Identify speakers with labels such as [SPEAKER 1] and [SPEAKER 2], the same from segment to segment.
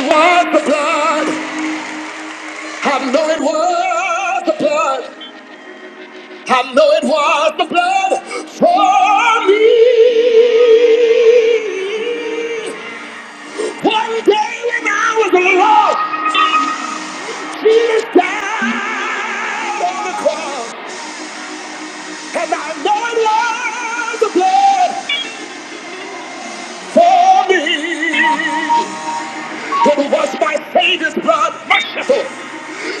[SPEAKER 1] was the blood. I know it was the blood. I know it was the blood for me. One day when I was lost, Jesus died on the cross, and I know it was the blood for me. It was my Savior's blood, my shepherd.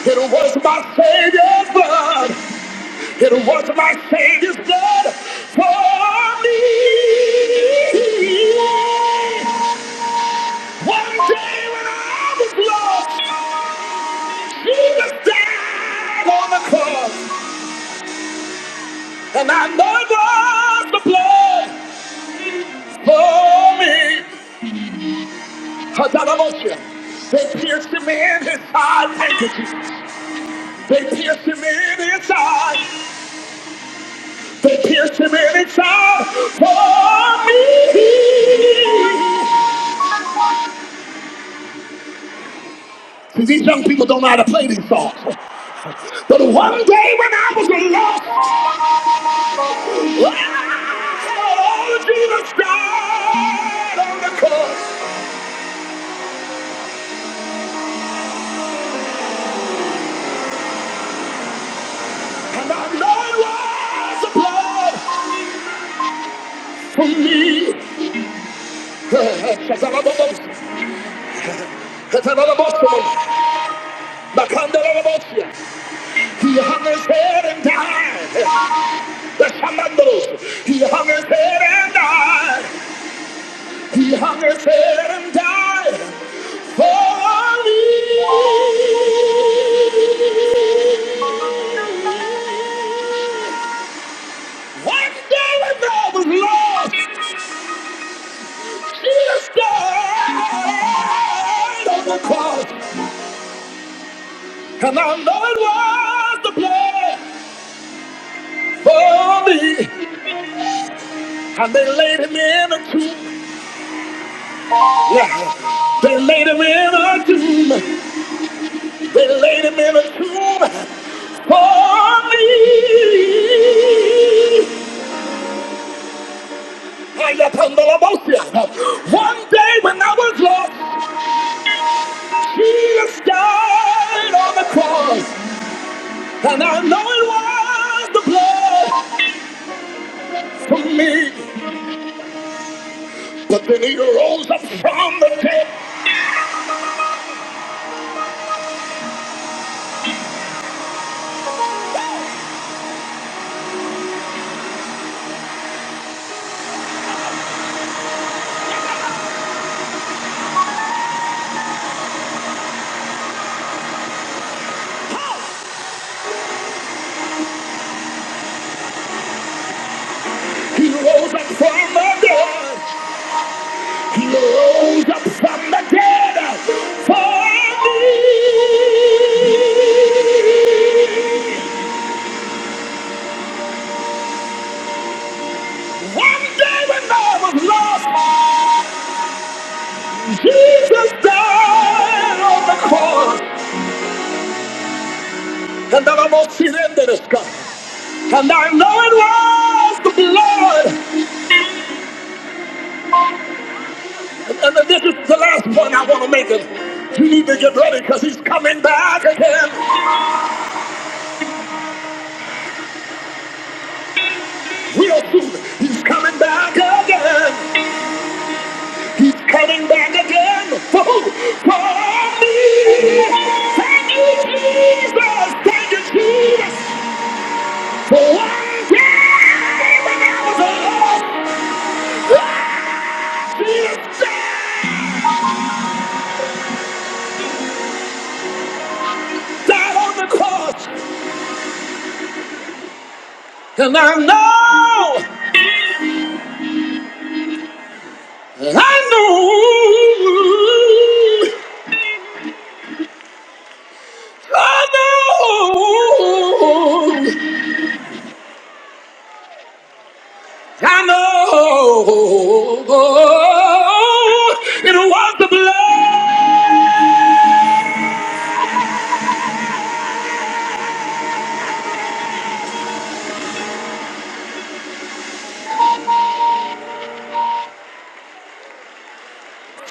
[SPEAKER 1] It was my Savior's blood. It was my Savior's blood for me. One day when I was lost, Jesus died on the cross, and I know it was the blood for me. Hadalamosha. They pierced him in his side. Thank you, Jesus. They pierced him in his side. They pierced him in his side for me. See, these young people don't know how to play these songs. But one day when I was alone, oh, Jesus died on the cross, and I know it was the blood for me. He hung his head and died. The Shamandos, he hung his head and died. He hung his head and died for me. One day when I was lost, Jesus died on the cross. And I know it was the blood for me. And they laid him in a tomb. Yeah. yeah. They laid him in a tomb. They laid him in a tomb for me. I I come to the motion. One day when I was lost, Jesus died on the cross. And I know it was the blood for me. But then he rose up from the dead. He rose up from the dead. He rose up from the dead for me. One day when I was lost, Jesus died on the cross, and then I must see them that is come. And I know it was the blood. And, and this is the last one I want to make it. You need to get ready because he's coming back again. Real soon, he's coming back again. He's coming back again. For who? For me. Thank you, Jesus. Thank you, Jesus. And I know, I know, I know, I know, it was the blood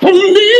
[SPEAKER 1] for me.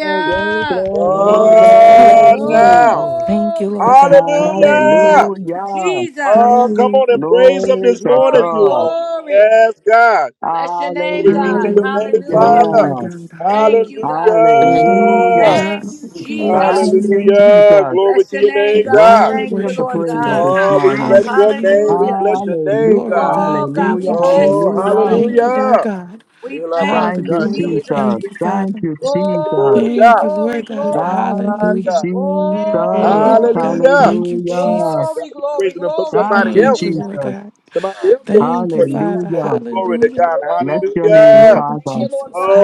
[SPEAKER 2] Glory, glory,
[SPEAKER 3] Glory,
[SPEAKER 4] Hallelujah.
[SPEAKER 3] glory,
[SPEAKER 5] Hallelujah.
[SPEAKER 3] glory,
[SPEAKER 2] glory.
[SPEAKER 3] glory.
[SPEAKER 5] Thank you,
[SPEAKER 6] Glory.
[SPEAKER 5] Lord God. Hallelujah.
[SPEAKER 6] Thank you,
[SPEAKER 2] Hallelujah.
[SPEAKER 6] Jesus.
[SPEAKER 5] Hallelujah.
[SPEAKER 2] Glory to
[SPEAKER 6] Glory,
[SPEAKER 2] God.
[SPEAKER 6] glory. Bless your name, God.
[SPEAKER 5] Hallelujah.
[SPEAKER 7] Good
[SPEAKER 5] Glory,
[SPEAKER 6] Hallelujah.
[SPEAKER 5] Lord
[SPEAKER 2] Hallelujah.
[SPEAKER 5] God.
[SPEAKER 6] Thank you,
[SPEAKER 5] Hallelujah.
[SPEAKER 6] God.
[SPEAKER 5] Thank you,
[SPEAKER 2] Hallelujah.
[SPEAKER 6] Thank
[SPEAKER 5] God.
[SPEAKER 6] you,
[SPEAKER 5] Glory to
[SPEAKER 6] Jesus.
[SPEAKER 5] your
[SPEAKER 2] Thank you,
[SPEAKER 5] name, Father.
[SPEAKER 2] Jesus.
[SPEAKER 6] Bless your name,
[SPEAKER 5] Oh,
[SPEAKER 6] God.
[SPEAKER 5] God, we
[SPEAKER 6] Thank
[SPEAKER 2] Worthy
[SPEAKER 6] you,
[SPEAKER 2] of the
[SPEAKER 5] worship
[SPEAKER 6] Lord
[SPEAKER 5] you
[SPEAKER 2] praise
[SPEAKER 5] today,
[SPEAKER 6] God.
[SPEAKER 2] this
[SPEAKER 5] God.
[SPEAKER 2] morning.
[SPEAKER 5] Hallelujah.
[SPEAKER 6] Hallelujah.
[SPEAKER 2] Hallelujah.
[SPEAKER 5] Glory, God.
[SPEAKER 6] Oh, God,
[SPEAKER 5] Thank
[SPEAKER 6] we
[SPEAKER 2] Hallelujah.
[SPEAKER 5] you,
[SPEAKER 6] bless you.
[SPEAKER 5] Jesus.
[SPEAKER 2] Hallelujah.
[SPEAKER 5] Thank you,
[SPEAKER 6] Hallelujah.
[SPEAKER 5] Lord God.
[SPEAKER 6] We thank
[SPEAKER 2] Thank
[SPEAKER 6] you,
[SPEAKER 2] you,
[SPEAKER 5] Hallelujah.
[SPEAKER 6] Jesus.
[SPEAKER 2] Jesus.
[SPEAKER 5] Thank you,
[SPEAKER 2] Thank
[SPEAKER 5] Father.
[SPEAKER 2] you, Jesus.
[SPEAKER 6] Glory,
[SPEAKER 5] Thank you,
[SPEAKER 6] glory,
[SPEAKER 5] Lord God.
[SPEAKER 6] glory.
[SPEAKER 2] Thank you,
[SPEAKER 5] Hallelujah.
[SPEAKER 6] Oh,
[SPEAKER 2] Jesus.
[SPEAKER 5] Glory,
[SPEAKER 6] glory,
[SPEAKER 5] God. Thank you,
[SPEAKER 2] Hallelujah.
[SPEAKER 5] Jesus.
[SPEAKER 6] Glory, glory, glory.
[SPEAKER 2] Thank you,
[SPEAKER 5] Thank you,
[SPEAKER 6] Hallelujah.
[SPEAKER 5] Lord
[SPEAKER 2] Jesus.
[SPEAKER 5] God.
[SPEAKER 6] To the
[SPEAKER 5] Thank you,
[SPEAKER 6] Jesus.
[SPEAKER 5] Father.
[SPEAKER 2] Hallelujah.
[SPEAKER 5] Hallelujah.
[SPEAKER 2] Bless
[SPEAKER 6] Glory
[SPEAKER 2] your
[SPEAKER 6] to God.
[SPEAKER 2] name,
[SPEAKER 5] Glory,
[SPEAKER 6] Thank
[SPEAKER 2] Father.
[SPEAKER 6] you, Lord
[SPEAKER 5] Jesus.
[SPEAKER 6] God.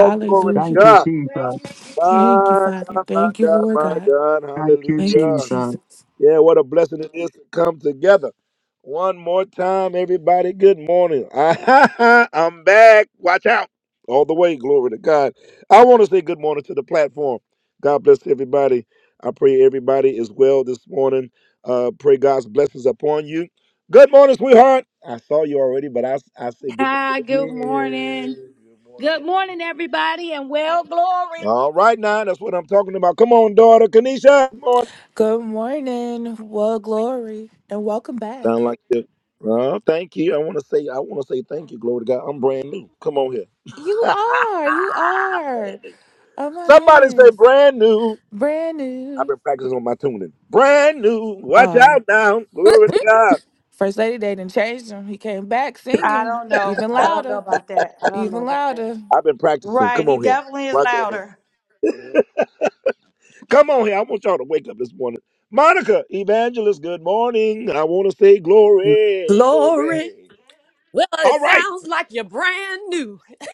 [SPEAKER 2] Thank you, Jesus.
[SPEAKER 6] Thank you, Jesus.
[SPEAKER 5] Thank you, Father. Thank you, Lord God.
[SPEAKER 2] Thank you,
[SPEAKER 5] Thank you,
[SPEAKER 2] Jesus.
[SPEAKER 5] Jesus.
[SPEAKER 6] Hi, good morning. Good morning, everybody, and well, glory.
[SPEAKER 5] Good morning. Well, glory. And welcome back. You are. You are. Oh, my goodness. Brand new. Oh, First Lady they didn't change him. He came back
[SPEAKER 6] I
[SPEAKER 5] singing
[SPEAKER 6] don't know.
[SPEAKER 5] even
[SPEAKER 6] I don't know
[SPEAKER 5] louder,
[SPEAKER 6] about that. I don't know
[SPEAKER 5] even
[SPEAKER 6] about that.
[SPEAKER 5] louder.
[SPEAKER 6] Right. He definitely is louder.
[SPEAKER 3] Glory. Well,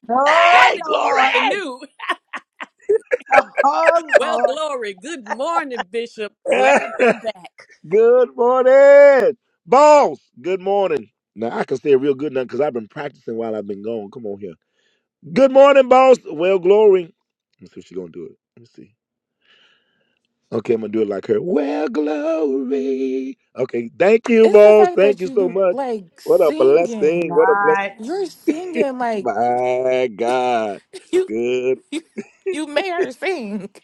[SPEAKER 6] Oh,
[SPEAKER 3] won't it?
[SPEAKER 6] Lord.
[SPEAKER 3] And
[SPEAKER 6] Oh, oh,
[SPEAKER 3] well,
[SPEAKER 6] Lord.
[SPEAKER 5] It's the fact that you like singing.
[SPEAKER 6] Not
[SPEAKER 5] You're singing like you, you, you made her sing.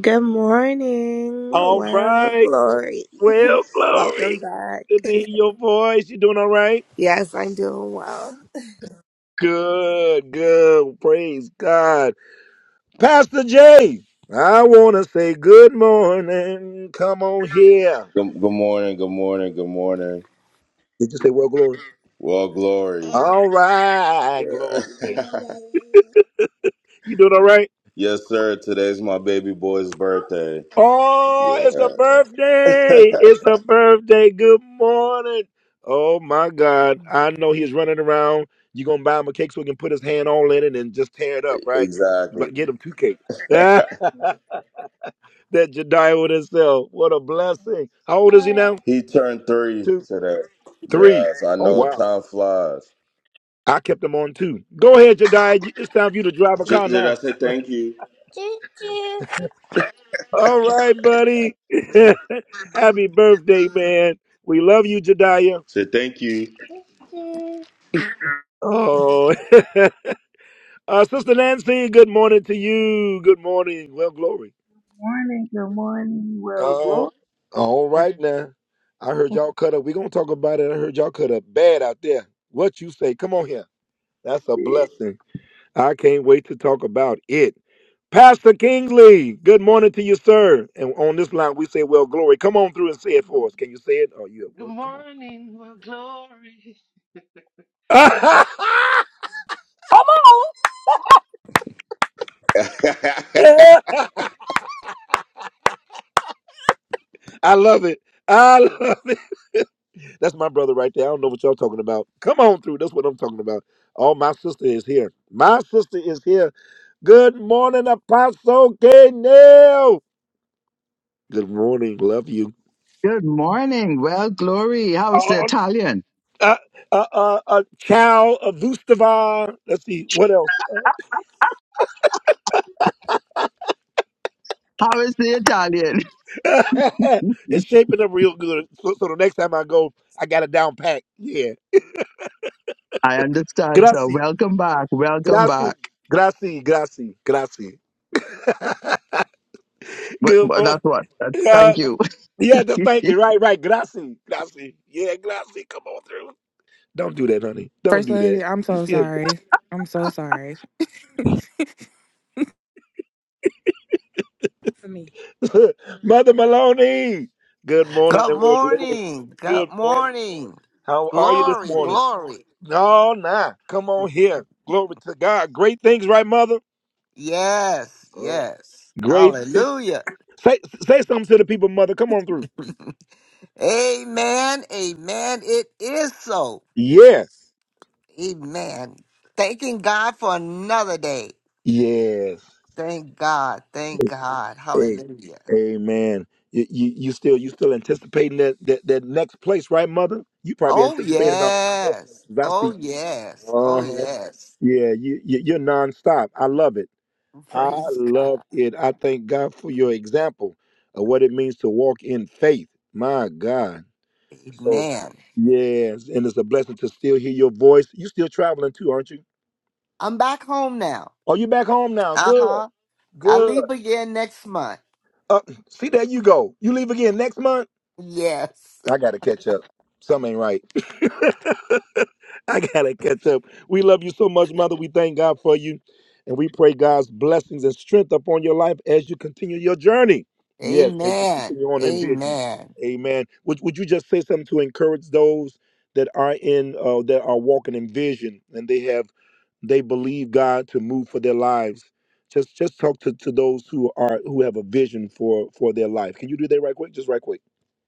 [SPEAKER 4] Good morning. Well, glory. Welcome back. Yes, I'm doing well.
[SPEAKER 8] Good, good morning, good morning, good morning. Well, glory. yes, sir. Today's my baby boy's birthday. Yeah, exactly. He turned three today. Yes, I know time flies. J- did I say thank you? Say thank you.
[SPEAKER 9] Morning, good morning. Well, glory. be.
[SPEAKER 10] Good morning, my glory. Good
[SPEAKER 2] Good morning. Well, glory. How's the Italian? How is the Italian? I understand, sir. Welcome back. Welcome back. What, what, that's what. That's, thank you.
[SPEAKER 5] First lady, I'm so sorry. I'm so sorry.
[SPEAKER 6] for me.
[SPEAKER 7] morning. Good morning. Glory, glory. Yes, yes. Hallelujah. Amen. Amen. It is so. Amen. Thanking God for another day. Thank God. Thank God. Hallelujah. Oh, yes. Oh, yes. Oh, yes. Praise God. Amen. I'm back home now. Uh huh. I leave again next month. Yes. Amen. Amen.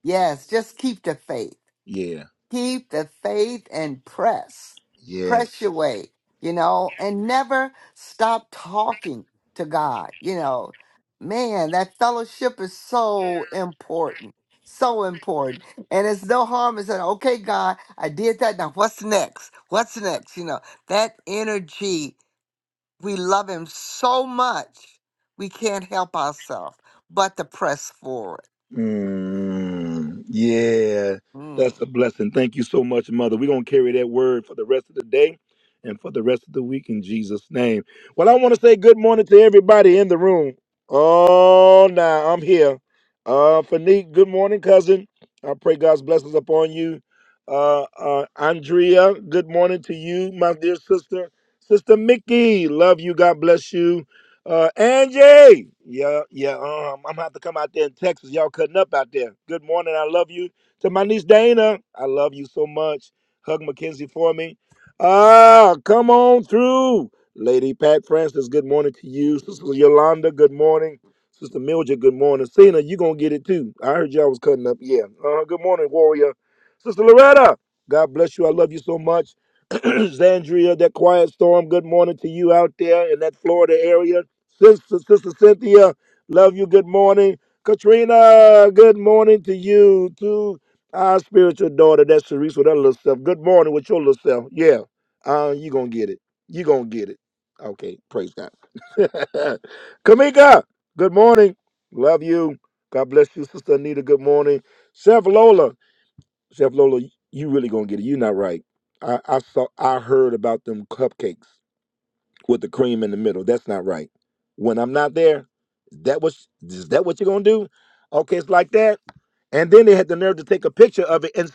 [SPEAKER 7] Yes, just keep the faith. Keep the faith and press. Press your way, you know, and never stop talking to God. You know, man, that fellowship is so important. So important. And it's no harm in saying, okay, God, I did that. Now what's next? What's next? You know, that energy We love him so much, we can't help ourselves but to press forward. Mm.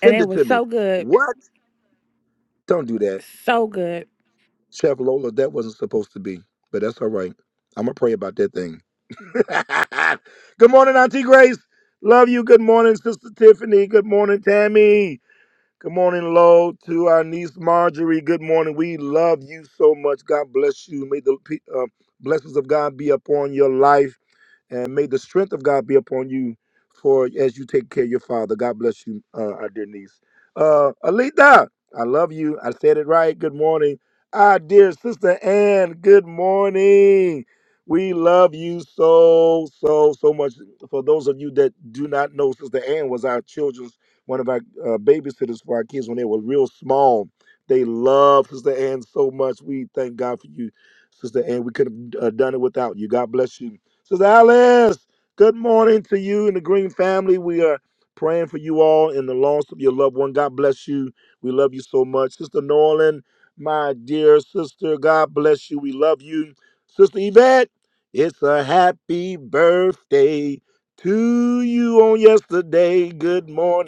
[SPEAKER 5] And it was so good. So good.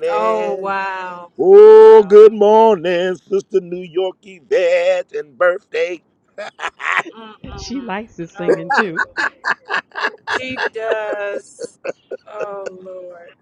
[SPEAKER 6] Oh, wow. Oh, wow.
[SPEAKER 3] She
[SPEAKER 6] Mm-mm.
[SPEAKER 3] likes this singing
[SPEAKER 6] Oh,
[SPEAKER 3] too.
[SPEAKER 6] she does. Oh Lord.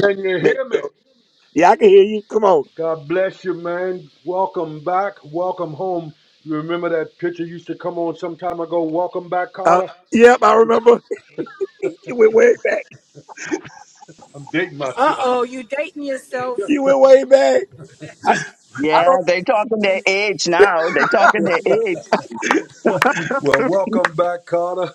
[SPEAKER 11] Can you hear me? God bless you, man. Welcome back. Welcome home. You remember that picture used to come on some time ago? Welcome back, Carter. I'm dating
[SPEAKER 6] Uh
[SPEAKER 11] myself.
[SPEAKER 6] oh, you dating yourself.
[SPEAKER 2] Yeah, they talking their age now. They talking their age.
[SPEAKER 11] Well, welcome back, Carter.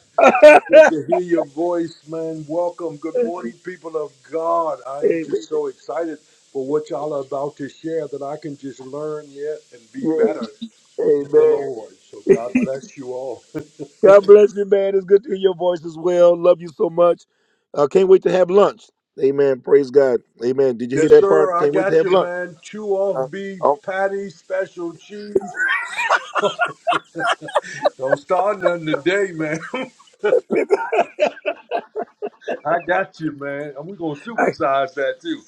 [SPEAKER 11] Good to hear your voice, man. Welcome. Good morning, people of God. I am just so excited for what y'all are about to share that I can just learn yet and be better in the Lord. So God bless you all. Yes, sir. I got you, man. Two off beef patties, special cheese. Don't start nothing today, man. I got you, man. And we're going to supersize that, too.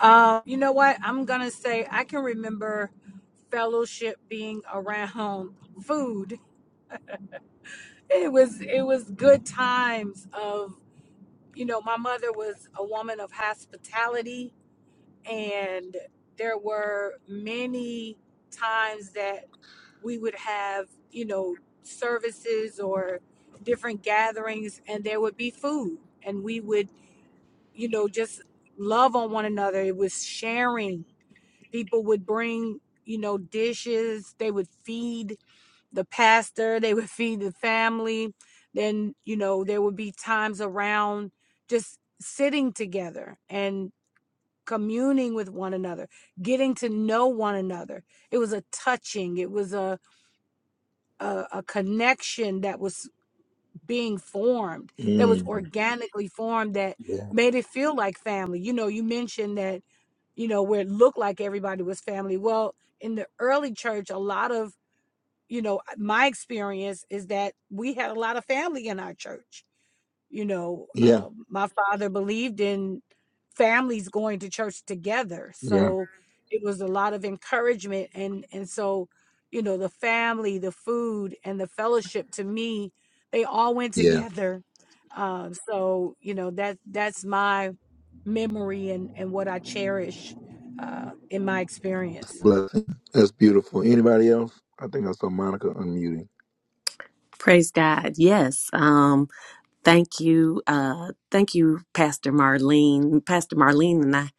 [SPEAKER 6] Um, you know what? I'm gonna say I can remember fellowship being around food. It was it was good times of you know, my mother was a woman of hospitality and there were many times that we would have, you know, services or different gatherings and there would be food and we would you know, just love on one another. It was sharing. People would bring, you know, dishes. They would feed the pastor. They would feed the family. Then, you know, there would be times around just sitting together and communing with one another, getting to know one another. It was a touching. It was a a, a connection that was being formed that was organically formed that made it feel like family you know you mentioned that you know, where it looked like everybody was family. Well, in the early church, a lot of, you know, my experience is that we had a lot of family in our church you know, um, my father believed in families going to church together, so it was a lot of encouragement, and and so, you know, the family, the food, and the fellowship to me, they all went together. Um, so you know that that's my memory and and what I cherish uh, in my experience.
[SPEAKER 3] Praise God. Yes. Um, thank you. Uh, thank you, Pastor Marlene. Pastor Marlene and I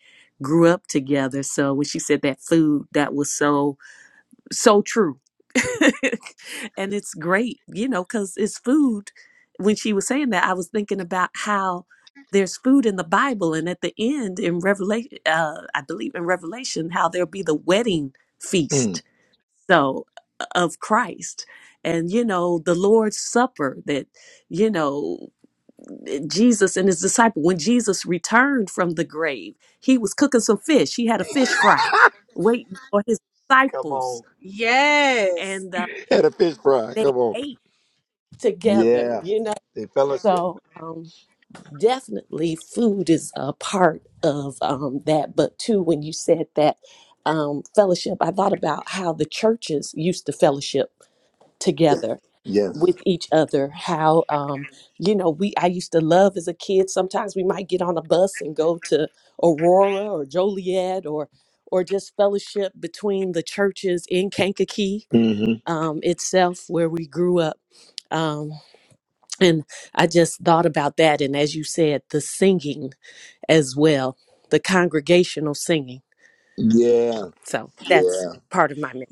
[SPEAKER 3] grew up together. So when she said that food, that was so so true. and it's great, you know, because it's food. When she was saying that, I was thinking about how there's food in the Bible, and at the end in Revelation, uh, I believe in Revelation, how there'll be the wedding feast. So of Christ, and you know the Lord's Supper that you know eh, Jesus and his disciple when Jesus returned from the grave, he was cooking some fish. He had a fish fry waiting for his disciples,
[SPEAKER 6] Yes,
[SPEAKER 3] and uh, they ate together, you know. So um, definitely food is a part of um, that. But too, when you said that um, fellowship, I thought about how the churches used to fellowship together with each other how um you know we i used to love as a kid sometimes we might get on a bus and go to aurora or joliet or or just fellowship between the churches in kankakee um itself where we grew up Um, and I just thought about that. And as you said, the singing as well, the congregational singing. So that's part of my message.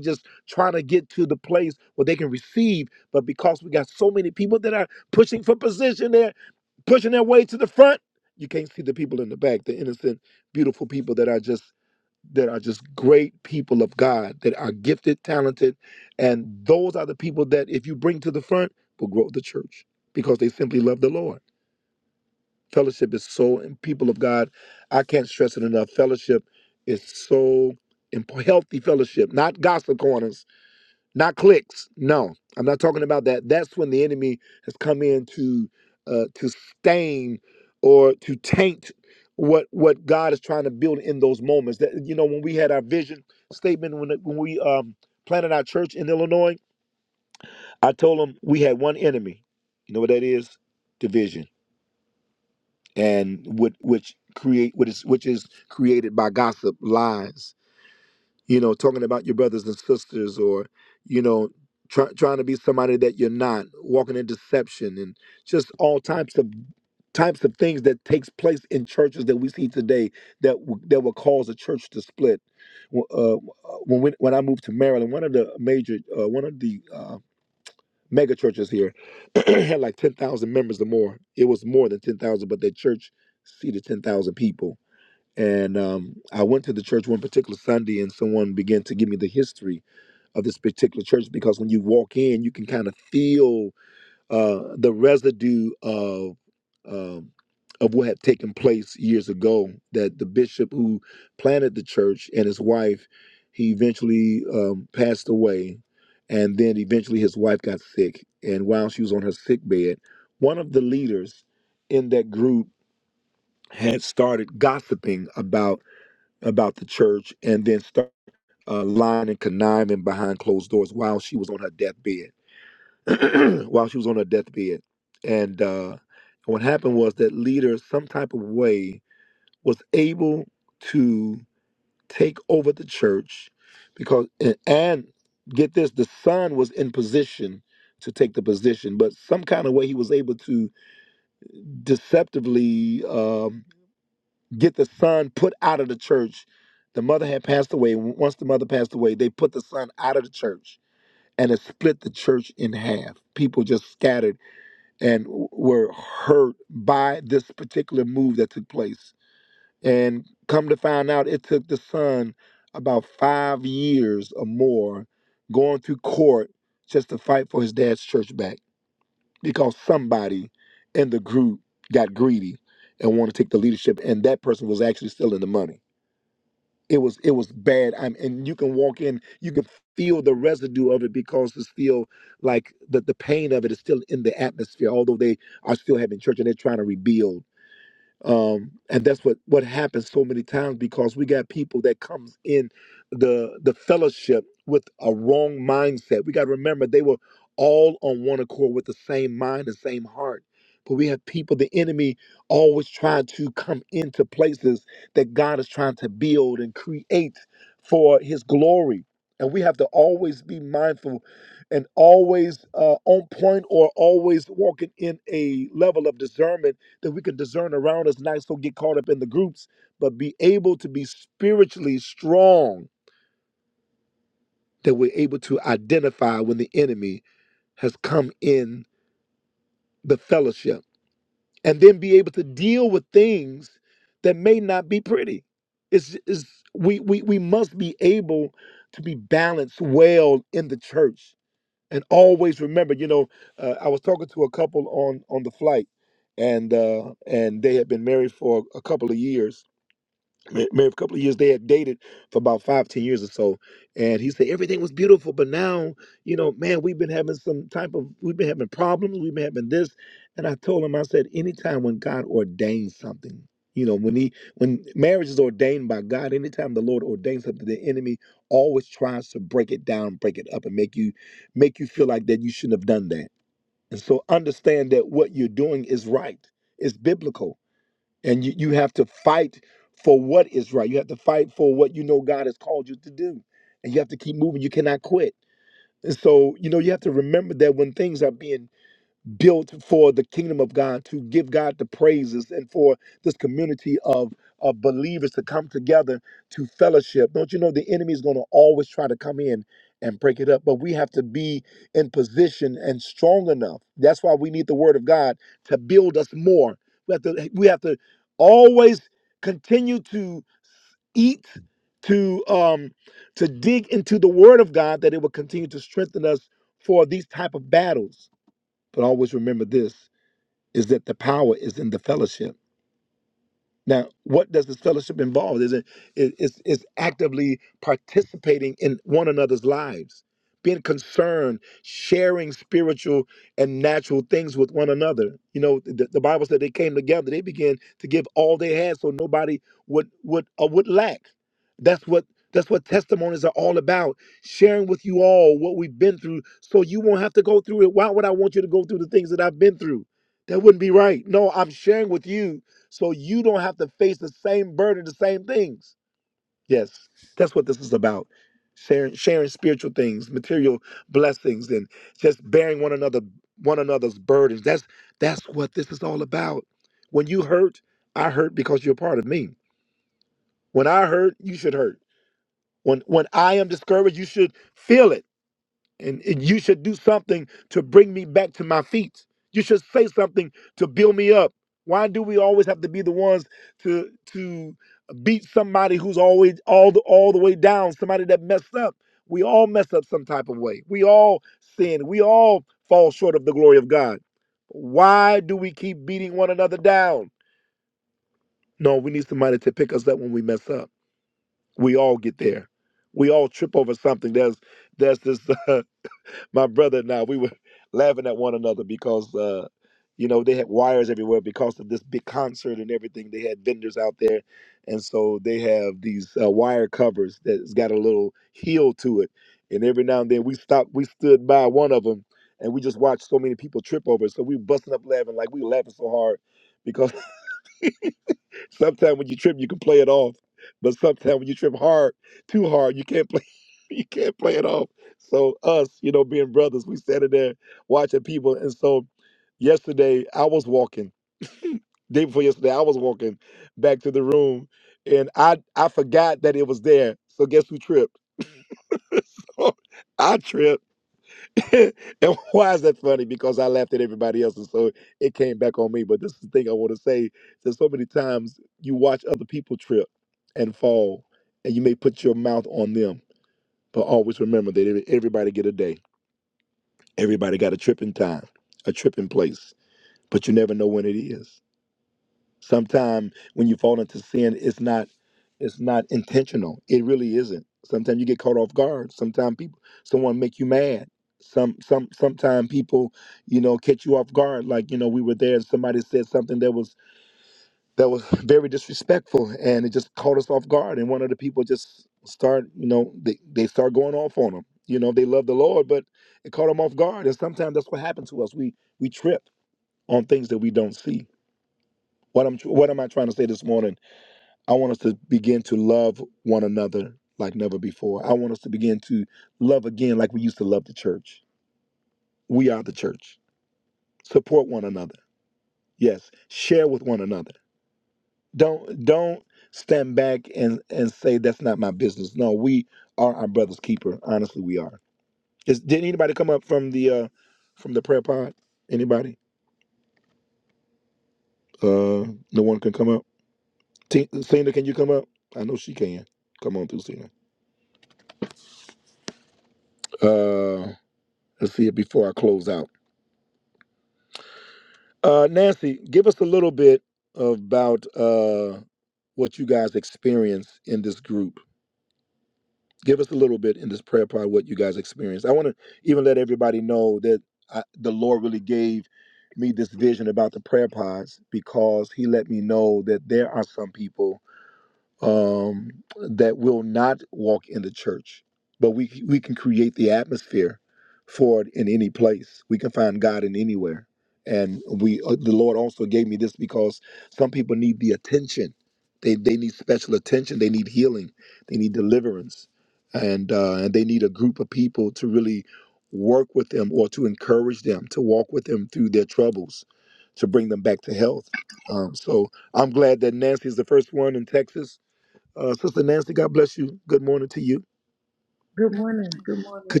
[SPEAKER 9] Good morning, good morning.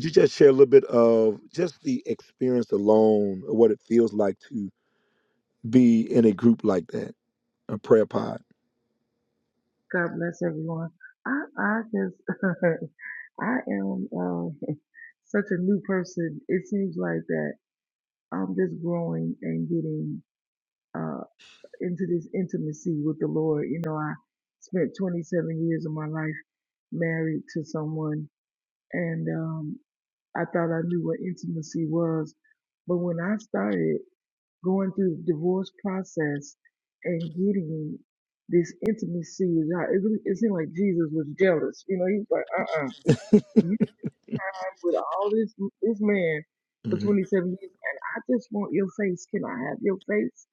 [SPEAKER 9] God bless everyone. I, I just, I am uh, such a new person. It seems like that I'm just growing and getting uh, into this intimacy with the Lord. You know, I spent 27 years of my life married to someone, and um, I thought I knew what intimacy was. But when I started going through the divorce process and getting this intimacy with God. It, really, it seemed like Jesus was jealous. You know, he was like, uh uh you have with all this this man for 27 years, and I just want your face. Can I have your face?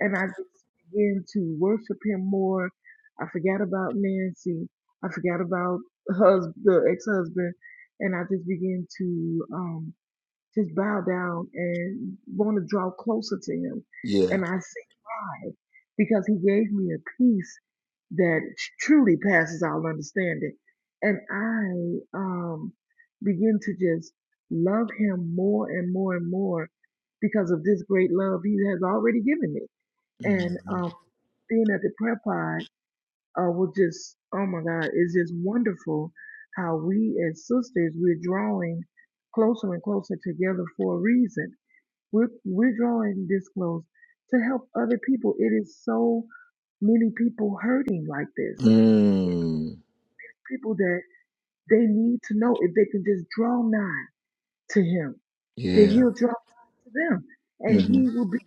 [SPEAKER 9] And I just began to worship him more. I forgot about Nancy. I forgot about hus- the ex husband. And I just began to um just bow down and want to draw closer to him. And I say, why? Because he gave me a peace that truly passes all understanding. And I um, begin to just love him more and more and more because of this great love he has already given me. And um, being at the prayer pod uh, will just, oh my God, it's just wonderful how we as sisters, we're drawing closer and closer together for a reason. We're, we're drawing this close to help other people. It is so many people hurting like this. People that they need to know if they can just draw nigh to him, that he'll draw to them. And he will be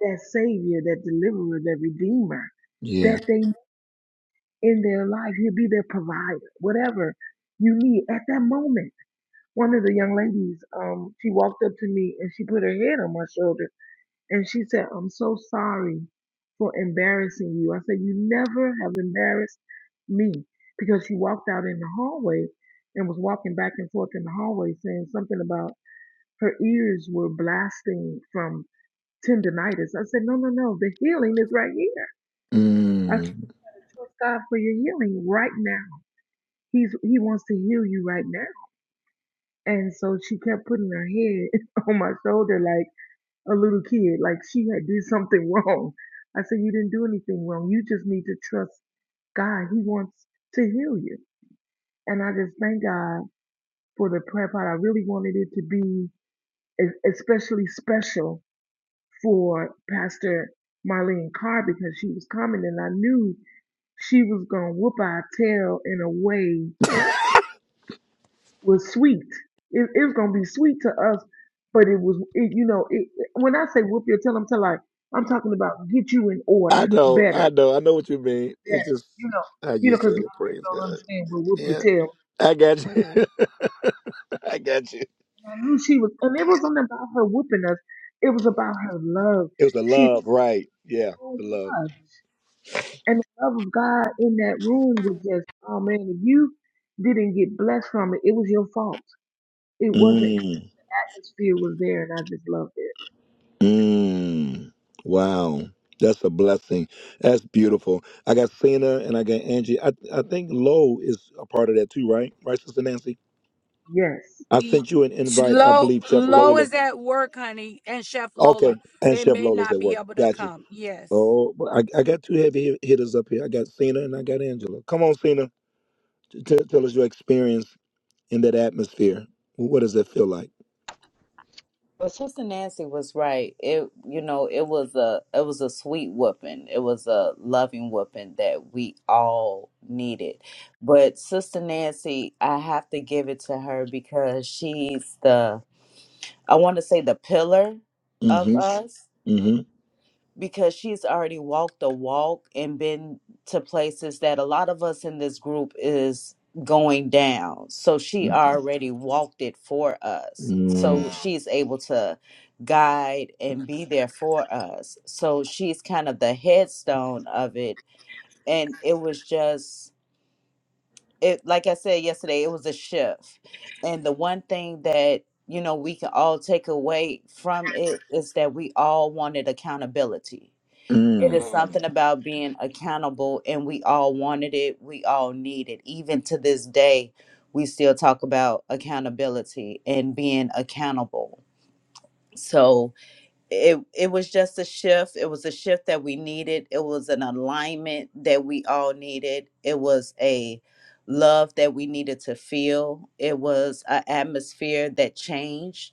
[SPEAKER 9] that savior, that deliverer, that redeemer that they. in their life. He'll be their provider, whatever you need at that moment. One of the young ladies, um, she walked up to me and she put her head on my shoulder and she said, I'm so sorry for embarrassing you. I said, You never have embarrassed me because she walked out in the hallway and was walking back and forth in the hallway saying something about her ears were blasting from tendonitis. I said, No, no, no, the healing is right here. I said, Trust God for your healing right now He's he wants to heal you right now. And so she kept putting her head on my shoulder like a little kid, like she had did something wrong. I said, You didn't do anything wrong. You just need to trust God. He wants to heal you. And I just thank God for the prayer pod. I really wanted it to be e, especially special for Pastor Marlene Carr because she was coming and I knew she was going to whoop our tail in a way was sweet. It, it's gonna be sweet to us, but it was, it, you know, it, it- when I say whoop your tail, I'm talking like I'm talking about get you in order, better, better. You know, you know, because a lot of people don't understand what whoop your tail. And I knew she was, and it wasn't about her whooping us. It was about her love. She loved us, and the love of God in that room was just, oh man, if you didn't get blessed from it, it was your fault. It wasn't. Atmosphere was there, and I just loved it. Yes,
[SPEAKER 6] Sh- Lo, Lo is at work, honey, and Chef Lola. They may not be able to come. Yes.
[SPEAKER 12] But Sister Nancy was right. It you know, it was a it was a sweet whooping. It was a loving whooping that we all needed. But Sister Nancy, I have to give it to her because she's the I want to say the pillar of us because she's already walked the walk and been to places that a lot of us in this group is going down. So she already walked it for us. So she's able to guide and be there for us. So she's kind of the headstone of it. And it was just it like I said yesterday, it was a shift. And the one thing that you know we can all take away from it is that we all wanted accountability it is something about being accountable, and we all wanted it. We all need it. Even to this day, we still talk about accountability and being accountable. So it it was just a shift. It was a shift that we needed. It was an alignment that we all needed. It was a love that we needed to feel. It was an atmosphere that changed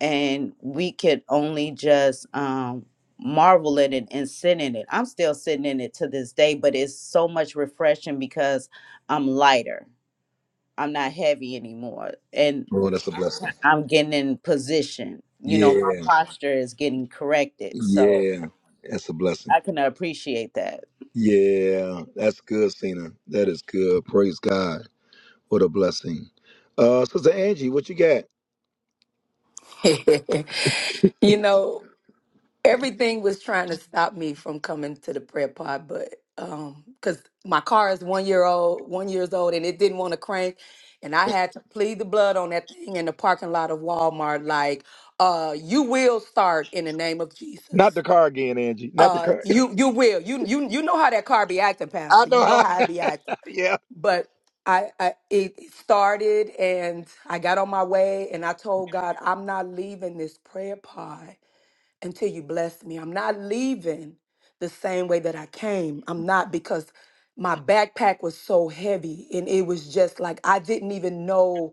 [SPEAKER 12] and we could only just um marvel at it and sit in it. I'm still sitting in it to this day, but it's so much refreshing because I'm lighter. I'm not heavy anymore and I'm getting in position. You know, my posture is getting corrected. So I can appreciate that.
[SPEAKER 13] you know, everything was trying to stop me from coming to the prayer pod, but um, because my car is one year old, one years old, and it didn't want to crank, and I had to plead the blood on that thing in the parking lot of Walmart, like, uh, you will start in the name of Jesus. Uh, you you will you you you know how that car be acting, Pastor. You know how it be acting but I, I it started and I got on my way and I told God, I'm not leaving this prayer pod until you bless me. I'm not leaving the same way that I came. I'm not because my backpack was so heavy and it was just like I didn't even know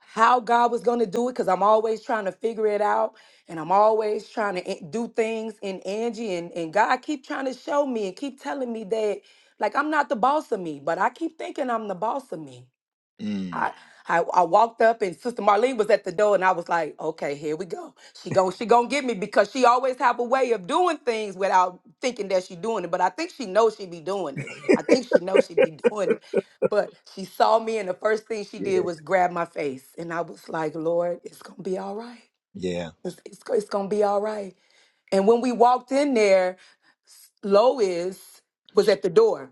[SPEAKER 13] how God was going to do it because I'm always trying to figure it out and I'm always trying to a- do things in Angie and, and God keep trying to show me and keep telling me that like I'm not the boss of me, but I keep thinking I'm the boss of me. I, I I walked up and Sister Marlene was at the door and I was like, okay, here we go. She gon' she gonna get me because she always have a way of doing things without thinking that she doing it. But I think she knows she be doing it. I think she knows she be doing it. But she saw me and the first thing she did was grab my face and I was like, Lord, it's gonna be all right. It's it's, go- it's gonna be all right. And when we walked in there, S- Lois was at the door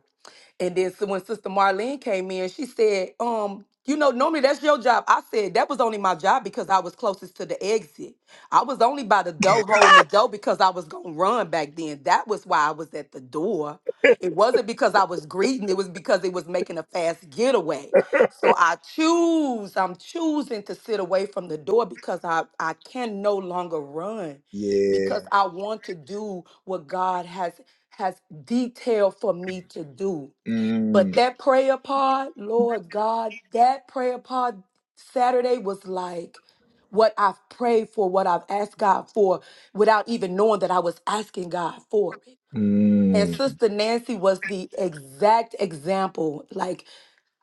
[SPEAKER 13] and then so when Sister Marlene came in, she said, um, you know, normally that's your job. I said that was only my job because I was closest to the exit. I was only by the door holding the door because I was gonna run back then. That was why I was at the door. It wasn't because I was greeting, it was because it was making a fast getaway. So I choose, I'm choosing to sit away from the door because I, I can no longer run because I want to do what God has has detailed for me to do. But that prayer pod, Lord God, that prayer pod Saturday was like what I've prayed for, what I've asked God for, without even knowing that I was asking God for it. And Sister Nancy was the exact example. Like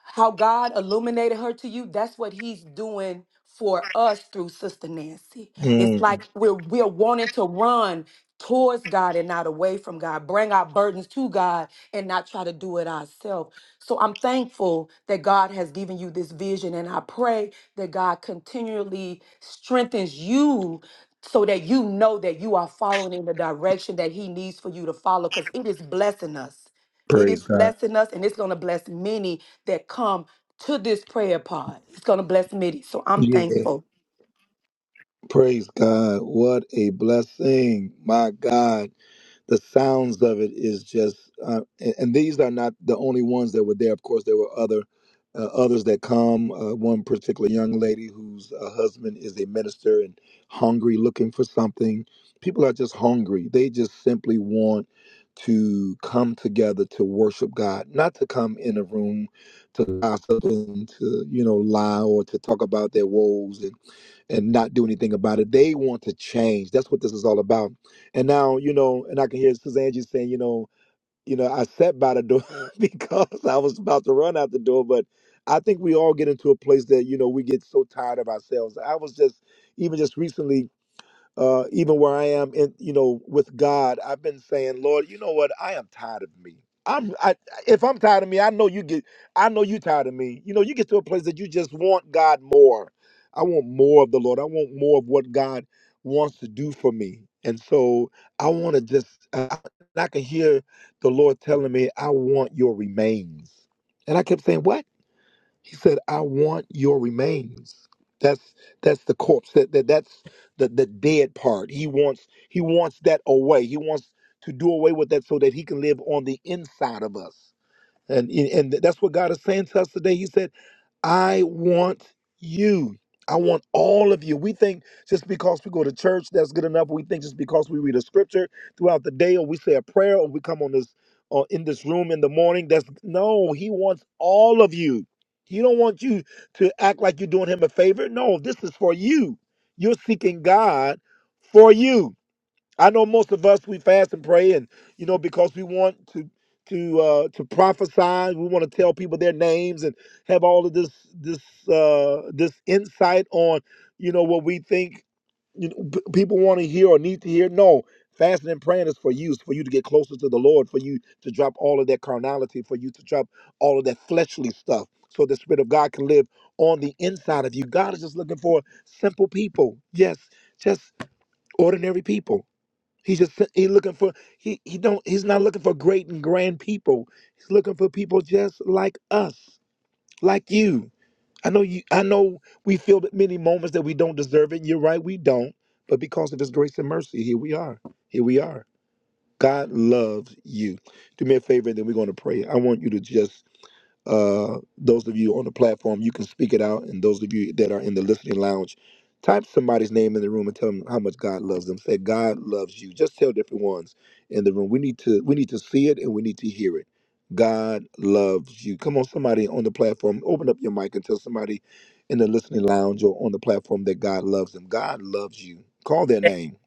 [SPEAKER 13] how God illuminated her to you, that's what he's doing for us through Sister Nancy. It's like we're we're wanting to run towards God and not away from God, bring our burdens to God and not try to do it ourselves. So I'm thankful that God has given you this vision and I pray that God continually strengthens you so that you know that you are following in the direction that he needs for you to follow cuz it is blessing us. It is
[SPEAKER 1] Uh,
[SPEAKER 13] blessing us and it's going to bless many that come to this prayer pod. It's going to bless many. So I'm thankful.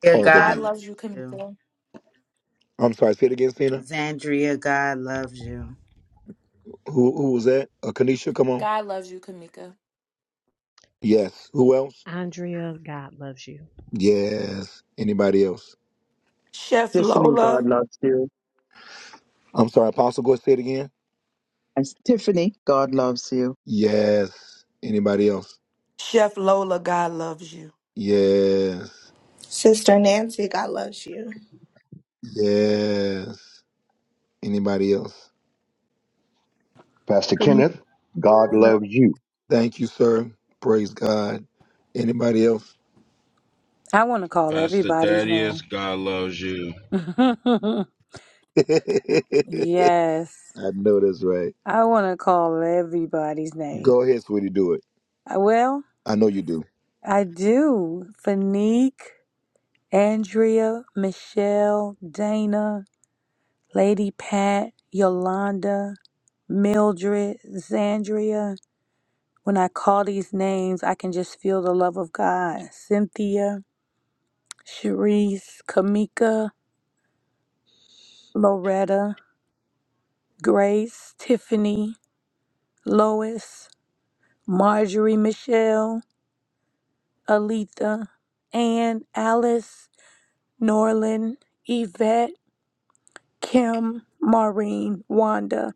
[SPEAKER 12] Zandria, God
[SPEAKER 5] God
[SPEAKER 12] loves
[SPEAKER 5] loves you,
[SPEAKER 12] you.
[SPEAKER 5] Kamika.
[SPEAKER 12] Zandria, God loves you.
[SPEAKER 5] God loves you, Kamika.
[SPEAKER 3] Andrea, God loves you.
[SPEAKER 13] Chef
[SPEAKER 2] Tiffany, God
[SPEAKER 13] Lola,
[SPEAKER 2] loves you. And Tiffany, God loves you.
[SPEAKER 13] Chef Lola, God loves you.
[SPEAKER 4] Sister Nancy, God loves you.
[SPEAKER 14] Pastor
[SPEAKER 9] Camille.
[SPEAKER 14] Kenneth, God loves you.
[SPEAKER 6] I want to call
[SPEAKER 8] Pastor
[SPEAKER 6] everybody's name.
[SPEAKER 8] Thaddeus, God loves you.
[SPEAKER 6] yes, I want to call everybody's name. Uh, Well, I do. Fanique, Andrea, Michelle, Dana, Lady Pat, Yolanda, Mildred, Zandria. When I call these names, I can just feel the love of God. Cynthia. Cherise, Kamika, Loretta, Grace, Tiffany, Lois, Marjorie, Michelle, Aletha, Ann, Alice, Norlin, Yvette, Kim, Maureen, Wanda,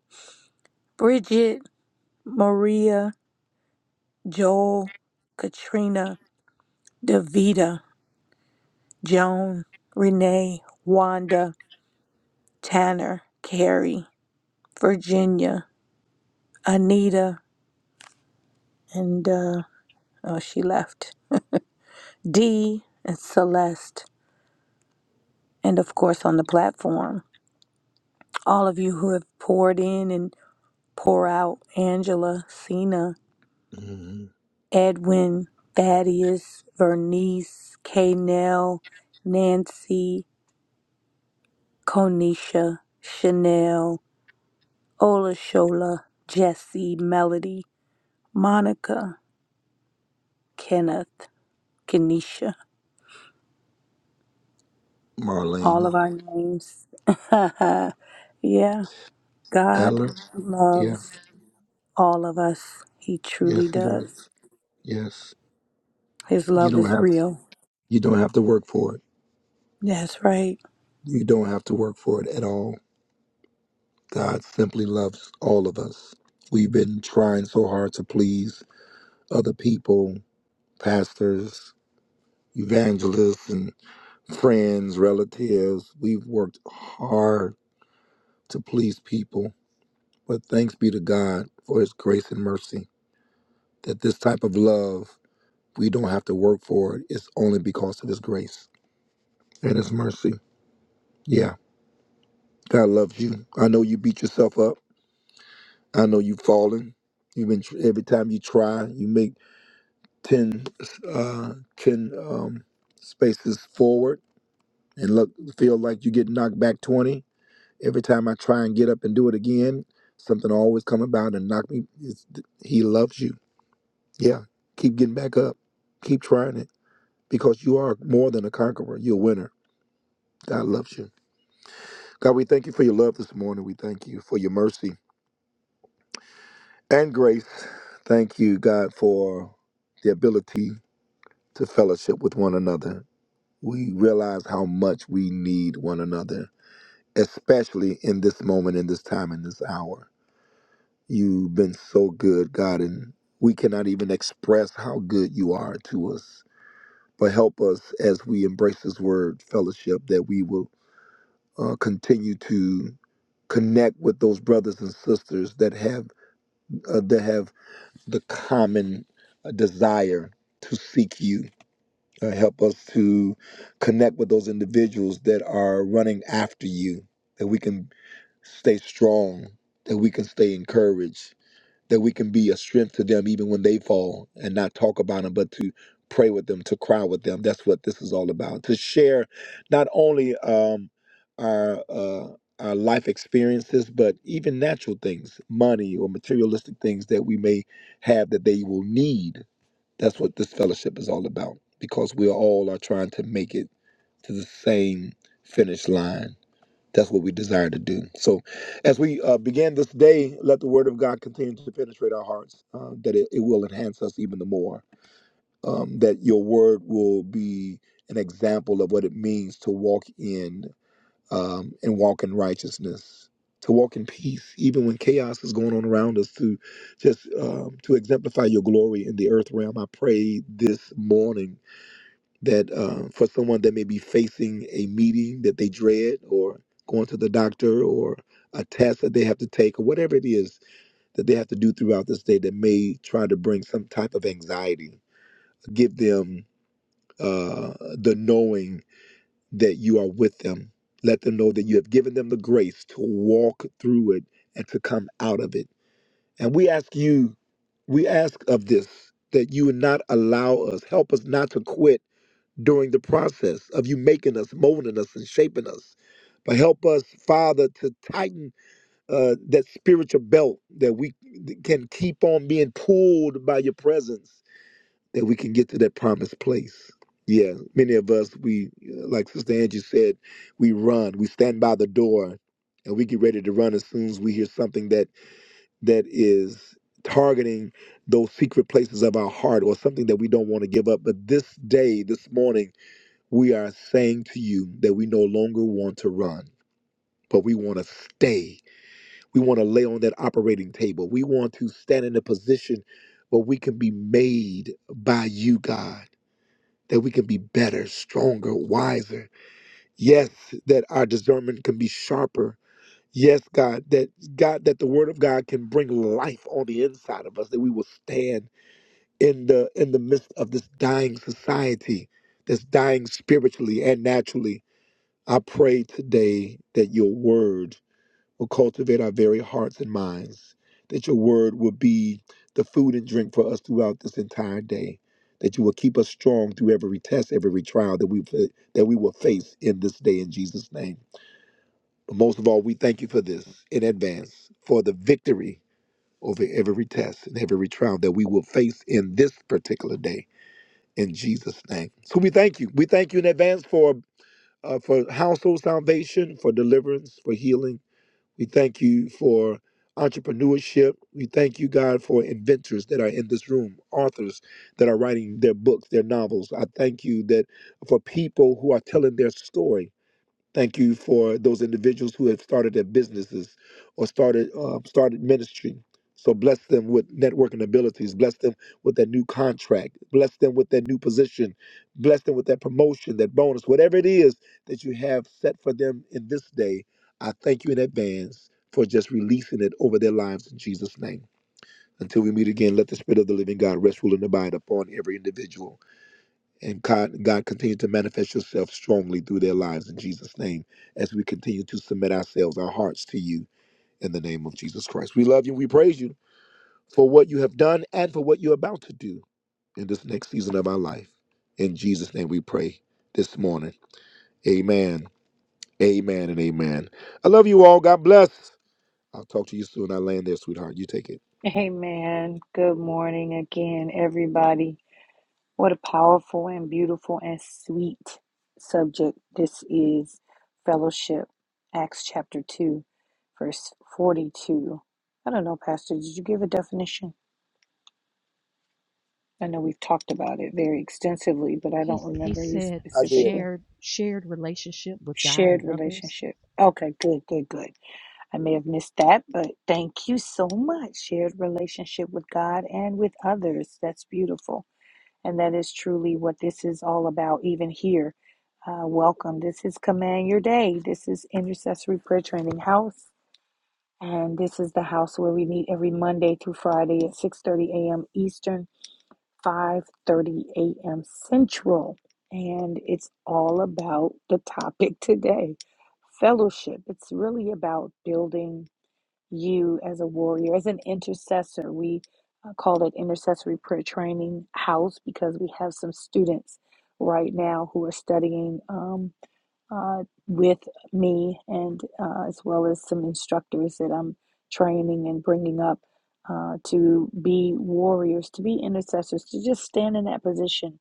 [SPEAKER 6] Bridget, Maria, Joel, Katrina, Davita, Joan, Renee, Wanda, Tanner, Carrie, Virginia, Anita, and uh, oh, she left. D and Celeste, and of course on the platform, all of you who have poured in and pour out Angela, Cena, Edwin, Thaddeus, Vernice, K. Nell, Nancy, Konisha, Chanel, Olashola, Jesse, Melody, Monica, Kenneth, Kenisha. Amen. Good morning again, everybody. What a powerful and beautiful and sweet subject this is fellowship, Acts chapter 2, verse 42. I don't know, Pastor, did you give a definition? I know we've talked about it very extensively, but I
[SPEAKER 3] He
[SPEAKER 6] don't
[SPEAKER 3] he
[SPEAKER 6] remember you
[SPEAKER 3] said
[SPEAKER 6] specifically.
[SPEAKER 3] shared shared relationship with God
[SPEAKER 6] Shared
[SPEAKER 3] and others.
[SPEAKER 6] relationship. Okay, good, good, good. I may have missed that, but thank you so much. Shared relationship with God and with others. That's beautiful. And that is truly what this is all about, even here. Uh, welcome. This is Command Your Day. This is Intercessory Prayer Training House. And this is the house where we meet every Monday through Friday at 6.30 a.m. Eastern, 5.30 a.m. Central. And it's all about the topic today, fellowship. It's really about building you as a warrior, as an intercessor. We uh, call it Intercessory Prayer Training House because we have some students right now who are studying um, uh, with me and uh, as well as some instructors that I'm training and bringing up uh, to be warriors, to be intercessors, to just stand in that position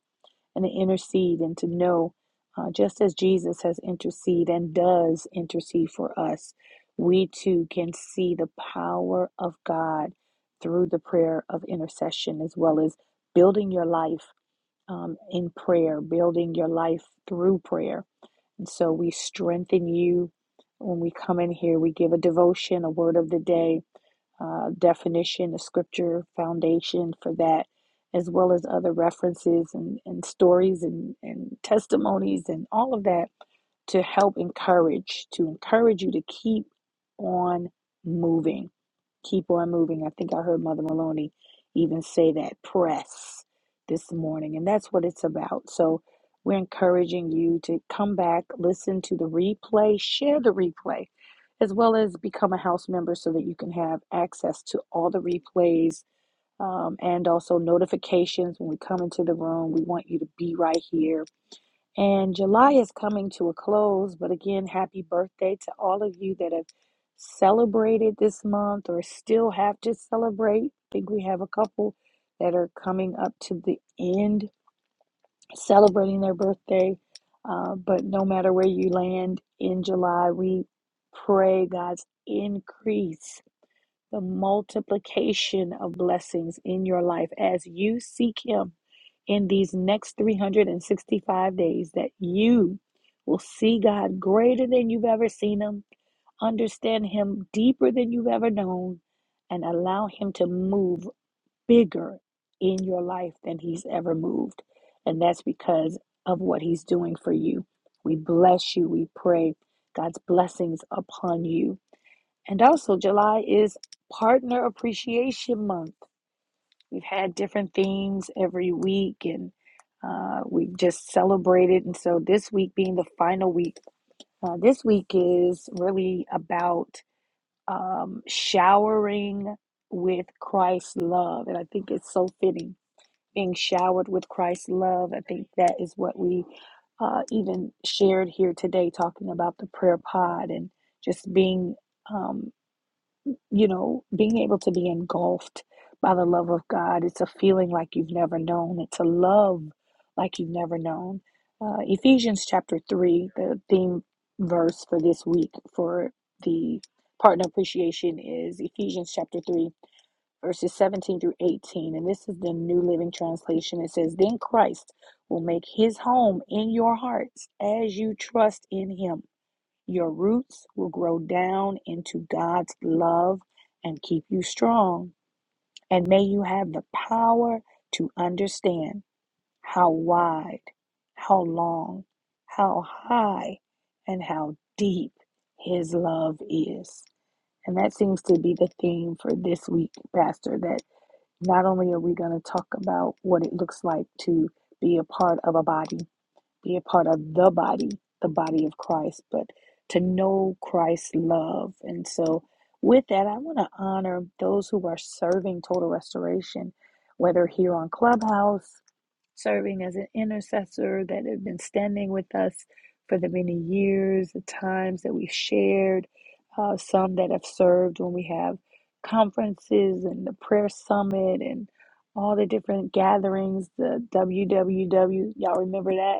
[SPEAKER 6] and to intercede and to know, uh, just as Jesus has interceded and does intercede for us, we too can see the power of God through the prayer of intercession, as well as building your life um, in prayer, building your life through prayer. And so we strengthen you when we come in here. We give a devotion, a word of the day uh, definition, the scripture foundation for that, as well as other references and, and stories and, and testimonies and all of that to help encourage, to encourage you to keep on moving. Keep on moving. I think I heard Mother Maloney even say that press this morning, and that's what it's about. So we're encouraging you to come back, listen to the replay, share the replay as well as become a house member so that you can have access to all the replays um, and also notifications when we come into the room. We want you to be right here. And July is coming to a close, but again, happy birthday to all of you that have celebrated this month or still have to celebrate. I think we have a couple that are coming up to the end celebrating their birthday. Uh, but no matter where you land in July, we pray God's increase, the multiplication of blessings in your life as you seek Him in these next 365 days, that you will see God greater than you've ever seen Him, understand Him deeper than you've ever known, and allow Him to move bigger in your life than he's ever moved. And that's because of what he's doing for you. We bless you. We pray God's blessings upon you. And also, July is Partner Appreciation Month. We've had different themes every week and uh, we've just celebrated. And so, this week being the final week, uh, this week is really about um, showering with Christ's love. And I think it's so fitting being showered with Christ's love. I think that is what we uh, even shared here today, talking about the prayer pod and just being, um, you know, being able to be engulfed by the love of God. It's a feeling like you've never known, it's a love like you've never known. Uh, Ephesians chapter 3, the theme verse for this week for the partner appreciation is Ephesians chapter 3 verses 17 through 18, and this is the New Living Translation. It says, Then Christ will make his home in your hearts as you trust in him. Your roots will grow down into God's love and keep you strong. And may you have the power to understand how wide, how long, how high, and how deep his love is. And that seems to be the theme for this week, Pastor, That. Not only are we going to talk about what it looks like to be a part of a body, be a part of the body, the body of Christ, but to know Christ's love. And so, with that, I want to honor those who are serving total restoration, whether here on Clubhouse serving as an intercessor that have been standing with us for the many years, the times that we've shared, uh, some that have served when we have conferences and the prayer summit and all the different gatherings, the W W W. y'all remember that?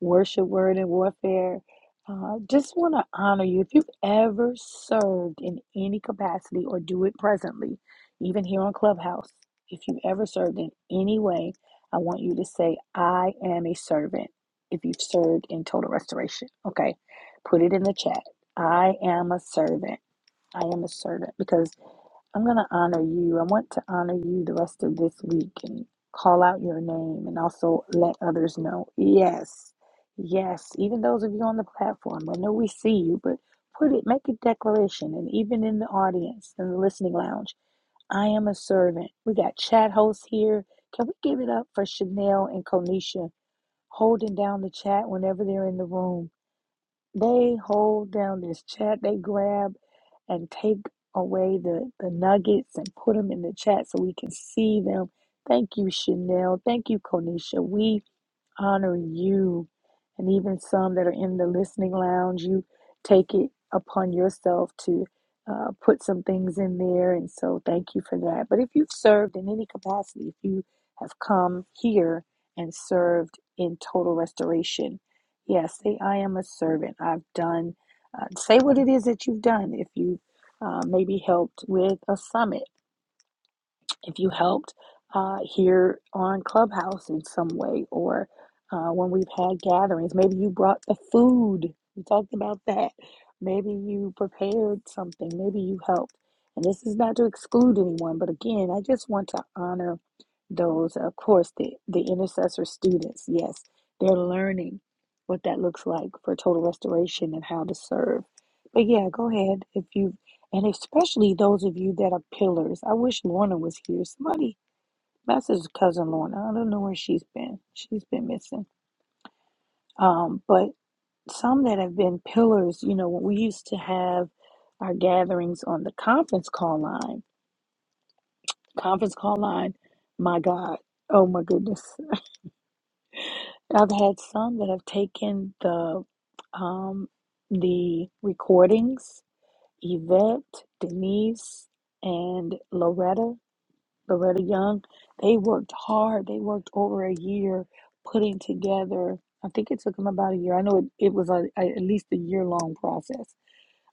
[SPEAKER 6] Worship, Word, and Warfare. Uh, just want to honor you. If you've ever served in any capacity or do it presently, even here on Clubhouse, if you've ever served in any way, I want you to say, I am a servant. If you've served in total restoration, okay, put it in the chat. I am a servant. I am a servant because I'm going to honor you. I want to honor you the rest of this week and call out your name and also let others know. Yes, yes, even those of you on the platform, I know we see you, but put it, make a declaration, and even in the audience, in the listening lounge, I am a servant. We got chat hosts here. Can we give it up for Chanel and Konisha holding down the chat whenever they're in the room? They hold down this chat. They grab and take away the, the nuggets and put them in the chat so we can see them. Thank you, Chanel. Thank you, Konisha. We honor you and even some that are in the listening lounge you take it upon yourself to uh, put some things in there and so thank you for that but if you've served in any capacity if you have come here and served in total restoration yes say i am a servant i've done uh, say what it is that you've done if you uh, maybe helped with a summit if you helped uh, here on Clubhouse in some way, or uh, when we've had gatherings, maybe you brought the food. We talked about that. Maybe you prepared something. Maybe you helped. And this is not to exclude anyone, but again, I just want to honor those, of course, the, the intercessor students, yes, they're learning what that looks like for total restoration and how to serve. But yeah, go ahead if you, and especially those of you that are pillars. I wish Lorna was here. Somebody message cousin Lorna. I don't know where she's been. She's been missing. Um, but some that have been pillars, you know, we used to have our gatherings on the conference call line. Conference call line, my God, oh my goodness. I've had some that have taken the um, the recordings, Yvette, Denise, and Loretta, Loretta Young. They worked hard. They worked over a year putting together. I think it took them about a year. I know it, it was a, a, at least a year long process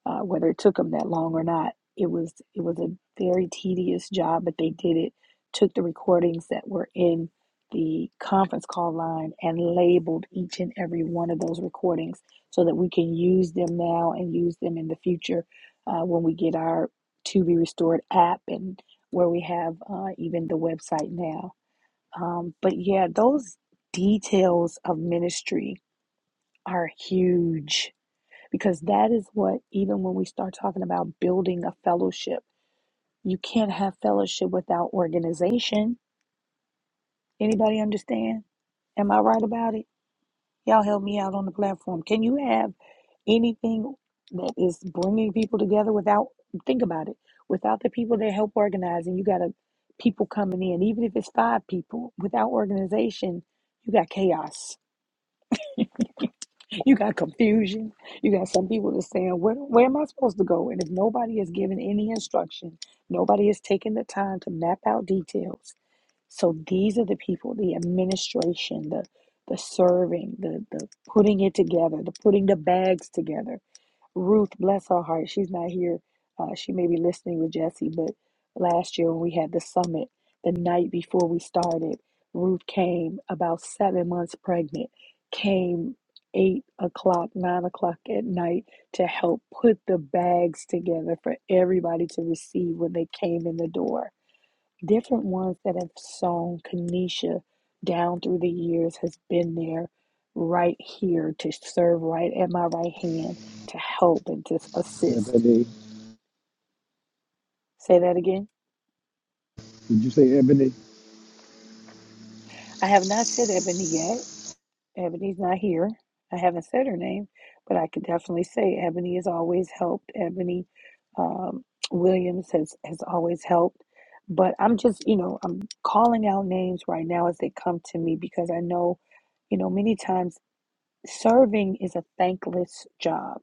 [SPEAKER 6] uh, whether it took them that long or not. It was it was a very tedious job, but they did it. Took the recordings that were in the conference call line and labeled each and every one of those recordings so that we can use them now and use them in the future uh, when we get our To Be Restored app and where we have uh, even the website now. Um, but yeah, those details of ministry are huge because that is what even when we start talking about building a fellowship you can't have fellowship without organization anybody understand am i right about it y'all help me out on the platform can you have anything that is bringing people together without think about it without the people that help organize and you got a people coming in even if it's five people without organization you got chaos You got confusion. You got some people that's saying, where, where am I supposed to go? And if nobody has given any instruction, nobody has taken the time to map out details. So these are the people, the administration, the the serving, the the putting it together, the putting the bags together Ruth, bless her heart, she's not here. Uh, she may be listening with Jesse, but last year when we had the summit, the night before we started, Ruth came about seven months pregnant, came eight o'clock, nine o'clock at night to help put the bags together for everybody to receive when they came in the door different ones that have sown Kanisha down through the years has been there right here to serve right at my right hand to help and to assist. Say that again. I have not said Ebony yet. Ebony's not here. I haven't said her name, but I could definitely say Ebony has always helped. Ebony um, Williams has, has always helped. But I'm just, you know, I'm calling out names right now as they come to me because I know, you know, many times Serving is a thankless job.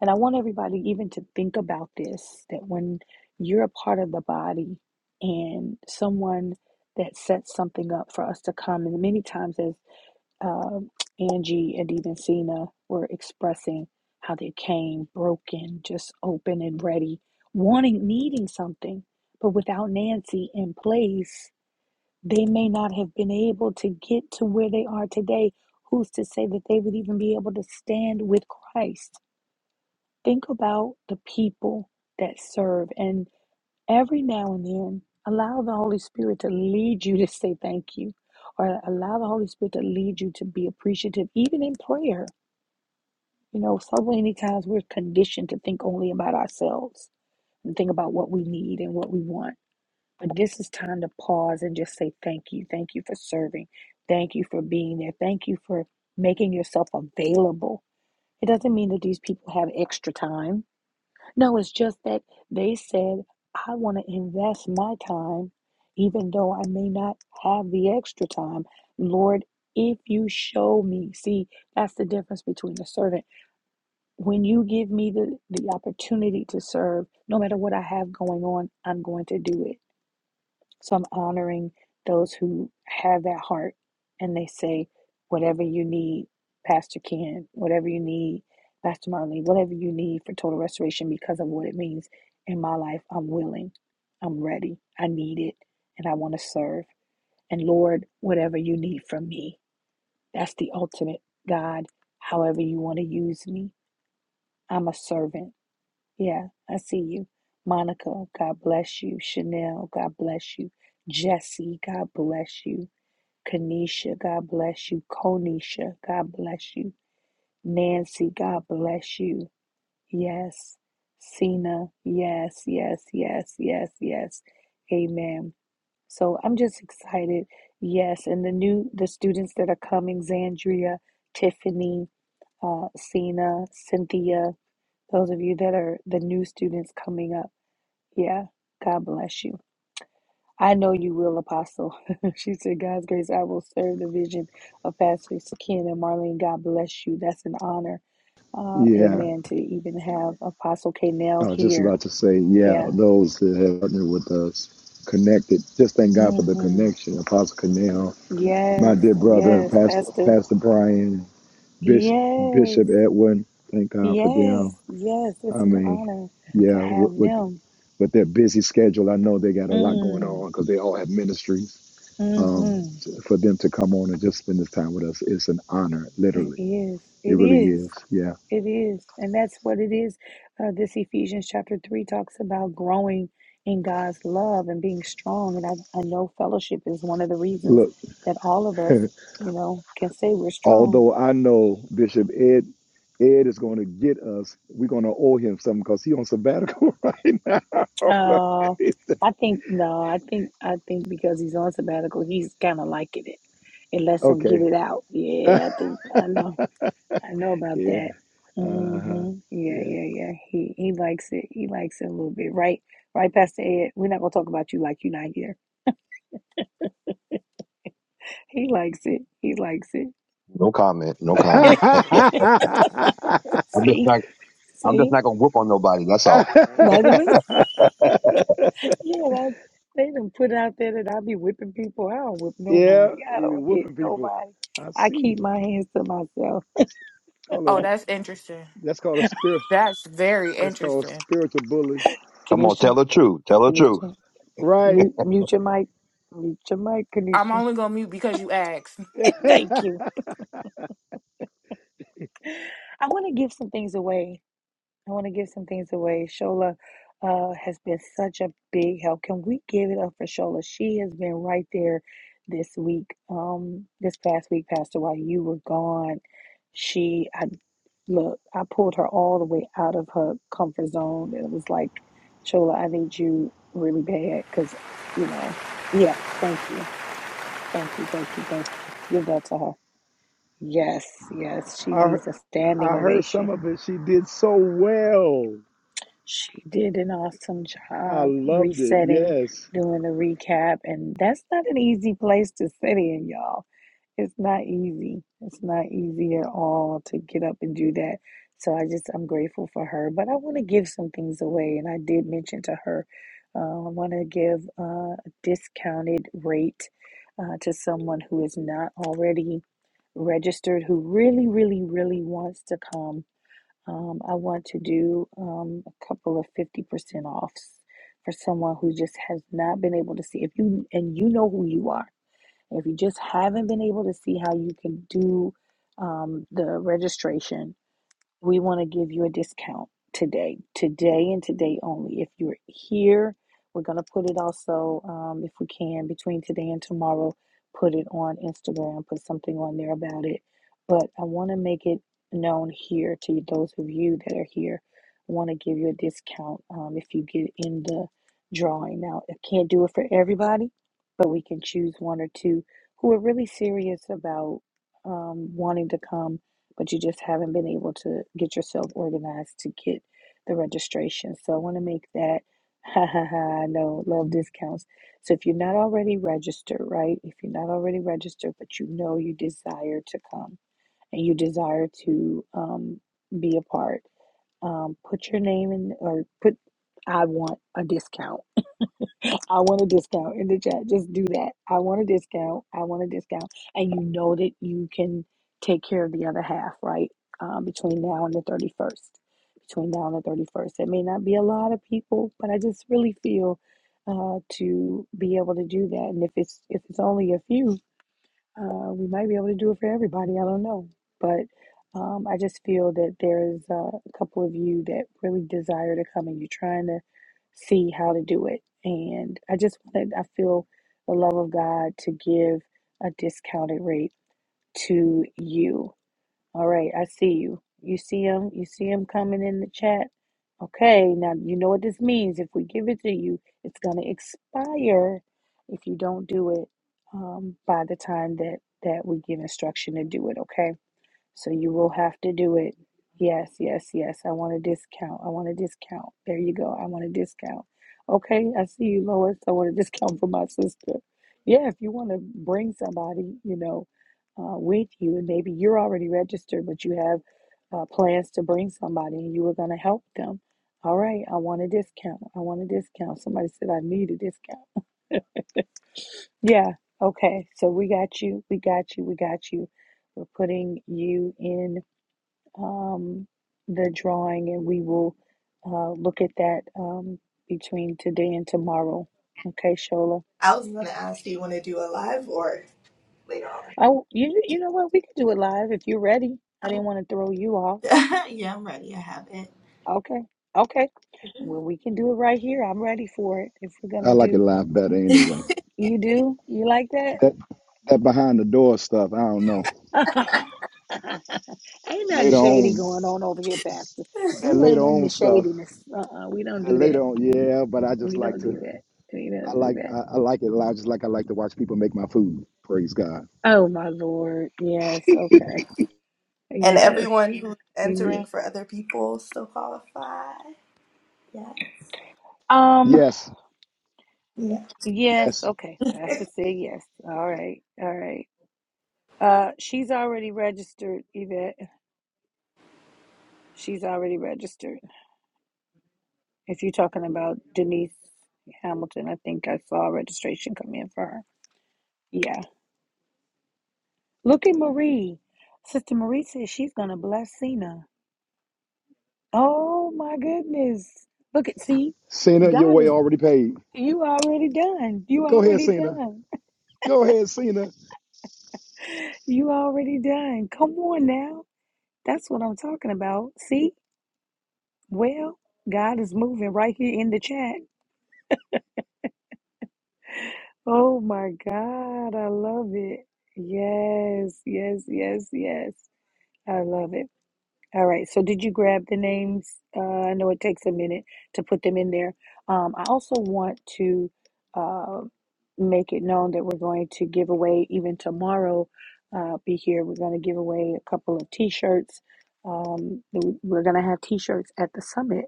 [SPEAKER 6] And I want everybody even to think about this that when you're a part of the body and someone that sets something up for us to come, and many times as um Angie and even Cena were expressing how they came broken, just open and ready, wanting, needing something, but without Nancy in place. They may not have been able to get to where they are today. Who's to say that they would even be able to stand with Christ? Think about the people that serve, and every now and then, allow the Holy Spirit to lead you to say thank you, or allow the Holy Spirit to lead you to be appreciative, even in prayer. You know, so many times we're conditioned to think only about ourselves and think about what we need and what we want. But this is time to pause and just say thank you. Thank you for serving. Thank you for being there. Thank you for making yourself available. It doesn't mean that these people have extra time. No, it's just that they said, I want to invest my time, even though I may not have the extra time. Lord, if you show me, see, that's the difference between a servant. When you give me the, the opportunity to serve, no matter what I have going on, I'm going to do it so I'm honoring those who have that heart and they say, whatever you need, Pastor Ken, whatever you need, Pastor Marlene, whatever you need for total restoration because of what it means in my life, I'm willing, I'm ready, I need it, and I want to serve. And Lord, whatever you need from me, that's the ultimate God, however you want to use me. I'm a servant. Yeah, I see you. Monica, God bless you. Chanel, God bless you. Jesse, God bless you. Kanisha, God bless you. Konisha, God bless you. Nancy, God bless you. Yes. Cena, yes, yes, yes, yes, yes. Amen. So I'm just excited. Yes, and the new the students that are coming, Zandria, Tiffany, uh, Cena, Cynthia, those of you that are the new students coming up. Yeah, God bless you. I know you will, Apostle. she said, God's grace, I will serve the vision of Pastor Ken and Marlene. God bless you. That's an honor. Uh,
[SPEAKER 1] yeah,
[SPEAKER 6] amen. To even have Apostle
[SPEAKER 1] I
[SPEAKER 6] Kanell
[SPEAKER 1] was just
[SPEAKER 6] here.
[SPEAKER 1] about to say, yeah,
[SPEAKER 6] Yeah.
[SPEAKER 1] those that have partnered with us, connected. Just thank God for the
[SPEAKER 6] Mm-hmm.
[SPEAKER 1] connection. Apostle Cornell, my
[SPEAKER 6] Yes,
[SPEAKER 1] dear brother,
[SPEAKER 6] yes,
[SPEAKER 1] Pastor,
[SPEAKER 6] Pastor.
[SPEAKER 1] Pastor Brian, Bishop,
[SPEAKER 6] Yes,
[SPEAKER 1] Bishop Edwin, thank God for
[SPEAKER 6] yes,
[SPEAKER 1] them.
[SPEAKER 6] yes.
[SPEAKER 1] I
[SPEAKER 6] It's an
[SPEAKER 1] mean,
[SPEAKER 6] honor to
[SPEAKER 1] yeah,
[SPEAKER 6] have
[SPEAKER 1] with, with,
[SPEAKER 6] them.
[SPEAKER 1] with their busy schedule, I know they got a lot going on
[SPEAKER 6] Mm.
[SPEAKER 1] because they all have ministries. um,
[SPEAKER 6] Mm-hmm.
[SPEAKER 1] for them to come on and just spend this time with us it's an honor,
[SPEAKER 6] It
[SPEAKER 1] literally.
[SPEAKER 6] is.
[SPEAKER 1] It
[SPEAKER 6] It
[SPEAKER 1] really
[SPEAKER 6] is.
[SPEAKER 1] is. Yeah.
[SPEAKER 6] It is. And that's what it is. Uh, this Ephesians chapter 3 talks about growing in God's love and being strong. And I, I know fellowship is one of the reasons
[SPEAKER 1] Look,
[SPEAKER 6] that all of us, you know, can say we're strong.
[SPEAKER 1] although I know Bishop Ed Ed is going to get us, we're going to owe him something because he's on sabbatical right now.
[SPEAKER 6] Uh, I think, no, I think, I think because he's on sabbatical, he's kind of liking it. It lets him get
[SPEAKER 1] okay.
[SPEAKER 6] it out. Yeah, I think, I know. I know about
[SPEAKER 1] yeah.
[SPEAKER 6] that.
[SPEAKER 1] Uh-huh.
[SPEAKER 6] hmm Yeah,
[SPEAKER 1] Yeah.
[SPEAKER 6] yeah, yeah. He he likes it. He likes it a little bit, right? Right, Pastor Ed. We're not gonna talk about you like you're not here. He likes it. He likes it.
[SPEAKER 14] No comment. No comment. I'm just
[SPEAKER 6] See,
[SPEAKER 14] not. I'm just
[SPEAKER 6] see.
[SPEAKER 14] not gonna whoop on nobody. That's all.
[SPEAKER 6] Neither of us. Yeah, that, they done put out there that I be whipping people. I don't whip
[SPEAKER 1] yeah.
[SPEAKER 6] nobody. I
[SPEAKER 1] He be
[SPEAKER 6] don't hit
[SPEAKER 1] whooping people.
[SPEAKER 6] nobody.
[SPEAKER 1] I
[SPEAKER 6] I
[SPEAKER 1] see.
[SPEAKER 6] keep my hands to myself.
[SPEAKER 1] Call a,
[SPEAKER 5] Oh, that's interesting.
[SPEAKER 1] that's called a spirit.
[SPEAKER 5] That's very
[SPEAKER 1] That's called
[SPEAKER 5] interesting.
[SPEAKER 1] spiritual bully.
[SPEAKER 14] Come on, tell
[SPEAKER 6] Kanisha,
[SPEAKER 14] the truth. Tell the truth.
[SPEAKER 6] Kanisha,
[SPEAKER 1] Right.
[SPEAKER 6] mute, mute your mic. Mute your mic,
[SPEAKER 5] I'm
[SPEAKER 6] Kanisha.
[SPEAKER 5] only gonna mute because you asked.
[SPEAKER 6] Thank you. I want to give some things away I want to give some things away. Shola uh, has been such a big help. Can we give it up for Shola? She has been right there this week, um, this past week, Pastor, while you were gone. She, I look, I pulled her all the way out of her comfort zone, and it was like, Shola, I need you really bad because, you know, yeah, thank you, thank you, thank you, thank you. Give that to her. Yes, yes, she
[SPEAKER 1] I
[SPEAKER 6] needs a
[SPEAKER 1] I
[SPEAKER 6] standing
[SPEAKER 1] heard
[SPEAKER 6] ovation
[SPEAKER 1] some of it. She did so well.
[SPEAKER 6] She did an awesome
[SPEAKER 1] I
[SPEAKER 6] job
[SPEAKER 1] loved it.
[SPEAKER 6] resetting,
[SPEAKER 1] Yes.
[SPEAKER 6] doing the recap, and that's not an easy place to sit in, y'all. It's not easy. It's not easy at all to get up and do that. So I just, I'm grateful for her. But I want to give some things away, and I did mention to her, uh, I want to give uh, a discounted rate uh, to someone who is not already registered, who really, really, really wants to come um, I want to do um, a couple of 50% offs for someone who just has not been able to see. If you and you know who you are, if you just haven't been able to see how you can do um, the registration we want to give you a discount today, today and today only. If you're here, we're going to put it also, um, if we can, between today and tomorrow, put it on Instagram, put something on there about it. But I want to make it known here to those of you that are here. I want to give you a discount um, if you get in the drawing. Now, I can't do it for everybody, but we can choose one or two who are really serious about um, wanting to come but you just haven't been able to get yourself organized to get the registration. So I want to make that ha ha ha I know love discounts. So if you're not already registered, right? If you're not already registered, but you know you desire to come and you desire to um, be a part, um, put your name in or put I want a discount I want a discount in the chat. Just do that. I want a discount. I want a discount. And you know that you can take care of the other half, right? Um, between now and the 31st. Between now and the 31st. It may not be a lot of people, but I just really feel uh, to be able to do that. And if it's if it's only a few, uh, we might be able to do it for everybody. I don't know. But um, I just feel that there is uh, a couple of you that really desire to come and you're trying to see how to do it. And I just wanted, I feel the love of God to give a discounted rate to you. All right, I see you. You see him? You see him coming in the chat? Okay, now you know what this means. If we give it to you, it's going to expire if you don't do it um, by the time that, that we give instruction to do it. Okay. So you will have to do it. Yes, yes, yes. I want a discount. I want a discount. There you go. I want a discount. Okay, I see you, Lois. I want a discount for my sister. Yeah, if you want to bring somebody, you know, uh, with you, and maybe you're already registered, but you have uh, plans to bring somebody and you were going to help them. All right, I want a discount. I want a discount. Somebody said I need a discount. Yeah, okay. So we got you. We got you. We got you. We're putting you in um, the drawing, and we will uh, look at that um, between today and tomorrow. Okay, Shola.
[SPEAKER 4] I was going to ask, do you want to do a live or later
[SPEAKER 6] Oh, you you know what? We could do it live if you're ready. I
[SPEAKER 4] on?
[SPEAKER 6] didn't want to throw you off.
[SPEAKER 4] yeah, I'm ready. I have it.
[SPEAKER 6] Okay, okay. Well, we can do it right here. I'm ready for it. If we're
[SPEAKER 1] I
[SPEAKER 6] gonna
[SPEAKER 1] like it
[SPEAKER 6] do,
[SPEAKER 1] live better anyway.
[SPEAKER 6] you do you like that?
[SPEAKER 1] That that behind the door stuff, I don't know.
[SPEAKER 6] ain't nothing
[SPEAKER 1] Later
[SPEAKER 6] shady
[SPEAKER 1] on,
[SPEAKER 6] going on over here, Pastor. We
[SPEAKER 1] that later
[SPEAKER 6] ain't in the
[SPEAKER 1] on stuff,
[SPEAKER 6] shadiness. Uh-uh. We don't
[SPEAKER 1] that
[SPEAKER 6] do that.
[SPEAKER 1] later on, yeah. But I just
[SPEAKER 6] We
[SPEAKER 1] like
[SPEAKER 6] don't
[SPEAKER 1] to,
[SPEAKER 6] do that. We
[SPEAKER 1] I
[SPEAKER 6] don't do
[SPEAKER 1] like,
[SPEAKER 6] that.
[SPEAKER 1] I, I like it live, just like I like to watch people make my food. Praise God.
[SPEAKER 6] Oh my Lord. Yes. Okay.
[SPEAKER 4] And
[SPEAKER 6] Yes.
[SPEAKER 4] everyone who's
[SPEAKER 6] It
[SPEAKER 4] entering for other people still qualify. Yeah.
[SPEAKER 6] Um,
[SPEAKER 1] Yes,
[SPEAKER 6] yes,
[SPEAKER 1] yes.
[SPEAKER 6] okay. Pastor said yes. All right. All right. Uh she's already registered, Yvette. She's already registered. If you're talking about Denise Hamilton, I think I saw registration come in for her. Yeah. Look at Marie. Sister Marie says she's gonna bless Cena. Oh my goodness. Look at see,
[SPEAKER 1] Cena, your
[SPEAKER 6] God
[SPEAKER 1] way
[SPEAKER 6] is
[SPEAKER 1] already paid.
[SPEAKER 6] you already done. You
[SPEAKER 1] Go ahead,
[SPEAKER 6] already
[SPEAKER 1] Cena.
[SPEAKER 6] done.
[SPEAKER 1] Go ahead, Cena.
[SPEAKER 6] You already done. Come on now. That's what I'm talking about. See? Well, God is moving right here in the chat. Oh my God. I love it. Yes, yes, yes, yes. I love it. All right. So did you grab the names? Uh, I know it takes a minute to put them in there. Um, I also want to uh, make it known that we're going to give away even tomorrow. Uh, be here. We're going to give away a couple of T-shirts. Um, we- we're going to have T-shirts at the summit.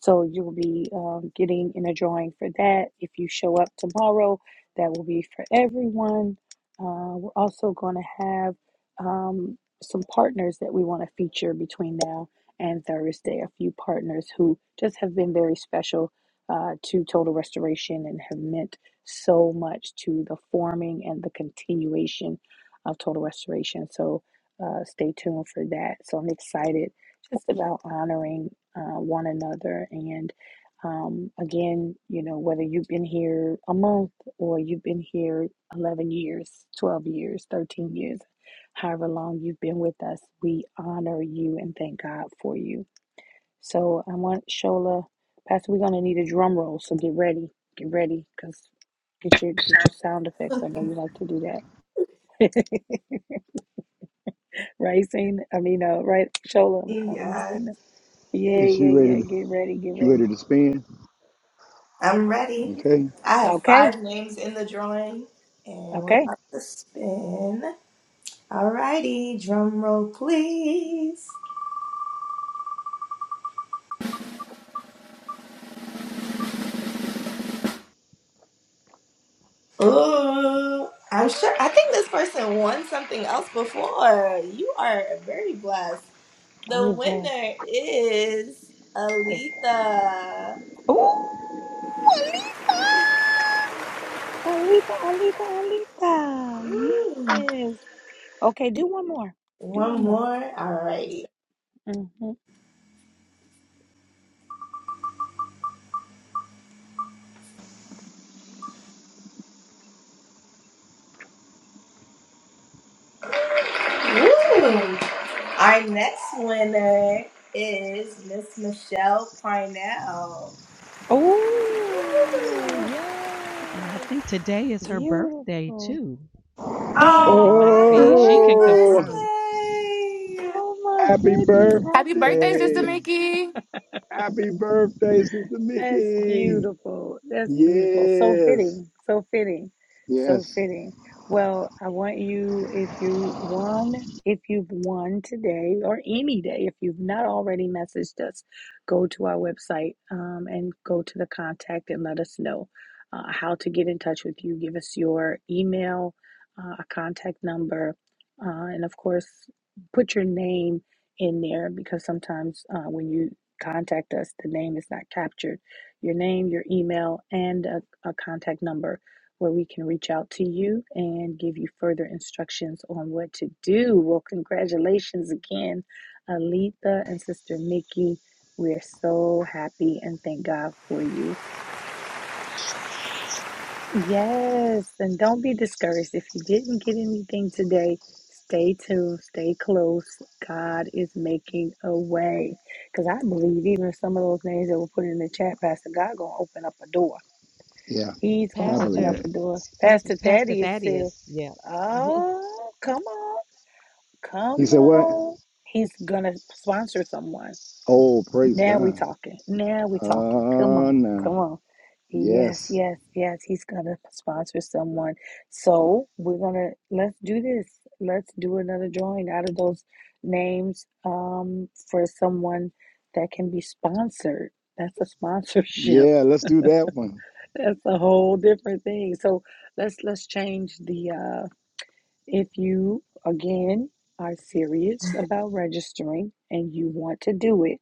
[SPEAKER 6] So you'll be um, getting in a drawing for that. If you show up tomorrow, that will be for everyone. Uh, we're also going to have um some partners that we want to feature between now and Thursday. A few partners who just have been very special uh, to Total Restoration and have meant so much to the forming and the continuation of Total Restoration. So uh, stay tuned for that. So I'm excited just about honoring uh, one another and. Um, again, you know, whether you've been here a month or you've been here 11 years, 12 years, 13 years, however long you've been with us. We honor you and thank God for you. So I want Shola, Pastor, we're gonna need a drum roll. So get ready, get ready, cause get your get your sound
[SPEAKER 4] Yeah.
[SPEAKER 6] effects. I know you like to do that, right, Cena? I mean, uh, right, Shola. I'm calling you
[SPEAKER 4] Yes.
[SPEAKER 6] Cena. Yeah,
[SPEAKER 1] Is she
[SPEAKER 6] yeah,
[SPEAKER 1] ready?
[SPEAKER 6] yeah.
[SPEAKER 1] To,
[SPEAKER 6] Get ready, get
[SPEAKER 1] she
[SPEAKER 6] ready.
[SPEAKER 1] ready to spin?
[SPEAKER 4] I'm ready.
[SPEAKER 1] Okay.
[SPEAKER 4] I have
[SPEAKER 6] Okay,
[SPEAKER 4] five names in the drawing, and we're
[SPEAKER 6] okay.
[SPEAKER 4] about to spin. Alrighty, drum roll, please. Ooh, I'm sure. I think this person won something else before. You are very blessed. The
[SPEAKER 6] Who is that?
[SPEAKER 4] winner is
[SPEAKER 6] Who is it?
[SPEAKER 4] Alita.
[SPEAKER 6] Ooh, Alita, Alita, Alita, Alita.
[SPEAKER 4] Ooh,
[SPEAKER 6] Yes. Okay, do one more. Do one
[SPEAKER 4] one
[SPEAKER 6] more.
[SPEAKER 4] more. Alrighty.
[SPEAKER 6] hmm
[SPEAKER 4] Ooh, our next winner is Miss Michelle Parnell.
[SPEAKER 6] Oh,
[SPEAKER 3] And I think
[SPEAKER 6] yes.
[SPEAKER 3] today is her birthday
[SPEAKER 6] Beautiful.
[SPEAKER 3] too. It might
[SPEAKER 4] Oh,
[SPEAKER 3] be. She
[SPEAKER 4] happy
[SPEAKER 3] can
[SPEAKER 6] what?
[SPEAKER 1] Oh,
[SPEAKER 3] confirm.
[SPEAKER 4] birthday!
[SPEAKER 6] Oh my
[SPEAKER 1] happy
[SPEAKER 6] goodness.
[SPEAKER 5] Happy
[SPEAKER 6] Happy
[SPEAKER 5] birthday,
[SPEAKER 6] birthday!
[SPEAKER 5] Sister
[SPEAKER 1] birthday.
[SPEAKER 5] Mickey.
[SPEAKER 1] Happy birthday, Sister
[SPEAKER 6] That's
[SPEAKER 1] Mickey.
[SPEAKER 6] beautiful. That's beautiful. So
[SPEAKER 1] Yes.
[SPEAKER 6] fitting. So fitting. So
[SPEAKER 1] Yes.
[SPEAKER 6] fitting. Well, I want you, if you won, if you've won today or any day, if you've not already messaged us, go to our website um, and go to the contact and let us know uh, how to get in touch with you. Give us your email, uh, a contact number, uh, and of course, put your name in there because sometimes uh, when you contact us, the name is not captured your name, your email, and a, a contact number where we can reach out to you and give you further instructions on what to do. Well, congratulations again, Alita and Sister Mickey. We're so happy and thank God for you. Yes, and don't be discouraged. If you didn't get anything today, stay tuned, stay close. God is making a way. Because I believe even some of those names that were put in the chat, Pastor God gonna open up a door
[SPEAKER 1] Yeah.
[SPEAKER 6] He's gonna
[SPEAKER 1] I
[SPEAKER 6] open
[SPEAKER 1] believe
[SPEAKER 6] up
[SPEAKER 3] Pastor,
[SPEAKER 1] it.
[SPEAKER 6] a door.
[SPEAKER 3] excuse me,
[SPEAKER 6] Pastor
[SPEAKER 3] Pastor
[SPEAKER 6] Thaddeus said,
[SPEAKER 3] Thaddeus. Yeah.
[SPEAKER 6] "Oh, come on,
[SPEAKER 1] He
[SPEAKER 6] come
[SPEAKER 1] said what?
[SPEAKER 6] on." He's gonna sponsor someone.
[SPEAKER 1] Oh, praise
[SPEAKER 6] Now we
[SPEAKER 1] God.
[SPEAKER 6] talking. Now we talking. Come
[SPEAKER 1] Oh, uh,
[SPEAKER 6] on,
[SPEAKER 1] no.
[SPEAKER 6] come on. Yes,
[SPEAKER 1] Yes.
[SPEAKER 6] yes, yes. He's gonna sponsor someone. So we're gonna let's do this. Let's do another drawing out of those names um, for someone that can be sponsored. That's a sponsorship.
[SPEAKER 1] Yeah. Let's do that one.
[SPEAKER 6] That's a whole different thing. So let's let's change the uh if you again are serious about registering and you want to do it,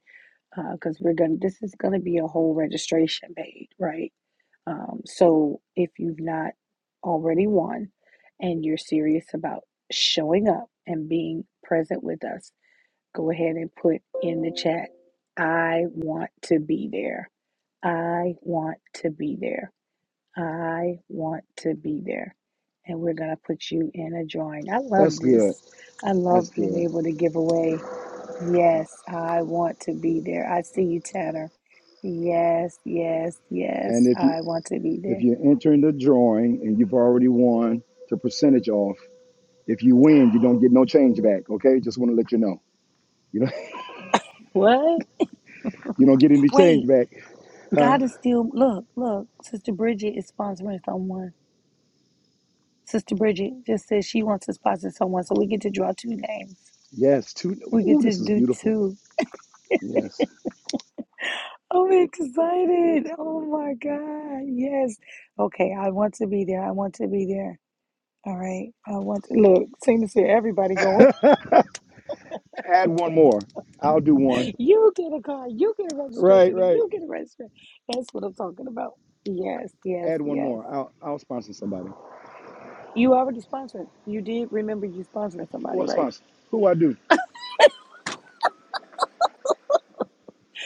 [SPEAKER 6] uh, because we're gonna this is gonna be a whole registration page, right? Um, so if you've not already won and you're serious about showing up and being present with us, go ahead and put in the chat, I want to be there. I want to be there. I want to be there. And we're going to put you in a drawing. I love
[SPEAKER 1] That's good.
[SPEAKER 6] this. I love
[SPEAKER 1] That's
[SPEAKER 6] being
[SPEAKER 1] good.
[SPEAKER 6] able to give away. Yes, I want to be there. I see you, Tanner. Yes, yes,
[SPEAKER 1] And
[SPEAKER 6] yes,
[SPEAKER 1] if you
[SPEAKER 6] I want to be
[SPEAKER 1] if
[SPEAKER 6] there.
[SPEAKER 1] you're entering the drawing and you've already won the percentage off, If you win, you don't get no change back. Okay, just want to let you know. You know,
[SPEAKER 6] What?
[SPEAKER 1] you don't get any
[SPEAKER 6] Wait,
[SPEAKER 1] change back. Huh?
[SPEAKER 6] God is still. Look, look. Sister Bridget is sponsoring someone. Sister Bridget just said she wants to sponsor someone. So we get to draw two names.
[SPEAKER 1] Yes. Two.
[SPEAKER 6] We get
[SPEAKER 1] Ooh,
[SPEAKER 6] to
[SPEAKER 1] this is
[SPEAKER 6] do
[SPEAKER 1] beautiful.
[SPEAKER 6] two.
[SPEAKER 1] Yes.
[SPEAKER 6] I'm excited. Oh my God. Yes. Okay. I want to be there. I want to be there. All right. I want to look. Seem to see everybody going.
[SPEAKER 1] Add one more. I'll do one.
[SPEAKER 6] You get a car. You get a
[SPEAKER 1] Right,
[SPEAKER 6] registration. And
[SPEAKER 1] right.
[SPEAKER 6] you get a registration. That's what I'm talking about. Yes. Yes.
[SPEAKER 1] Add one
[SPEAKER 6] Yes.
[SPEAKER 1] more. I'll I'll sponsor somebody.
[SPEAKER 6] You already sponsored. You did remember you sponsoring
[SPEAKER 1] Who
[SPEAKER 6] somebody,
[SPEAKER 1] I
[SPEAKER 6] right?
[SPEAKER 1] sponsor? Who I do?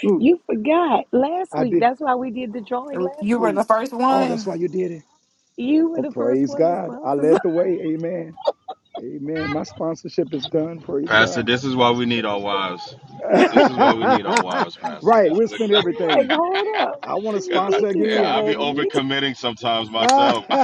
[SPEAKER 1] Who
[SPEAKER 6] You forgot last
[SPEAKER 1] I
[SPEAKER 6] week.
[SPEAKER 1] did?
[SPEAKER 6] That's why we did the drawing last
[SPEAKER 5] You were the
[SPEAKER 6] week.
[SPEAKER 5] first
[SPEAKER 1] Oh, that's why
[SPEAKER 5] one.
[SPEAKER 1] you did it.
[SPEAKER 6] You were
[SPEAKER 1] Oh,
[SPEAKER 6] the first
[SPEAKER 1] praise
[SPEAKER 6] one to
[SPEAKER 1] God. I
[SPEAKER 6] sponsor. I'm
[SPEAKER 1] led the way. Amen. Amen. My sponsorship is done. Praise
[SPEAKER 8] Pastor,
[SPEAKER 1] God.
[SPEAKER 8] this is why we need our wives. This is why we need our wives, Pastor.
[SPEAKER 1] right.
[SPEAKER 8] This
[SPEAKER 1] We'll
[SPEAKER 8] is a
[SPEAKER 1] spend
[SPEAKER 6] like,
[SPEAKER 1] everything.
[SPEAKER 6] hold up.
[SPEAKER 1] I want to
[SPEAKER 6] You
[SPEAKER 8] Cause I,
[SPEAKER 1] sponsor
[SPEAKER 6] did this
[SPEAKER 8] I
[SPEAKER 1] again.
[SPEAKER 8] be
[SPEAKER 6] already.
[SPEAKER 8] overcommitting sometimes
[SPEAKER 1] hey,
[SPEAKER 8] myself.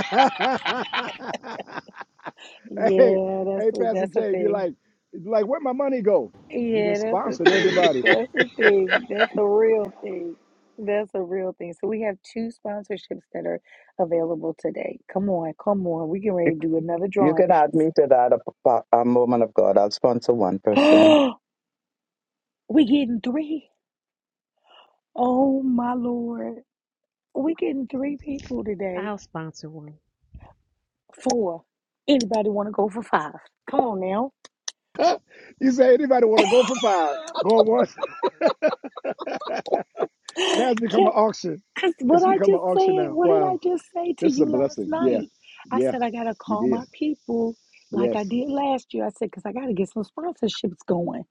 [SPEAKER 1] hey,
[SPEAKER 6] Yeah, that's a,
[SPEAKER 1] Pastor
[SPEAKER 6] that's a
[SPEAKER 1] J, be
[SPEAKER 6] thing.
[SPEAKER 1] like, be like, where my money go? You done
[SPEAKER 6] Yeah, that's
[SPEAKER 1] sponsored
[SPEAKER 6] a thing.
[SPEAKER 1] everybody.
[SPEAKER 6] That's a thing. That's a real thing. That's a real thing. So we have two sponsorships that are available today. Come on, come on. We can ready to do another
[SPEAKER 2] You
[SPEAKER 6] drawing.
[SPEAKER 2] can add me to that A pa- a moment of God. I'll sponsor one person.
[SPEAKER 6] Oh, we getting three. Oh my Lord. We getting three people today.
[SPEAKER 3] I'll sponsor one.
[SPEAKER 6] Four. Anybody want to go for five? Come on now.
[SPEAKER 1] you say anybody want to go for five, go once. Now it's become
[SPEAKER 6] Can
[SPEAKER 1] an auction.
[SPEAKER 6] Because what
[SPEAKER 1] It's
[SPEAKER 6] I
[SPEAKER 1] become an
[SPEAKER 6] just
[SPEAKER 1] auction
[SPEAKER 6] said,
[SPEAKER 1] now.
[SPEAKER 6] what did I
[SPEAKER 1] Wow,
[SPEAKER 6] just say to
[SPEAKER 1] this is a
[SPEAKER 6] you last
[SPEAKER 1] blessing. Yeah,
[SPEAKER 6] night? I
[SPEAKER 1] yeah,
[SPEAKER 6] said, I got to
[SPEAKER 1] you
[SPEAKER 6] call
[SPEAKER 1] did.
[SPEAKER 6] my people like I
[SPEAKER 1] Yes.
[SPEAKER 6] did last year. I said, because I got to get some sponsorships going.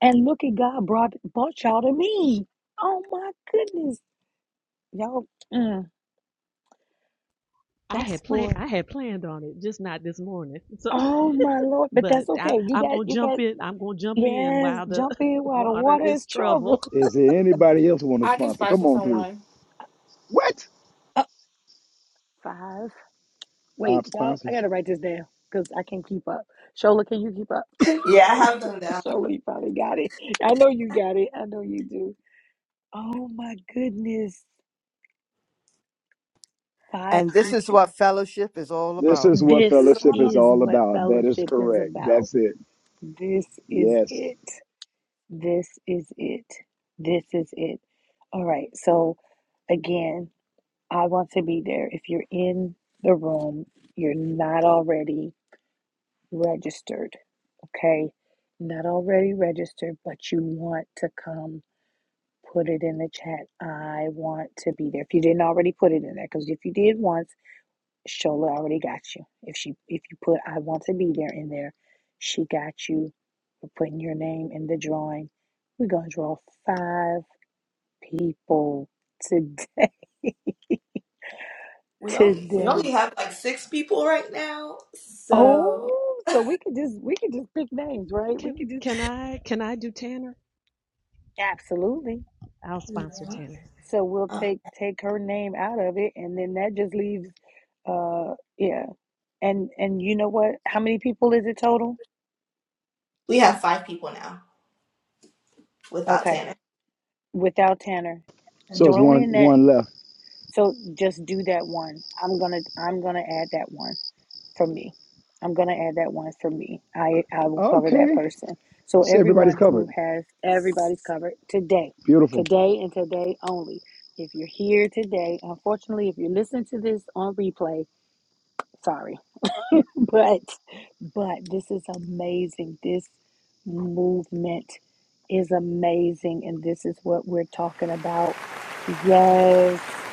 [SPEAKER 6] And look at God brought, brought y'all to me. Oh my goodness. Y'all, mm,
[SPEAKER 3] I
[SPEAKER 6] that's
[SPEAKER 3] had planned
[SPEAKER 6] for,
[SPEAKER 3] I had planned on it, just not this morning. So.
[SPEAKER 6] oh my Lord. But
[SPEAKER 3] but
[SPEAKER 6] that's
[SPEAKER 3] I,
[SPEAKER 6] okay. You
[SPEAKER 3] I'm
[SPEAKER 6] got,
[SPEAKER 3] gonna
[SPEAKER 6] you
[SPEAKER 3] jump
[SPEAKER 6] got,
[SPEAKER 3] in. I'm gonna jump in
[SPEAKER 6] yes,
[SPEAKER 3] while the
[SPEAKER 6] jump in while the
[SPEAKER 3] water
[SPEAKER 6] water
[SPEAKER 3] is
[SPEAKER 6] is troubled.
[SPEAKER 3] trouble.
[SPEAKER 1] Is there anybody else want to
[SPEAKER 5] I can
[SPEAKER 1] sponsor? Come
[SPEAKER 5] sponsor
[SPEAKER 1] on through.
[SPEAKER 5] someone.
[SPEAKER 1] What?
[SPEAKER 6] Up five. Wait,
[SPEAKER 1] Five
[SPEAKER 6] y'all, I got
[SPEAKER 1] sponsors.
[SPEAKER 6] to write this down because I can't keep up. Shola, can you keep up?
[SPEAKER 4] Yeah, I have them down.
[SPEAKER 6] Surely probably got it. I know you got it. I know you do. Oh my goodness. Five
[SPEAKER 15] And this is what
[SPEAKER 6] people.
[SPEAKER 15] fellowship is all
[SPEAKER 1] This
[SPEAKER 15] about.
[SPEAKER 1] is what
[SPEAKER 6] This
[SPEAKER 1] fellowship is
[SPEAKER 6] is
[SPEAKER 1] all
[SPEAKER 6] what
[SPEAKER 1] about. That is
[SPEAKER 6] fellowship is
[SPEAKER 1] correct.
[SPEAKER 6] about.
[SPEAKER 1] That's it.
[SPEAKER 6] This is
[SPEAKER 1] Yes.
[SPEAKER 6] it. This is it. This is it. All right. So, again, I want to be there. If you're in the room, you're not already registered. Okay. Not already registered, but you want to come Put it in the chat. I want to be there. If you didn't already put it in there, because if you did once, Shola already got you. If she if you put I want to be there in there, she got you for putting your name in the drawing. We're gonna draw five people today
[SPEAKER 4] We only we only
[SPEAKER 6] today.
[SPEAKER 4] have like six people right now, so
[SPEAKER 6] Oh, so we could just we could just pick names, right? We
[SPEAKER 3] Can
[SPEAKER 6] could just
[SPEAKER 3] can I can I do Tanner?
[SPEAKER 6] absolutely.
[SPEAKER 3] I'll sponsor
[SPEAKER 4] yeah.
[SPEAKER 3] Tanner.
[SPEAKER 6] So we'll
[SPEAKER 4] Oh,
[SPEAKER 6] take take her name out of it, and then that just leaves, uh, yeah. And and you know what? How many people is it total?
[SPEAKER 4] we have five people now without
[SPEAKER 6] Okay,
[SPEAKER 4] Tanner.
[SPEAKER 6] without Tanner,
[SPEAKER 1] So it's
[SPEAKER 6] throw
[SPEAKER 1] one
[SPEAKER 6] in that.
[SPEAKER 1] one left.
[SPEAKER 6] So just do that one. I'm gonna I'm gonna add that one for me. I'm gonna add that one for me. I I will cover that
[SPEAKER 1] Okay.
[SPEAKER 6] person. So
[SPEAKER 1] see everybody's
[SPEAKER 6] everyone who
[SPEAKER 1] covered.
[SPEAKER 6] has everybody's covered today,
[SPEAKER 1] Beautiful.
[SPEAKER 6] today and today only. If you're here today, unfortunately, if you're listening to this on replay, sorry but but this is amazing this movement is amazing and this is what we're talking about yes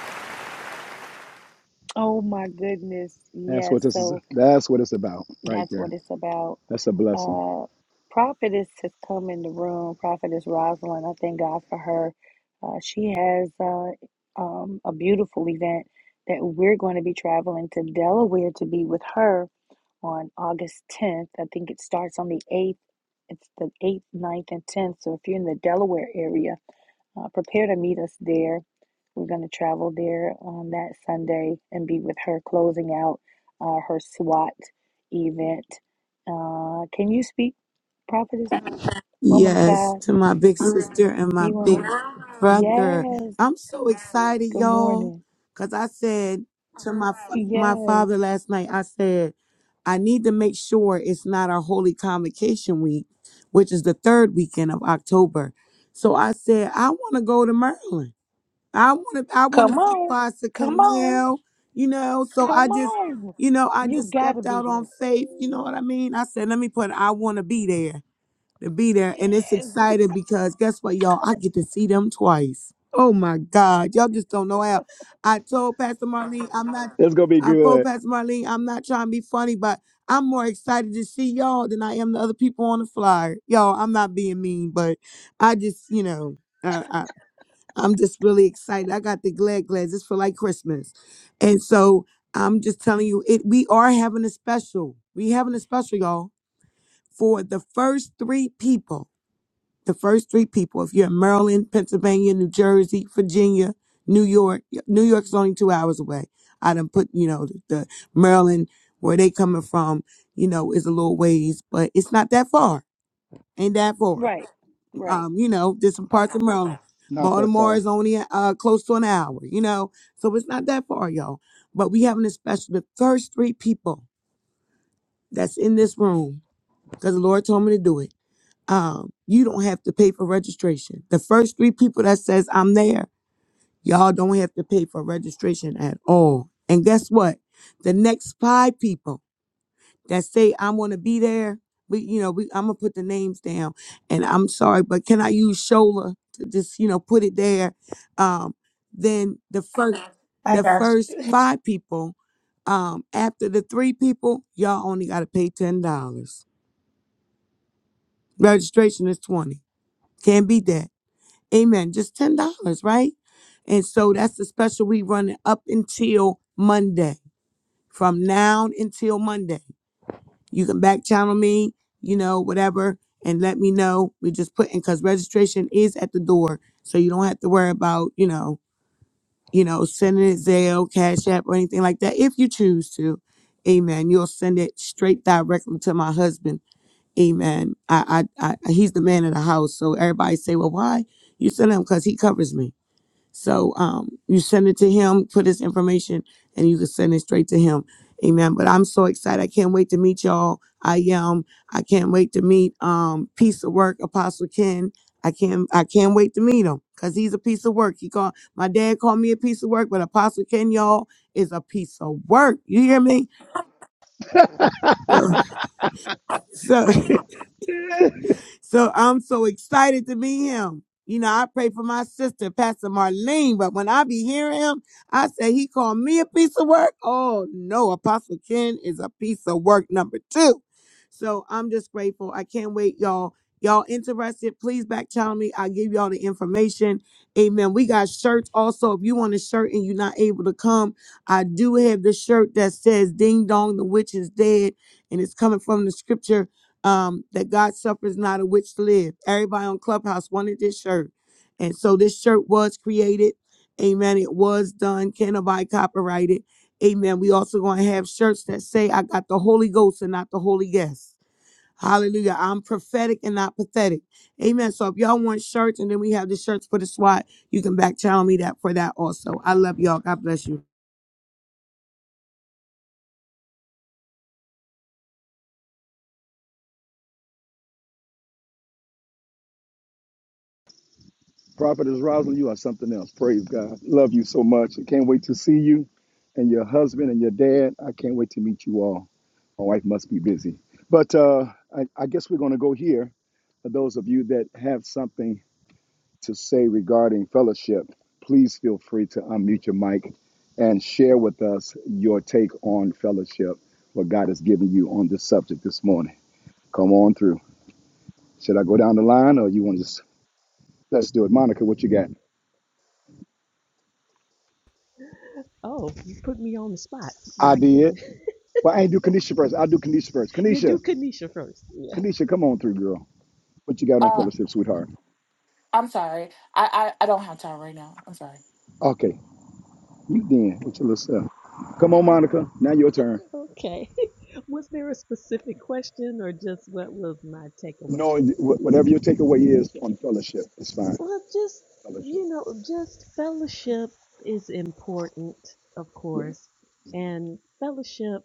[SPEAKER 6] oh my goodness
[SPEAKER 1] That's what
[SPEAKER 6] yes
[SPEAKER 1] this
[SPEAKER 6] so
[SPEAKER 1] is. That's what it's about right
[SPEAKER 6] that's
[SPEAKER 1] there.
[SPEAKER 6] what it's about.
[SPEAKER 1] That's a blessing.
[SPEAKER 6] Uh, Prophetess has come in the room. Prophetess Rosalind, I thank God for her. Uh, she has uh, um, a beautiful event that we're going to be traveling to Delaware to be with her on August 10th. I think it starts on the 8th. It's the 8th, ninth, and 10th. So if you're in the Delaware area, uh, prepare to meet us there. We're going to travel there on that Sunday and be with her closing out uh, her SWAT event. Uh, can you speak, prophetess, woman of
[SPEAKER 16] Yes,
[SPEAKER 6] God?
[SPEAKER 16] to my big sister and my
[SPEAKER 6] You
[SPEAKER 16] big
[SPEAKER 6] want
[SPEAKER 16] brother.
[SPEAKER 6] to? Yes.
[SPEAKER 16] I'm so excited,
[SPEAKER 6] Good
[SPEAKER 16] y'all,
[SPEAKER 6] morning.
[SPEAKER 16] because I said to my fa- my father
[SPEAKER 6] Yes.
[SPEAKER 16] last night, I said, I need to make sure it's not our Holy Convocation week, which is the third weekend of October. So I said, I want to go to Maryland. I want to I want
[SPEAKER 6] Come
[SPEAKER 16] to see
[SPEAKER 6] on.
[SPEAKER 16] Pastor
[SPEAKER 6] Come on.
[SPEAKER 16] Canal, you know. So
[SPEAKER 6] Come
[SPEAKER 16] I just,
[SPEAKER 6] on.
[SPEAKER 16] you know, I
[SPEAKER 6] You
[SPEAKER 16] just
[SPEAKER 6] got to
[SPEAKER 16] stepped
[SPEAKER 6] be
[SPEAKER 16] out on
[SPEAKER 6] here.
[SPEAKER 16] faith. You know what I mean? I said, let me put I want to be there to be there. And it's
[SPEAKER 6] Yes.
[SPEAKER 16] exciting because guess what, y'all? I get to see them twice. Oh my God. Y'all just don't know how. I told Pastor Marlene, I'm not,
[SPEAKER 1] It's gonna be
[SPEAKER 16] I told
[SPEAKER 1] good.
[SPEAKER 16] Pastor Marlene, I'm not trying to be funny, but I'm more excited to see y'all than I am the other people on the flyer. Y'all, I'm not being mean, but I just, you know, uh, I, I'm just really excited. I got the glad glads. It's for like Christmas. And so I'm just telling you, it we are having a special. We having a special, y'all, for the first three people the first three people, if you're in Maryland, Pennsylvania, New Jersey, Virginia, New York, New York's only two hours away. I done put, you know, the, the Maryland, where they coming from, you know, is a little ways, but it's not that far. Ain't that far.
[SPEAKER 6] Right, right.
[SPEAKER 16] Um, you know, there's some parts of Maryland.
[SPEAKER 1] Not that
[SPEAKER 16] Baltimore
[SPEAKER 1] far.
[SPEAKER 16] is only uh, close to an hour, you know, so it's not that far, y'all. But we having a special, the first three people that's in this room, because the Lord told me to do it um, you don't have to pay for registration. The first three people that says I'm there, y'all don't have to pay for registration at all. And guess what? The next five people that say I want to be there, we you know we I'm gonna put the names down. And I'm sorry, but can I use Shola to just you know put it there? Um, then the first Okay.
[SPEAKER 4] I
[SPEAKER 16] the
[SPEAKER 4] got
[SPEAKER 16] first
[SPEAKER 4] you.
[SPEAKER 16] five people, um, after the three people, y'all only gotta pay ten dollars. Registration is twenty. Can't beat that. Amen. Just ten dollars, right? And so that's the special we running up until Monday. From now until Monday, you can back channel me, you know, whatever, and let me know. We just put in because registration is at the door, so you don't have to worry about, you know, you know, sending it Zelle, Cash App, or anything like that. If you choose to, Amen. You'll send it straight directly to my husband. Amen. I, I, I he's the man of the house, so everybody say, well, why you send him? Because he covers me. So um, you send it to him, put his information, and you can send it straight to him. Amen. But I'm so excited. I can't wait to meet y'all. I am. I can't wait to meet um piece of work, Apostle Ken. I can't I can't wait to meet him because he's a piece of work. He called my dad called me a piece of work, but Apostle Ken, y'all, is a piece of work. You hear me? So, so So I'm so excited to meet him. You know, I pray for my sister, Pastor Marlene, but when I be hearing him, I say he called me a piece of work. Oh no, Apostle Ken is a piece of work number two. So I'm just grateful. I can't wait, y'all. Y'all interested? Please back channel me. I'll give y'all the information. Amen. We got shirts also. If you want a shirt and you're not able to come, I do have the shirt that says Ding Dong, the witch is dead. And it's coming from the scripture um, that God suffers not a witch to live. Everybody on Clubhouse wanted this shirt. And so this shirt was created. Amen. It was done. Can nobody copyright it? Amen. We also going to have shirts that say, I got the Holy Ghost and not the Holy Guest. Hallelujah. I'm prophetic and not pathetic. Amen. So if y'all want shirts and then we have the shirts for the SWAT, you can back channel me that for that also. I love y'all. God bless you.
[SPEAKER 1] Prophetess is Rosalind, you are something else. Praise God. Love you so much. I can't wait to see you and your husband and your dad. I can't wait to meet you all. My wife must be busy. But uh, I, I guess we're gonna go here. For those of you that have something to say regarding fellowship, please feel free to unmute your mic and share with us your take on fellowship, what God has given you on this subject this morning. Come on through. Should I go down the line or you want to just let's do it? Monica, what you got?
[SPEAKER 3] Oh, you put me on the spot.
[SPEAKER 1] I
[SPEAKER 3] My
[SPEAKER 1] did.
[SPEAKER 3] goodness,
[SPEAKER 1] Well, I ain't do Kanisha first. I'll do Kanisha first.
[SPEAKER 3] you do
[SPEAKER 1] Kanisha,
[SPEAKER 3] Kanisha first. Yeah.
[SPEAKER 1] Kanisha, come on through, girl. What you got on
[SPEAKER 5] Uh,
[SPEAKER 1] fellowship, sweetheart?
[SPEAKER 5] I'm sorry. I, I I don't have time right now. I'm sorry.
[SPEAKER 1] Okay. You then, with your little self. Come on, Monica. Now your turn.
[SPEAKER 3] Okay. Was there a specific question or just what was my takeaway?
[SPEAKER 1] No, wh- whatever your takeaway is on fellowship, it's fine.
[SPEAKER 3] Well, just
[SPEAKER 1] Fellowship.
[SPEAKER 3] you know, just fellowship is important, of
[SPEAKER 1] Yeah.
[SPEAKER 3] course, and fellowship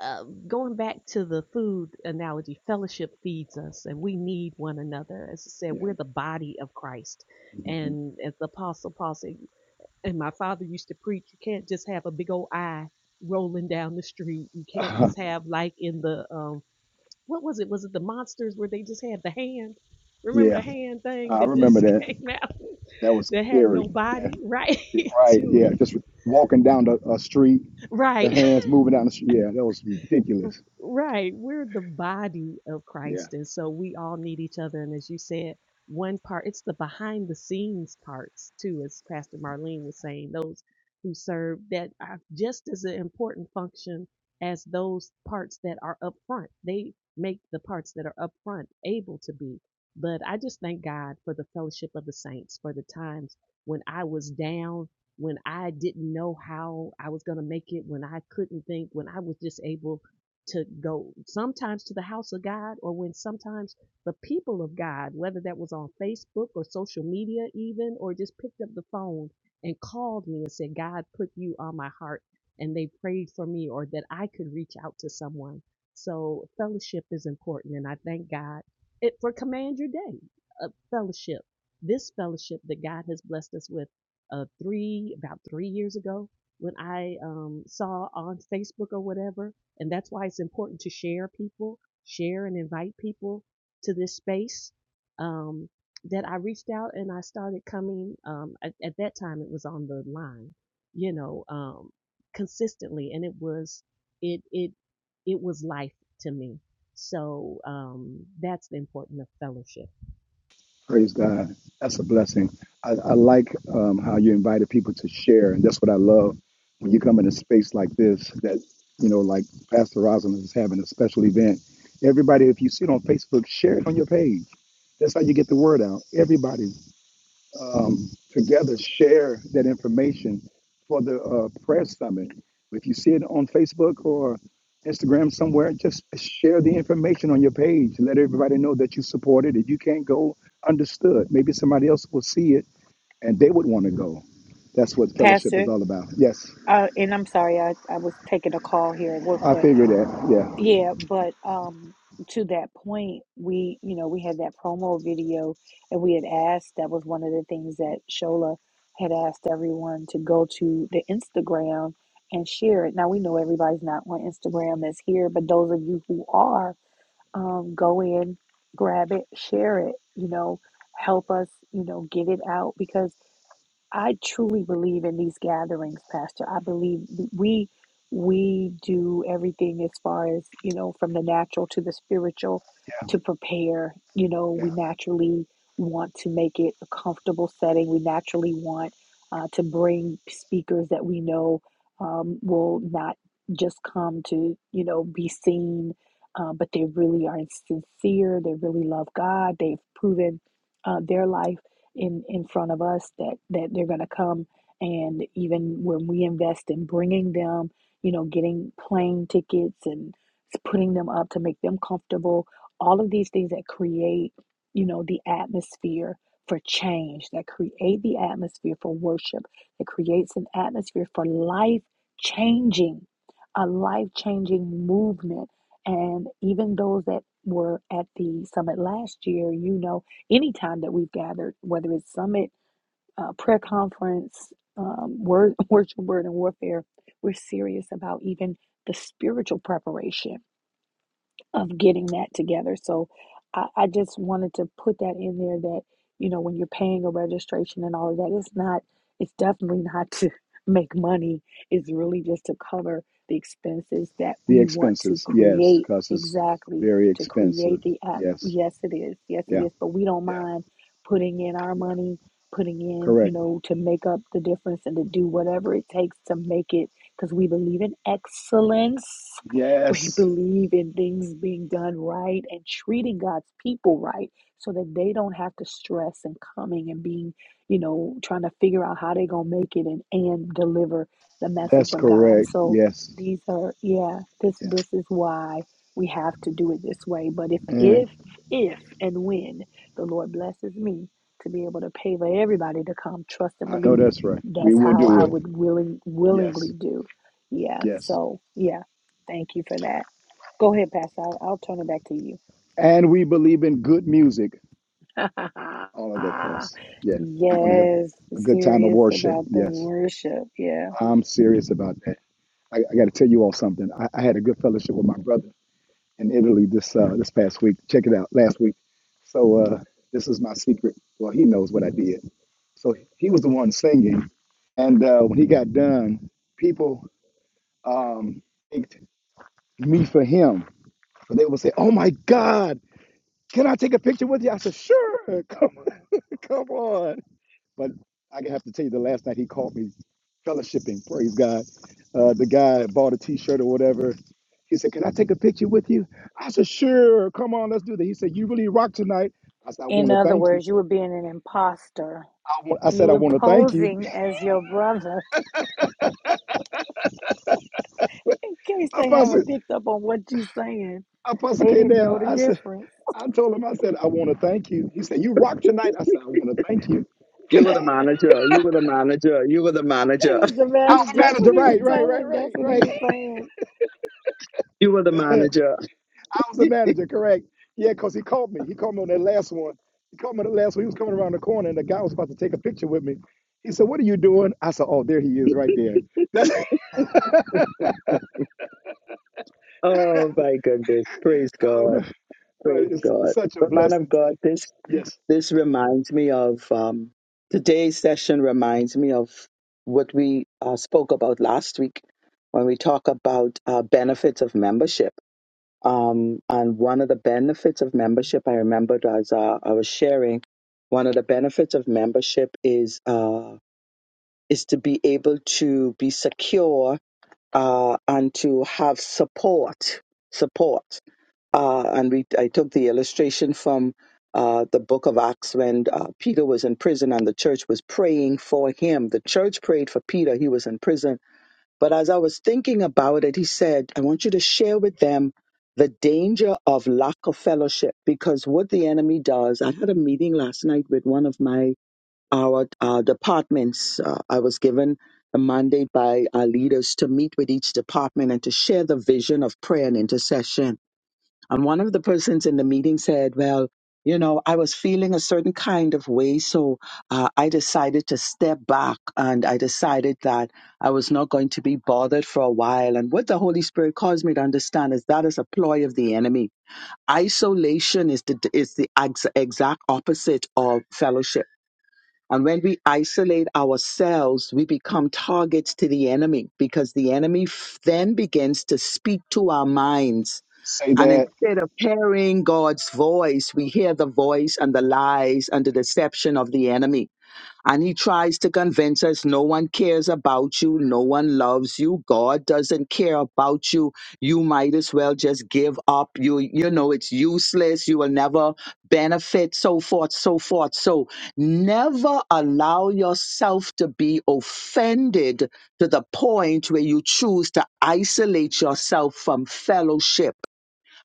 [SPEAKER 3] uh, going back to the food analogy, fellowship feeds us, and we need one another. As I said,
[SPEAKER 1] Yeah.
[SPEAKER 3] we're the body of Christ, and as the Apostle Paul said, and my father used to preach, you can't just have a big old eye rolling down the street. You can't just have like in the um, what was it? Was it the monsters where they just had the hand? Remember
[SPEAKER 1] yeah,
[SPEAKER 3] the hand thing
[SPEAKER 1] I
[SPEAKER 3] that
[SPEAKER 1] remember
[SPEAKER 3] just
[SPEAKER 1] that.
[SPEAKER 3] came out
[SPEAKER 1] That was
[SPEAKER 3] that had no
[SPEAKER 1] scary. Yeah,
[SPEAKER 3] body, right?
[SPEAKER 1] yeah, right.
[SPEAKER 3] to
[SPEAKER 1] Yeah,
[SPEAKER 3] it,
[SPEAKER 1] just walking down the uh, street, the
[SPEAKER 3] right?
[SPEAKER 1] hands moving down the street. Yeah, that was ridiculous.
[SPEAKER 3] Right. We're the body of
[SPEAKER 1] Yeah,
[SPEAKER 3] Christ. And so we all need each other. And as you said, one part, it's the behind the scenes parts too, as Pastor Marlene was saying, those who serve that are just as an important function as those parts that are up front. They make the parts that are up front able to be. But I just thank God for the fellowship of the saints, for the times when I was down, when I didn't know how I was going to make it, when I couldn't think, when I was just able to go sometimes to the house of God or when sometimes the people of God, whether that was on Facebook or social media even, or just picked up the phone and called me and said, God put you on my heart and they prayed for me or that I could reach out to someone. So fellowship is important and I thank God it for command your day. A fellowship. This fellowship that God has blessed us with uh three about three years ago when I um saw on Facebook or whatever and that's why it's important to share people, share and invite people to this space. Um, that I reached out and I started coming. Um, at, at that time, it was on the line, you know, um, consistently, and it was it it it was life to me. So um, that's the importance of fellowship.
[SPEAKER 1] praise God. That's a blessing. I, I like um, how you invited people to share, and that's what I love when you come in a space like this. That you know, like Pastor Rosalind is having a special event. Everybody, if you see it on Facebook, share it on your page. That's how you get the word out. Everybody. um, together share that information for the uh, prayer summit. If you see it on Facebook or Instagram somewhere, just share the information on your page. Let everybody know that you support it. If you can't go, understood. Maybe somebody else will see it and they would want to go. That's what fellowship is
[SPEAKER 6] Pastor,
[SPEAKER 1] all about. Yes,
[SPEAKER 6] uh, and I'm sorry, I, I was taking a call here at work,
[SPEAKER 1] I
[SPEAKER 6] but
[SPEAKER 1] figured that. Yeah,
[SPEAKER 6] yeah, but um, to that point, we, you know, we had that promo video and we had asked, that was one of the things that Shola had asked everyone to go to the Instagram and share it. Now we know everybody's not on Instagram that's here, but those of you who are, um, go in, grab it, share it, you know, help us, you know, get it out because I truly believe in these gatherings, Pastor. I believe we we do everything as far as, you know, from the natural to the spiritual
[SPEAKER 1] yeah.
[SPEAKER 6] to prepare. You know,
[SPEAKER 1] yeah.
[SPEAKER 6] we naturally want to make it a comfortable setting. We naturally want uh, to bring speakers that we know um, will not just come to, you know, be seen, uh, but they really are sincere. They really love God. They've proven uh, their life in in front of us that that they're going to come and even when we invest in bringing them you know getting plane tickets and putting them up to make them comfortable all of these things that create you know the atmosphere for change that create the atmosphere for worship that creates an atmosphere for life changing a life changing movement and even those that were at the summit last year you know any time that we've gathered, whether it's summit, uh, prayer conference, um, word, worship, word, and warfare, we're serious about even the spiritual preparation of getting that together. So I, I just wanted to put that in there that, you know, when you're paying a registration and all of that, it's not, it's definitely not to make money. It's really just to cover the expenses that
[SPEAKER 1] The
[SPEAKER 6] we want to
[SPEAKER 1] expenses, yes,
[SPEAKER 6] create
[SPEAKER 1] because it's
[SPEAKER 6] exactly
[SPEAKER 1] very
[SPEAKER 6] to
[SPEAKER 1] expensive.
[SPEAKER 6] create the app.
[SPEAKER 1] Yes,
[SPEAKER 6] Yes, it is. Yes, it
[SPEAKER 1] yeah,
[SPEAKER 6] is. But we don't
[SPEAKER 1] yeah,
[SPEAKER 6] mind putting in our
[SPEAKER 1] yeah.
[SPEAKER 6] money, putting in, you
[SPEAKER 1] Correct.
[SPEAKER 6] know, to make up the difference and to do whatever it takes to make it because we believe in excellence we
[SPEAKER 1] Yes.
[SPEAKER 6] believe in things being done right and treating God's people right so that they don't have to stress and coming and being, you know, trying to figure out how they're going to make it and, and deliver the message
[SPEAKER 1] That's
[SPEAKER 6] of God.
[SPEAKER 1] correct.
[SPEAKER 6] So
[SPEAKER 1] Yes.
[SPEAKER 6] these are, yeah, this,
[SPEAKER 1] Yes.
[SPEAKER 6] this is why we have to do it this way. But if,
[SPEAKER 1] And
[SPEAKER 6] if, if and when the Lord blesses me to be able to pay for everybody to come, trust and
[SPEAKER 1] I know
[SPEAKER 6] believe,
[SPEAKER 1] that's right. We
[SPEAKER 6] that's
[SPEAKER 1] will
[SPEAKER 6] how
[SPEAKER 1] do
[SPEAKER 6] I
[SPEAKER 1] it.
[SPEAKER 6] would willing,
[SPEAKER 1] Yes.
[SPEAKER 6] willingly do. Yeah.
[SPEAKER 1] Yes.
[SPEAKER 6] So, yeah Thank you for that. Go ahead, Pastor. I'll, I'll turn it back to you.
[SPEAKER 1] And we believe in good music. All of that costs. Yes. We're going to have
[SPEAKER 6] yes,
[SPEAKER 1] a good time of
[SPEAKER 6] serious
[SPEAKER 1] worship.
[SPEAKER 6] about the
[SPEAKER 1] Yes.
[SPEAKER 6] worship. Yeah.
[SPEAKER 1] I'm serious about that. I, I got to tell you all something. I, I had a good fellowship with my brother in Italy this uh, this past week. Check it out. Last week. So uh, this is my secret. Well, he knows what I did. So he was the one singing. And uh, when he got done, people um, thanked me for him. But they would say, "Oh my God, can I take a picture with you?" I said, "Sure, come on, come on." But I have to tell you, the last night he called me fellowshipping. Praise God. Uh, the guy bought a T-shirt or whatever. He said, "Can I take a picture with you?" I said, "Sure, come on, let's do that." He said, "You really rock tonight." I said, "I want
[SPEAKER 6] In
[SPEAKER 1] to
[SPEAKER 6] other
[SPEAKER 1] thank you."
[SPEAKER 6] words, you were being an imposter.
[SPEAKER 1] I, want, I
[SPEAKER 6] You
[SPEAKER 1] said, "I
[SPEAKER 6] were
[SPEAKER 1] want to thank you."
[SPEAKER 6] posing as your brother in case they
[SPEAKER 1] Apostle,
[SPEAKER 6] haven't picked up on what you're saying.
[SPEAKER 1] Apostle
[SPEAKER 6] They
[SPEAKER 1] came
[SPEAKER 6] didn't know
[SPEAKER 1] down.
[SPEAKER 6] the
[SPEAKER 1] I said,
[SPEAKER 6] difference.
[SPEAKER 1] "I told him, I said, I want to thank you." He said, "You rock tonight." I said, "I want to thank you."
[SPEAKER 2] You were the manager. You were the manager. You were the
[SPEAKER 6] It
[SPEAKER 2] manager.
[SPEAKER 6] was the
[SPEAKER 1] I
[SPEAKER 6] matter.
[SPEAKER 1] was the
[SPEAKER 6] That's what
[SPEAKER 1] manager,
[SPEAKER 6] he was
[SPEAKER 1] right, right, right,
[SPEAKER 6] telling. That's
[SPEAKER 1] right,
[SPEAKER 6] what he
[SPEAKER 1] right.
[SPEAKER 6] was saying.
[SPEAKER 2] You were the
[SPEAKER 1] I
[SPEAKER 2] manager.
[SPEAKER 1] was the manager, correct. Yeah, because he called me. He called me on that last one. He called me on the last one. He was coming around the corner and the guy was about to take a picture with me. He said, What are you doing? I said, Oh, there he is right there. That's
[SPEAKER 2] Oh my goodness. Praise
[SPEAKER 1] um,
[SPEAKER 2] God.
[SPEAKER 1] but
[SPEAKER 2] Praise
[SPEAKER 1] it's, it's
[SPEAKER 2] God.
[SPEAKER 1] such a
[SPEAKER 2] But man of
[SPEAKER 1] blessing to
[SPEAKER 2] God, this
[SPEAKER 1] yes.
[SPEAKER 2] This reminds me of um, today's session, reminds me of what we uh, spoke about last week when we talk about uh, benefits of membership. Um, and one of the benefits of membership, I remembered as uh, I was sharing, one of the benefits of membership is uh, is to be able to be secure uh, and to have support. Support uh, and we I took the illustration from uh, the book of Acts when uh, Peter was in prison and the church was praying for him. The church prayed for Peter; he was in prison. But as I was thinking about it, he said, "I want you to share with them the danger of lack of fellowship because what the enemy does." I had a meeting last night with one of my our uh, departments. Uh, I was given a mandate by our leaders to meet with each department and to share the vision of prayer and intercession. And one of the persons in the meeting said, Well, you know, I was feeling a certain kind of way. So uh, I decided to step back and I decided that I was not going to be bothered for a while. And what the Holy Spirit caused me to understand is that is a ploy of the enemy. Isolation is the, is the ex- exact opposite of fellowship. And when we isolate ourselves, we become targets to the enemy because the enemy f- then begins to speak to our minds
[SPEAKER 1] Say
[SPEAKER 2] and
[SPEAKER 1] that,
[SPEAKER 2] instead of hearing God's voice, we hear the voice and the lies and the deception of the enemy. And he tries to convince us no one cares about you, no one loves you, God doesn't care about you. You might as well just give up. You you know it's useless, you will never benefit, so forth, so forth. So never allow yourself to be offended to the point where you choose to isolate yourself from fellowship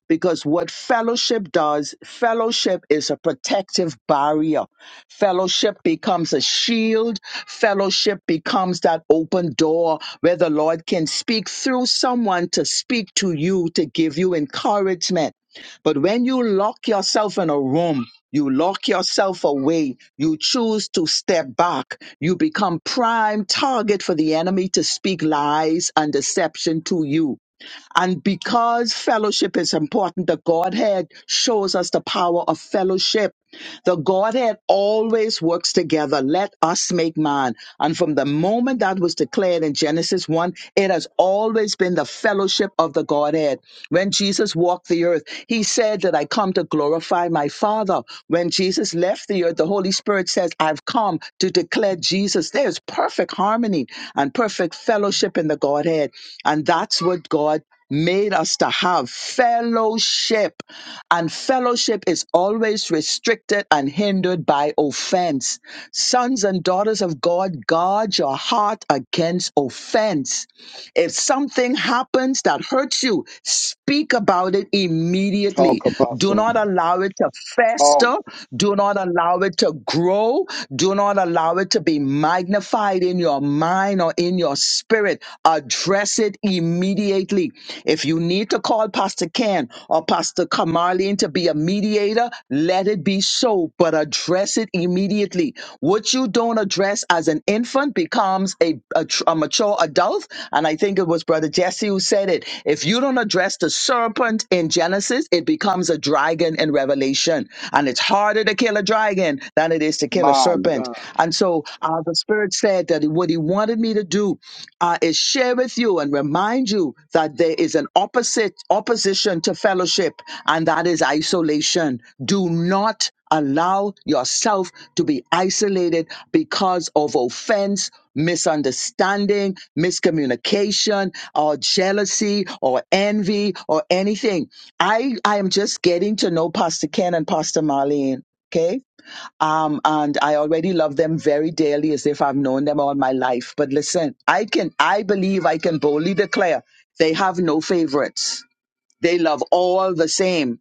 [SPEAKER 2] because what fellowship does, fellowship is a protective barrier. Fellowship becomes a shield. Fellowship becomes that open door where the Lord can speak through someone to speak to you, to give you encouragement. But when you lock yourself in a room, you lock yourself away. You choose to step back. You become prime target for the enemy to speak lies and deception to you. And because fellowship is important, the Godhead shows us the power of fellowship the Godhead always works together. Let us make man. And from the moment that was declared in Genesis 1, it has always been the fellowship of the Godhead. When Jesus walked the earth, he said that I come to glorify my Father. When Jesus left the earth, the Holy Spirit says, I've come to declare Jesus. There's perfect harmony and perfect fellowship in the Godhead. And that's what God made us to have fellowship and fellowship is always restricted and hindered by offense. Sons and daughters of God, guard your heart against offense if something happens that hurts you, speak about it immediately.
[SPEAKER 1] talk
[SPEAKER 2] Do
[SPEAKER 1] apostle,
[SPEAKER 2] not allow it to
[SPEAKER 1] talk
[SPEAKER 2] fester. Do not allow it to grow. Do not allow it to be magnified in your mind or in your spirit. Address it immediately. If you need to call Pastor Ken or Pastor Kamarlene to be a mediator, let it be so, but address it immediately. What you don't address as an infant becomes a, a tr- a mature adult and I think it was Brother Jesse who said it. If you don't address the serpent in Genesis, it becomes a dragon in Revelation. And it's harder to kill a dragon than it is to kill a
[SPEAKER 1] my
[SPEAKER 2] serpent.
[SPEAKER 1] God.
[SPEAKER 2] And so uh, the Spirit said that what He wanted me to do uh, is share with you and remind you that there is an opposite opposition to fellowship, and that is isolation. Do not allow yourself to be isolated because of offense, misunderstanding, miscommunication or jealousy or envy or anything. I, I am just getting to know Pastor Ken and Pastor Marlene. Okay. Um, and I already love them very dearly as if I've known them all my life. But listen, I can, I believe I can boldly declare they have no favorites. They love all the same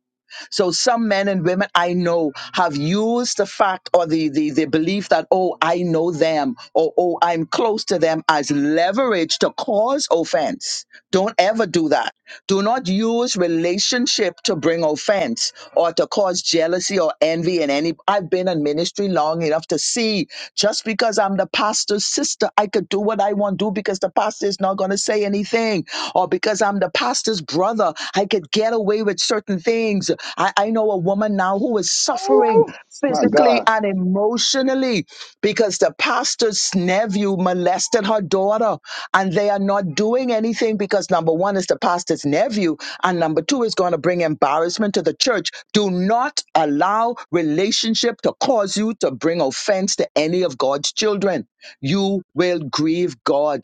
[SPEAKER 2] so some men and women I know have used the fact or the, the, the belief that, oh, I know them or oh, I'm close to them as leverage to cause offense. Don't ever do that. Do not use relationship to bring offense or to cause jealousy or envy in any. I've been in ministry long enough to see just because I'm the pastor's sister, I could do what I want to do because the pastor is not going to say anything. Or because I'm the pastor's brother, I could get away with certain things I, I know a woman now who is suffering
[SPEAKER 1] Oh my
[SPEAKER 2] physically
[SPEAKER 1] God.
[SPEAKER 2] and emotionally because the pastor's nephew molested her daughter and they are not doing anything because number one is the pastor's nephew and number two is going to bring embarrassment to the church. Do not allow relationship to cause you to bring offense to any of God's children. You will grieve God.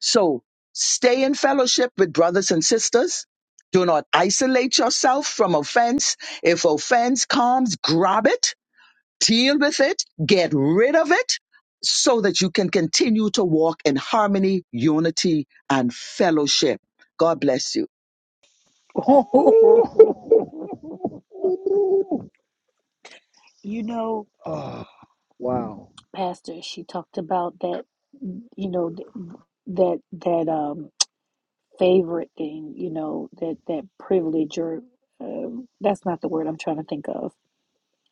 [SPEAKER 2] So stay in fellowship with brothers and sisters. Do not isolate yourself from offense. If offense comes, grab it, deal with it, get rid of it so that you can continue to walk in harmony, unity, and fellowship. God bless you.
[SPEAKER 1] Oh,
[SPEAKER 6] you know,
[SPEAKER 1] Ah, wow.
[SPEAKER 6] pastor she talked about that you know th- that that um favorite thing you know that that privilege or um, that's not the word i'm trying to think of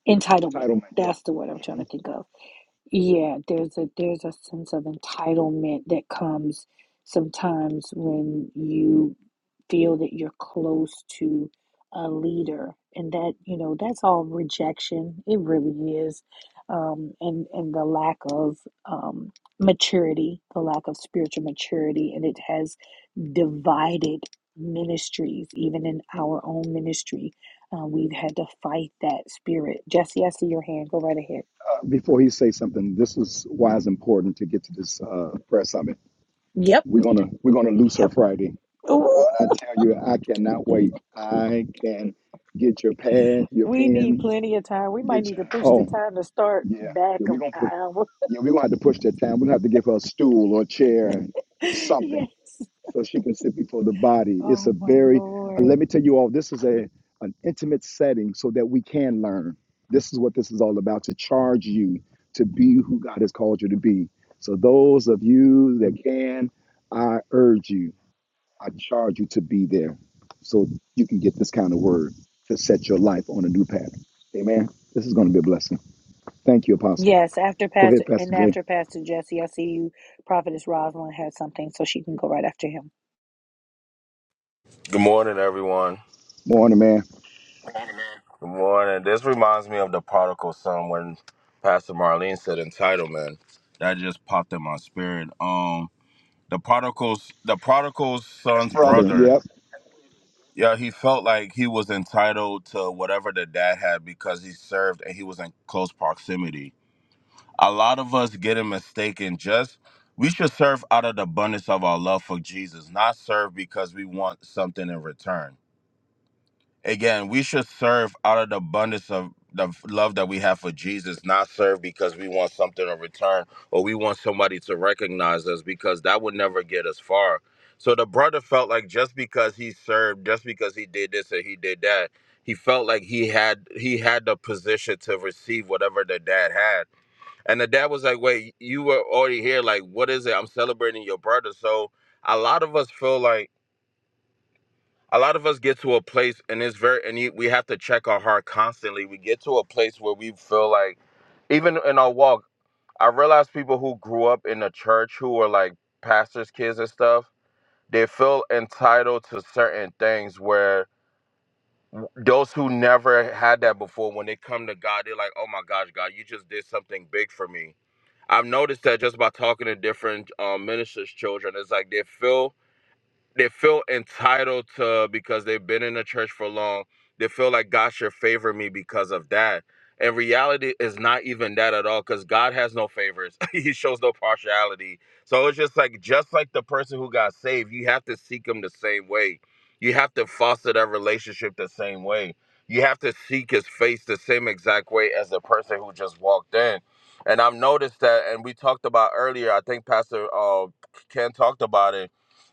[SPEAKER 6] entitlement
[SPEAKER 1] Entitlement, yeah.
[SPEAKER 6] that's the word i'm trying
[SPEAKER 1] Mm-hmm.
[SPEAKER 6] to think of yeah, there's a there's a sense of entitlement that comes sometimes when you feel that you're close to a leader, and that, you know, that's all rejection. It really is. Um, and and the lack of um, maturity, the lack of spiritual maturity, and it has divided ministries, even in our own ministry. Uh, we've had to fight that spirit. Jesse, I see your hand. Go right ahead.
[SPEAKER 1] Before he says something, this is why it's important to get to this uh, prayer summit.
[SPEAKER 6] Yep.
[SPEAKER 1] We're gonna we're gonna lose her Friday, and
[SPEAKER 6] Ooh,
[SPEAKER 1] when I tell you, I cannot wait. I can get your pad, your
[SPEAKER 6] we need
[SPEAKER 1] pen,
[SPEAKER 6] plenty of time. We might
[SPEAKER 1] get
[SPEAKER 6] need
[SPEAKER 1] your
[SPEAKER 6] to push the
[SPEAKER 1] oh
[SPEAKER 6] time to start
[SPEAKER 1] yeah,
[SPEAKER 6] back
[SPEAKER 1] yeah. We're
[SPEAKER 6] an
[SPEAKER 1] gonna put
[SPEAKER 6] hour.
[SPEAKER 1] yeah. We're gonna have to push that down. We're gonna have to give her a stool or a chair or something
[SPEAKER 6] yes.
[SPEAKER 1] so she can sit before the body. It's
[SPEAKER 6] Oh
[SPEAKER 1] a
[SPEAKER 6] my
[SPEAKER 1] very, uh, let
[SPEAKER 6] Lord.
[SPEAKER 1] me tell you all, this is a an intimate setting so that we can learn. This is what this is all about to charge you to be who God has called you to be. So those of you that can, I urge you, I charge you to be there so you can get this kind of word to set your life on a new pattern. Amen. This is going to be a blessing. Thank you, Apostle.
[SPEAKER 6] Yes, after
[SPEAKER 1] Go ahead,
[SPEAKER 6] Pastor and
[SPEAKER 1] Pastor Jay.
[SPEAKER 6] after Pastor Jesse, I see you. Prophetess Rosalind has something, so she can go right after him.
[SPEAKER 8] Good morning, everyone.
[SPEAKER 1] Morning, man.
[SPEAKER 8] Good morning. This reminds me of the prodigal son when Pastor Marlene said entitlement. That just popped in my spirit. Um, the prodigal's the prodigal
[SPEAKER 1] That's
[SPEAKER 8] son's
[SPEAKER 1] brother.
[SPEAKER 8] brother.
[SPEAKER 1] Yep.
[SPEAKER 8] Yeah, he felt like he was entitled to whatever the dad had because he served and he was in close proximity. A lot of us get it mistaken. Just we should serve out of the abundance of our love for Jesus, not serve because we want something in return. Again, we should serve out of the abundance of the f- love that we have for Jesus, not serve because we want something in return or we want somebody to recognize us because that would never get us far. So the brother felt like just because he served, just because he did this or he did that, he felt like he had he had the position to receive whatever the dad had and the dad was like, wait, you were already here. Like, what is it? I'm celebrating your brother. So a lot of us feel like a lot of us get to a place and it's very and you- we have to check our heart constantly. We get to a place where we feel like even in our walk, I realize people who grew up in the church who were like pastors' kids and stuff, they feel entitled to certain things where those who never had that before, when they come to God, they're like, oh my gosh, God, you just did something big for me I've noticed that just by talking to different um, ministers' children, it's like they feel they feel entitled to because they've been in the church for long. They feel like God should favor me because of that. And reality is not even that at all because God has no favors. he shows no partiality. So it's just like just like the person who got saved, you have to seek him the same way. You have to foster that relationship the same way. You have to seek his face the same exact way as the person who just walked in. And I've noticed that, and we talked about earlier, I think Pastor uh, Ken talked about it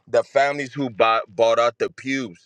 [SPEAKER 8] the families who bought, bought out the pews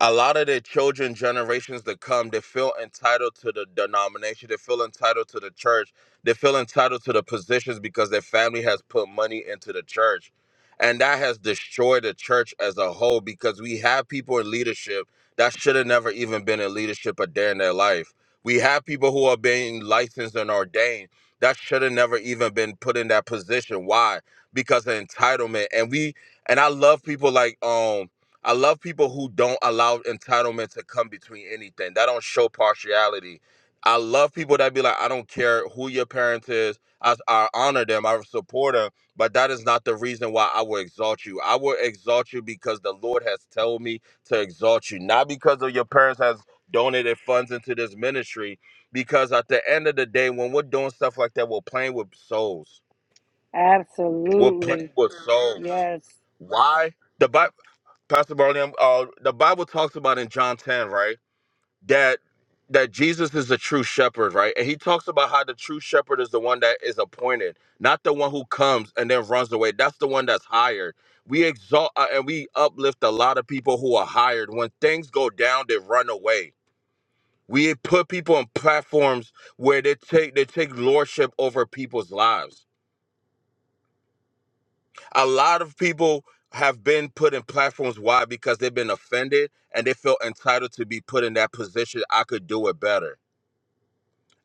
[SPEAKER 8] a lot of the children generations that come they feel entitled to the denomination they feel entitled to the church they feel entitled to the positions because their family has put money into the church and that has destroyed the church as a whole because we have people in leadership that should have never even been in leadership a day in their life we have people who are being licensed and ordained that should have never even been put in that position why because of entitlement and we and i love people like um I love people who don't allow entitlement to come between anything. That don't show partiality. I love people that be like, I don't care who your parent is. I, I honor them. I support them. But that is not the reason why I will exalt you. I will exalt you because the Lord has told me to exalt you, not because of your parents has donated funds into this ministry. Because at the end of the day, when we're doing stuff like that, we're playing with souls. We're
[SPEAKER 6] Absolutely.
[SPEAKER 8] playing with souls.
[SPEAKER 6] Yes.
[SPEAKER 8] Why? the Bi- Pastor Barney, I'm- uh, the Bible talks about in John 10, right? That that Jesus is the true shepherd, right? And he talks about how the true shepherd is the one that is appointed, not the one who comes and then runs away. That's the one that's hired. We exalt uh, and we uplift a lot of people who are hired. When things go down, they run away. We put people on platforms where they take they take lordship over people's lives a lot of people have been put in platforms why because they've been offended and they feel entitled to be put in that position i could do it better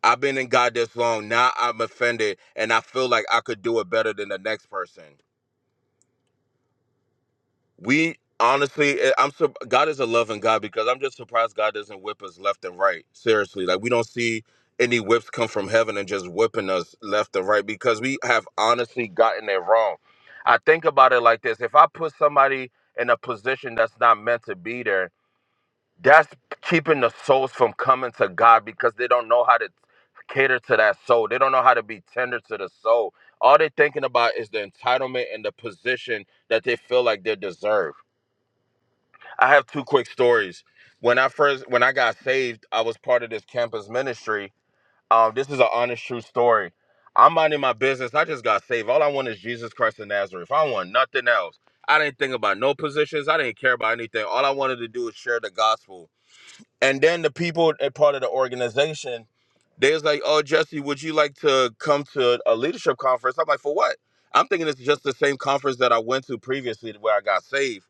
[SPEAKER 8] i've been in god this long now i'm offended and i feel like i could do it better than the next person We honestly, eh, I'm sur- God is a loving God because I'm just surprised God doesn't whip us left and right. Seriously, like we don't see any whips come from heaven and just whipping us left and right because we have honestly gotten it wrong. I think about it like this: if I put somebody in a position that's not meant to be there, that's keeping the souls from coming to God because they don't know how to cater to that soul. They don't know how to be tender to the soul. All they're thinking about is the entitlement and the position that they feel like they deserve. I have two quick stories. When I first when I got saved, I was part of this campus ministry. Um, this is an honest, true story. I'm minding my business. I just got saved. All I want is Jesus Christ of Nazareth. I want nothing else. I didn't think about no positions. I didn't care about anything. All I wanted to do was share the gospel. And then the people at part of the organization they was like, "Oh, Jesse, would you like to come to a leadership conference?" I'm like, "For what?" I'm thinking it's just the same conference that I went to previously, where I got saved.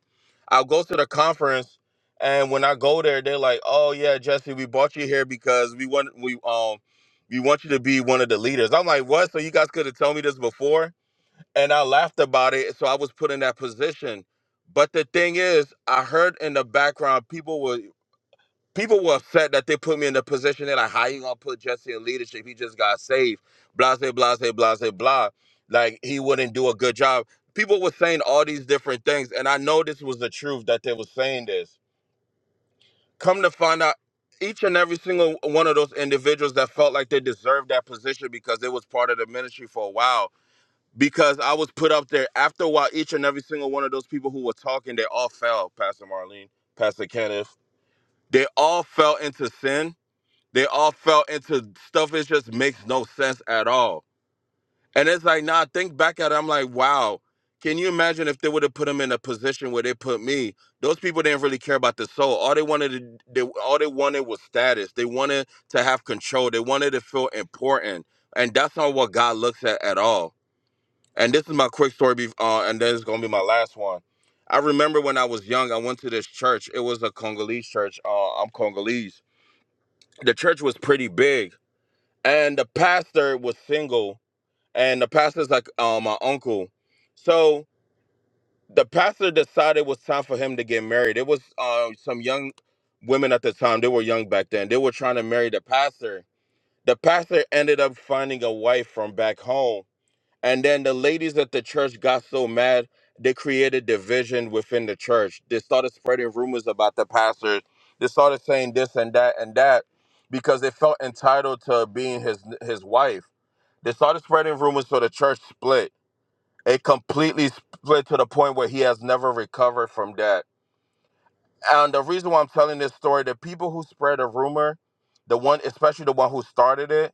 [SPEAKER 8] I'll go to the conference, and when I go there, they're like, "Oh yeah, Jesse, we brought you here because we want we um we want you to be one of the leaders." I'm like, "What?" So you guys could have told me this before, and I laughed about it. So I was put in that position. But the thing is, I heard in the background people were people were upset that they put me in the position They're like, how you gonna put Jesse in leadership? He just got saved. Blah blah blah blah blah blah. blah. Like he wouldn't do a good job. People were saying all these different things, and I know this was the truth that they were saying this. Come to find out, each and every single one of those individuals that felt like they deserved that position because it was part of the ministry for a while. Because I was put up there. After a while, each and every single one of those people who were talking, they all fell. Pastor Marlene, Pastor Kenneth, they all fell into sin they all fell into stuff that just makes no sense at all. And it's like, nah, think back at it. I'm like, wow, can you imagine if they would have put him in a position where they put me? Those people didn't really care about the soul. All they wanted to they, all they wanted was status. They wanted to have control. They wanted to feel important. And that's not what God looks at at all. And this is my quick story, bef- uh, and then it's gonna be my last one. I remember when I was young, I went to this church. It was a Congolese church. Uh, I'm Congolese. The church was pretty big and the pastor was single and the pastor's like uh, my uncle so the pastor decided it was time for him to get married it was uh, some young women at the time they were young back then they were trying to marry the pastor the pastor ended up finding a wife from back home and then the ladies at the church got so mad they created division within the church they started spreading rumors about the pastor they started saying this and that and that because they felt entitled to being his his wife they started spreading rumors so the church split. It completely split to the point where he has never recovered from that. And the reason why I'm telling this story, the people who spread a rumor, the one, especially the one who started it,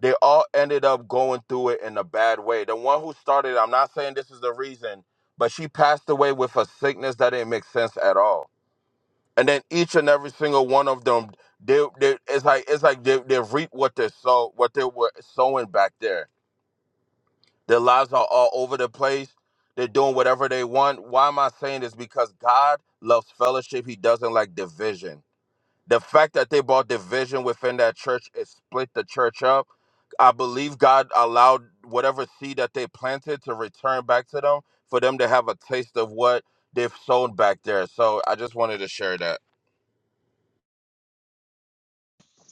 [SPEAKER 8] they all ended up going through it in a bad way. The one who started, it, I'm not saying this is the reason, but she passed away with a sickness that didn't make sense at all. And then each and every single one of them, they, they it's like it's like they, they reap what they sow, what they were sowing back there Their lives are all over the place. They're doing whatever they want. Why am I saying this? Because God loves fellowship. He doesn't like division. The fact that they brought division within that church, it split the church up. I believe God allowed whatever seed that they planted to return back to them for them to have a taste of what they've sown back there. So I just wanted to share that.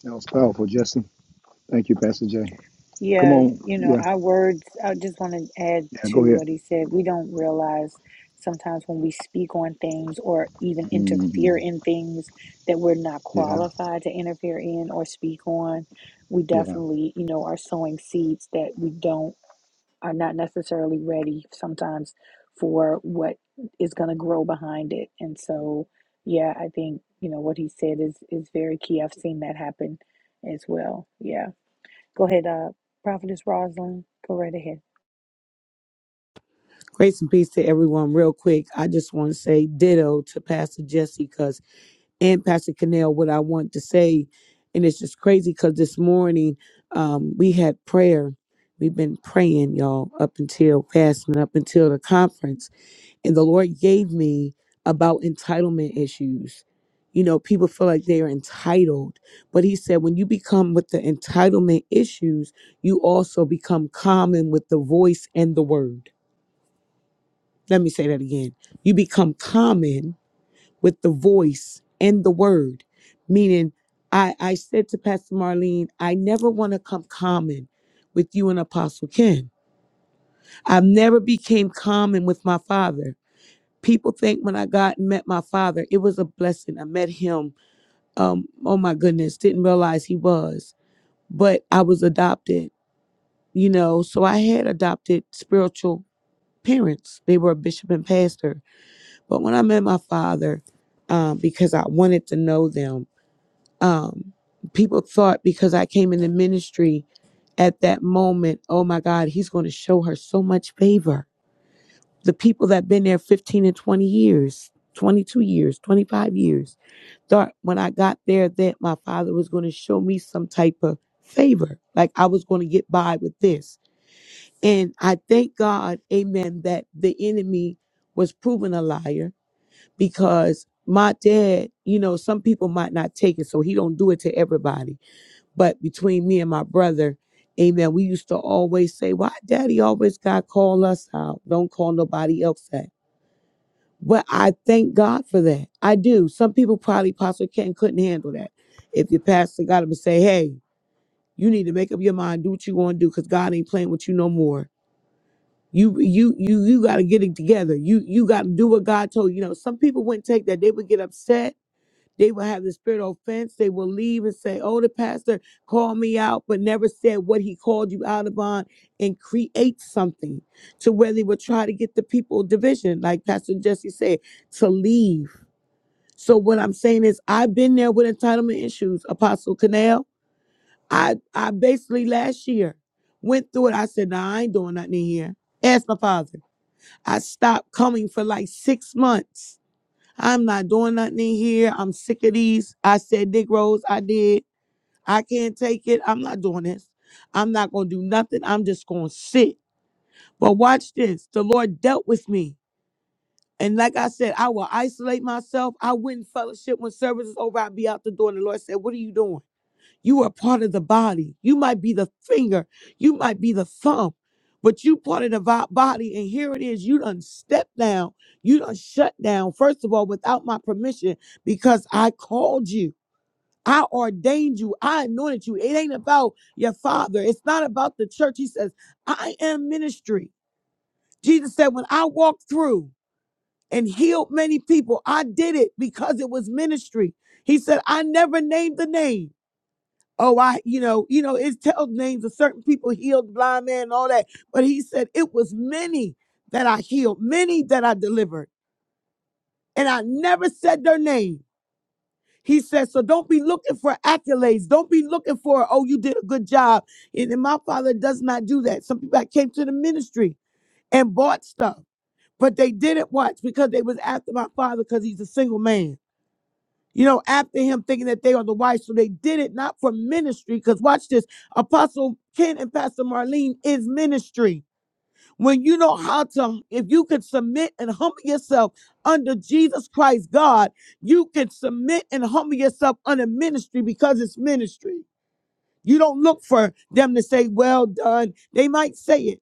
[SPEAKER 1] That was powerful, Justin. Thank you, Pastor Jay. Come
[SPEAKER 6] Yeah,
[SPEAKER 1] on.
[SPEAKER 6] you know,
[SPEAKER 1] Yeah.
[SPEAKER 6] our words, I just want to add
[SPEAKER 1] Yeah.
[SPEAKER 6] to
[SPEAKER 1] Go ahead.
[SPEAKER 6] what he said. We don't realize sometimes when we speak on things or even interfere
[SPEAKER 1] Mhm.
[SPEAKER 6] in things that we're not
[SPEAKER 1] Yeah.
[SPEAKER 6] qualified to interfere in or speak on, we
[SPEAKER 1] Yeah.
[SPEAKER 6] definitely, you know, are sowing seeds that we don't, are not necessarily ready sometimes for what is going to grow behind it. And so, yeah, I think, you know, what he said is is very key. I've seen that happen as well. Yeah. Go ahead, uh, Prophetess Rosalind. Go right ahead.
[SPEAKER 16] Grace and peace to everyone. Real quick, I just want to say ditto to Pastor Jesse because and Pastor Cannell what I want to say. And it's just crazy because this morning um, we had prayer. We've been praying, y'all, up until fasting, up until the conference. And the Lord gave me about entitlement issues. You know, people feel like they are entitled. But He said, when you become with the entitlement issues, you also become common with the voice and the word. Let me say that again. You become common with the voice and the word. Meaning, I, I said to Pastor Marlene, I never want to come common with you and Apostle Ken. I never became common with my father. People think when I got and met my father, it was a blessing. I met him. Um, oh my goodness, didn't realize he was, but I was adopted, you know, so I had adopted spiritual parents. They were a bishop and pastor. But when I met my father, um, because I wanted to know them, um, people thought because I came into ministry at that moment, oh my God, he's going to show her so much favor. The people that been there 15 and 20 years, 22 years, 25 years, thought when I got there that my father was going to show me some type of favor, like I was going to get by with this. And I thank God, amen, that the enemy was proven a liar because my dad, you know, some people might not take it, so he don't do it to everybody but between me and my brother, amen, we used to always say, why daddy always got to call us out? Don't call nobody else that. But I thank God for that. I do. Some people probably Pastor Ken, couldn't handle that. If your pastor got him and say, hey, you need to make up your mind, do what you want to do, because God ain't playing with you no more. You you you you gotta get it together. You you gotta do what God told you. You know, some people wouldn't take that. They would get upset they will have the spirit of offense. They will leave and say, Oh, the pastor called me out, but never said what he called you out upon and create something to where they will try to get the people division, like Pastor Jesse said, to leave. So what I'm saying is I've been there with entitlement issues, Apostle Canal. I I basically last year went through it. I said, nah, I ain't doing nothing in here. Ask my father. I stopped coming for like six months I'm not doing nothing in here. I'm sick of these. I said Negroes. I did. I can't take it. I'm not doing this. I'm not going to do nothing. I'm just going to sit. But watch this. The Lord dealt with me. And like I said, I will isolate myself. I wouldn't fellowship when service is over. I'd be out the door. And the Lord said, What are you doing? You are part of the body. You might be the finger. You might be the thumb, but you part of the vi- body. And here it is. You done step down. You done shut down. First of all, without my permission, because I called you. I ordained you. I anointed you. It ain't about your father. It's not about the church. He says, I am ministry. Jesus said, when I walked through and healed many people, I did it because it was ministry. He said, I never named the name oh i you know you know it tells names of certain people healed blind man and all that but he said it was many that i healed many that i delivered and i never said their name he said so don't be looking for accolades don't be looking for oh you did a good job and, and my father does not do that some people that came to the ministry and bought stuff but they didn't watch because they was after my father because he's a single man you know, after him thinking that they are the wife. So they did it not for ministry, because watch this Apostle Ken and Pastor Marlene is ministry. When you know how to, if you can submit and humble yourself under Jesus Christ, God, you can submit and humble yourself under ministry because it's ministry. You don't look for them to say, well done. They might say it.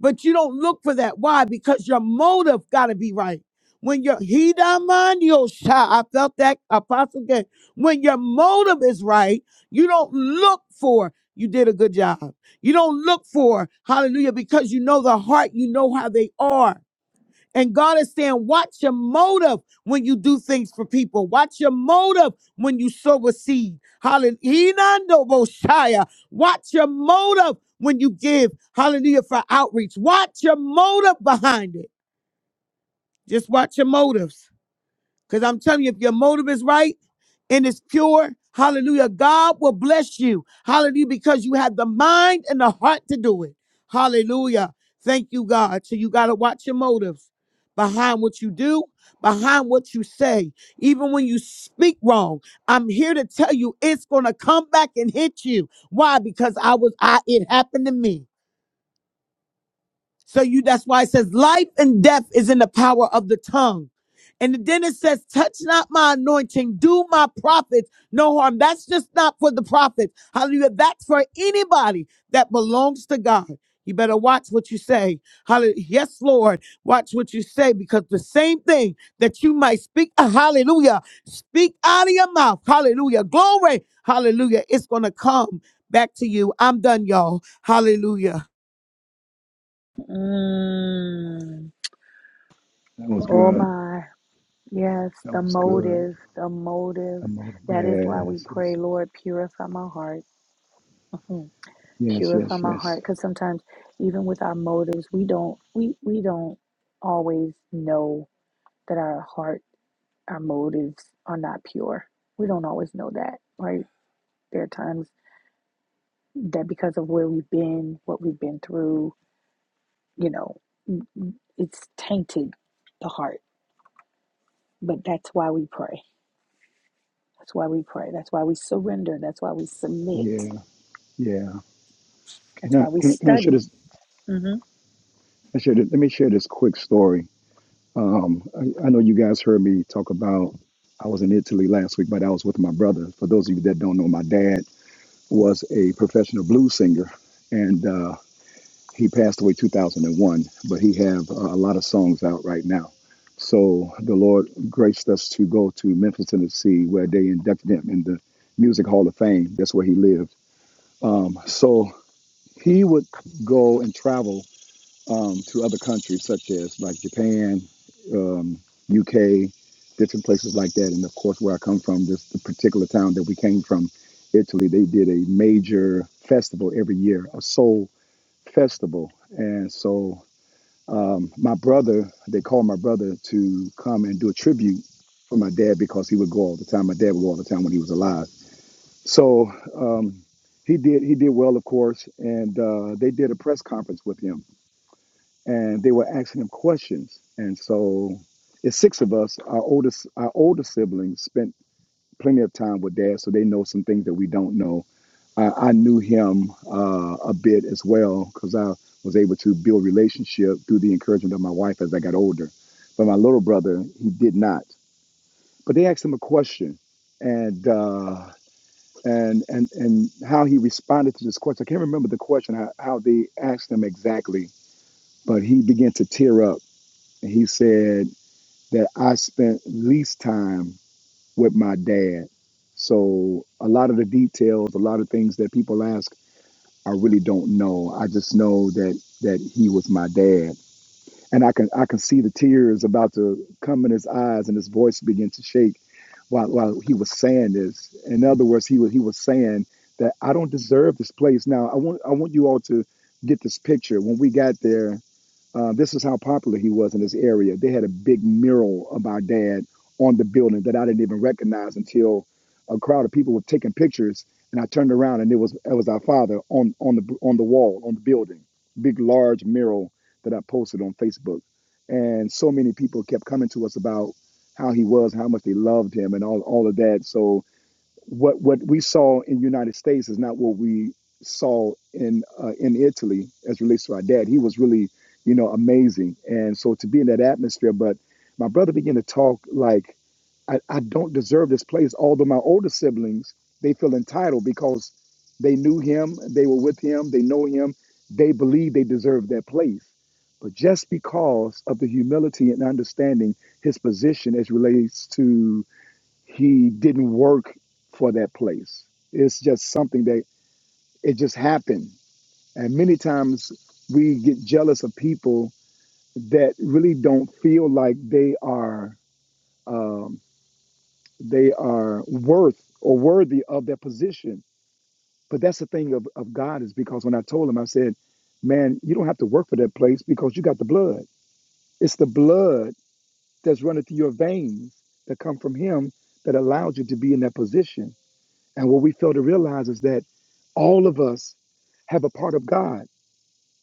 [SPEAKER 16] But you don't look for that. Why? Because your motive got to be right. When your hidamaniosha, I felt that apostle again. When your motive is right, you don't look for you did a good job. You don't look for hallelujah because you know the heart, you know how they are. And God is saying, watch your motive when you do things for people. Watch your motive when you sow a seed. Hallelujah. Watch your motive when you give. Hallelujah for outreach. Watch your motive behind it. Just watch your motives. Because I'm telling you, if your motive is right and it's pure, hallelujah, God will bless you. Hallelujah, because you have the mind and the heart to do it. Hallelujah. Thank you, God. So you got to watch your motives behind what you do, behind what you say. Even when you speak wrong, I'm here to tell you it's going to come back and hit you. Why? Because I was I it happened to me. So you that's why it says life and death is in the power of the tongue. And then it says, touch not my anointing, do my prophets no harm. That's just not for the prophets. Hallelujah. That's for anybody that belongs to God. You better watch what you say. Hallelujah. Yes, Lord. Watch what you say because the same thing that you might speak, uh, hallelujah, speak out of your mouth. Hallelujah. Glory. Hallelujah. It's going to come back to you. I'm done, y'all. Hallelujah.
[SPEAKER 6] Mm.
[SPEAKER 1] That was
[SPEAKER 6] Oh
[SPEAKER 1] good.
[SPEAKER 6] my. Yes,
[SPEAKER 1] That
[SPEAKER 6] the
[SPEAKER 1] was good.
[SPEAKER 6] motive, the motive.
[SPEAKER 1] Emotive.
[SPEAKER 6] That is why we
[SPEAKER 1] Yes.
[SPEAKER 6] pray,
[SPEAKER 1] Yes.
[SPEAKER 6] Lord, purify my heart. Mhm.
[SPEAKER 1] Yes. Yes.
[SPEAKER 6] Purify my
[SPEAKER 1] Yes.
[SPEAKER 6] heart cuz sometimes even with our motives, we don't we we don't always know that our heart, our motives are not pure. We don't always know that, right? There are times that because of where we've been, what we've been through, you know. it's tainted the heart. But that's why we pray. That's why we pray. That's why we surrender. That's why we submit.
[SPEAKER 1] Yeah. Yeah. Can
[SPEAKER 6] That's
[SPEAKER 1] I
[SPEAKER 6] why we
[SPEAKER 1] can I, can I share
[SPEAKER 6] study.
[SPEAKER 1] this?
[SPEAKER 6] hmm
[SPEAKER 1] I share this, let me share this quick story. Um, I, I know you guys heard me talk about I was in Italy last week, but I was with my brother. For those of you that don't know, my dad was a professional blues singer, and uh, he passed away 2001 but he have uh, a lot of songs out right now so the lord graced us to go to memphis tennessee where they inducted him in the music hall of fame that's where he lived so he would go and travel um, to other countries such as like japan um, uk different places like that and of course where i come from this the particular town that we came from italy they did a major festival every year a soul festival and so my brother, they called my brother to come and do a tribute for my dad because he would go all the time. My dad would go all the time when he was alive. So um, he did he did well, of course, and uh, they did a press conference with him, and they were asking him questions. And so it's six of us. Our oldest our older siblings spent plenty of time with dad, so they know some things that we don't know. I, I knew him uh, a bit as well because I was able to build relationship through the encouragement of my wife as I got older. But my little brother, he did not. But they asked him a question, and uh, and and and how he responded to this question. I can't remember the question how, how they asked him exactly, but he began to tear up. And he said that I spent least time with my dad. So a lot of the details, a lot of things that people ask, I really don't know. I just know that that he was my dad and I can I can see the tears about to come in his eyes, and his voice begin to shake while while he was saying this. In other words, he was he was saying that I don't deserve this place. Now I want I want you all to get this picture. When we got there, uh, this is how popular he was in this area. They had a big mural of our dad on the building that I didn't even recognize until a crowd of people were taking pictures, and I turned around and it was it was our father on on the on the wall on the building, big large mural that I posted on Facebook. And so many people kept coming to us about how he was, how much they loved him, and all all of that. So what what we saw in the United States is not what we saw in uh, in Italy as relates to our dad. He was really, you know, amazing. And so to be in that atmosphere, but my brother began to talk like I, I don't deserve this place. Although my older siblings, they feel entitled because they knew him, they were with him, they know him, they believe they deserve that place. But just because of the humility and understanding his position as relates to he didn't work for that place. It's just something that it just happened. And many times we get jealous of people that really don't feel like they are um, they are worth or worthy of their position. But that's the thing of, of God is because when I told him, I said, "Man, you don't have to work for that place because you got the blood. It's the blood that's running through your veins that come from Him that allowed you to be in that position." And what we fail to realize is that all of us have a part of God.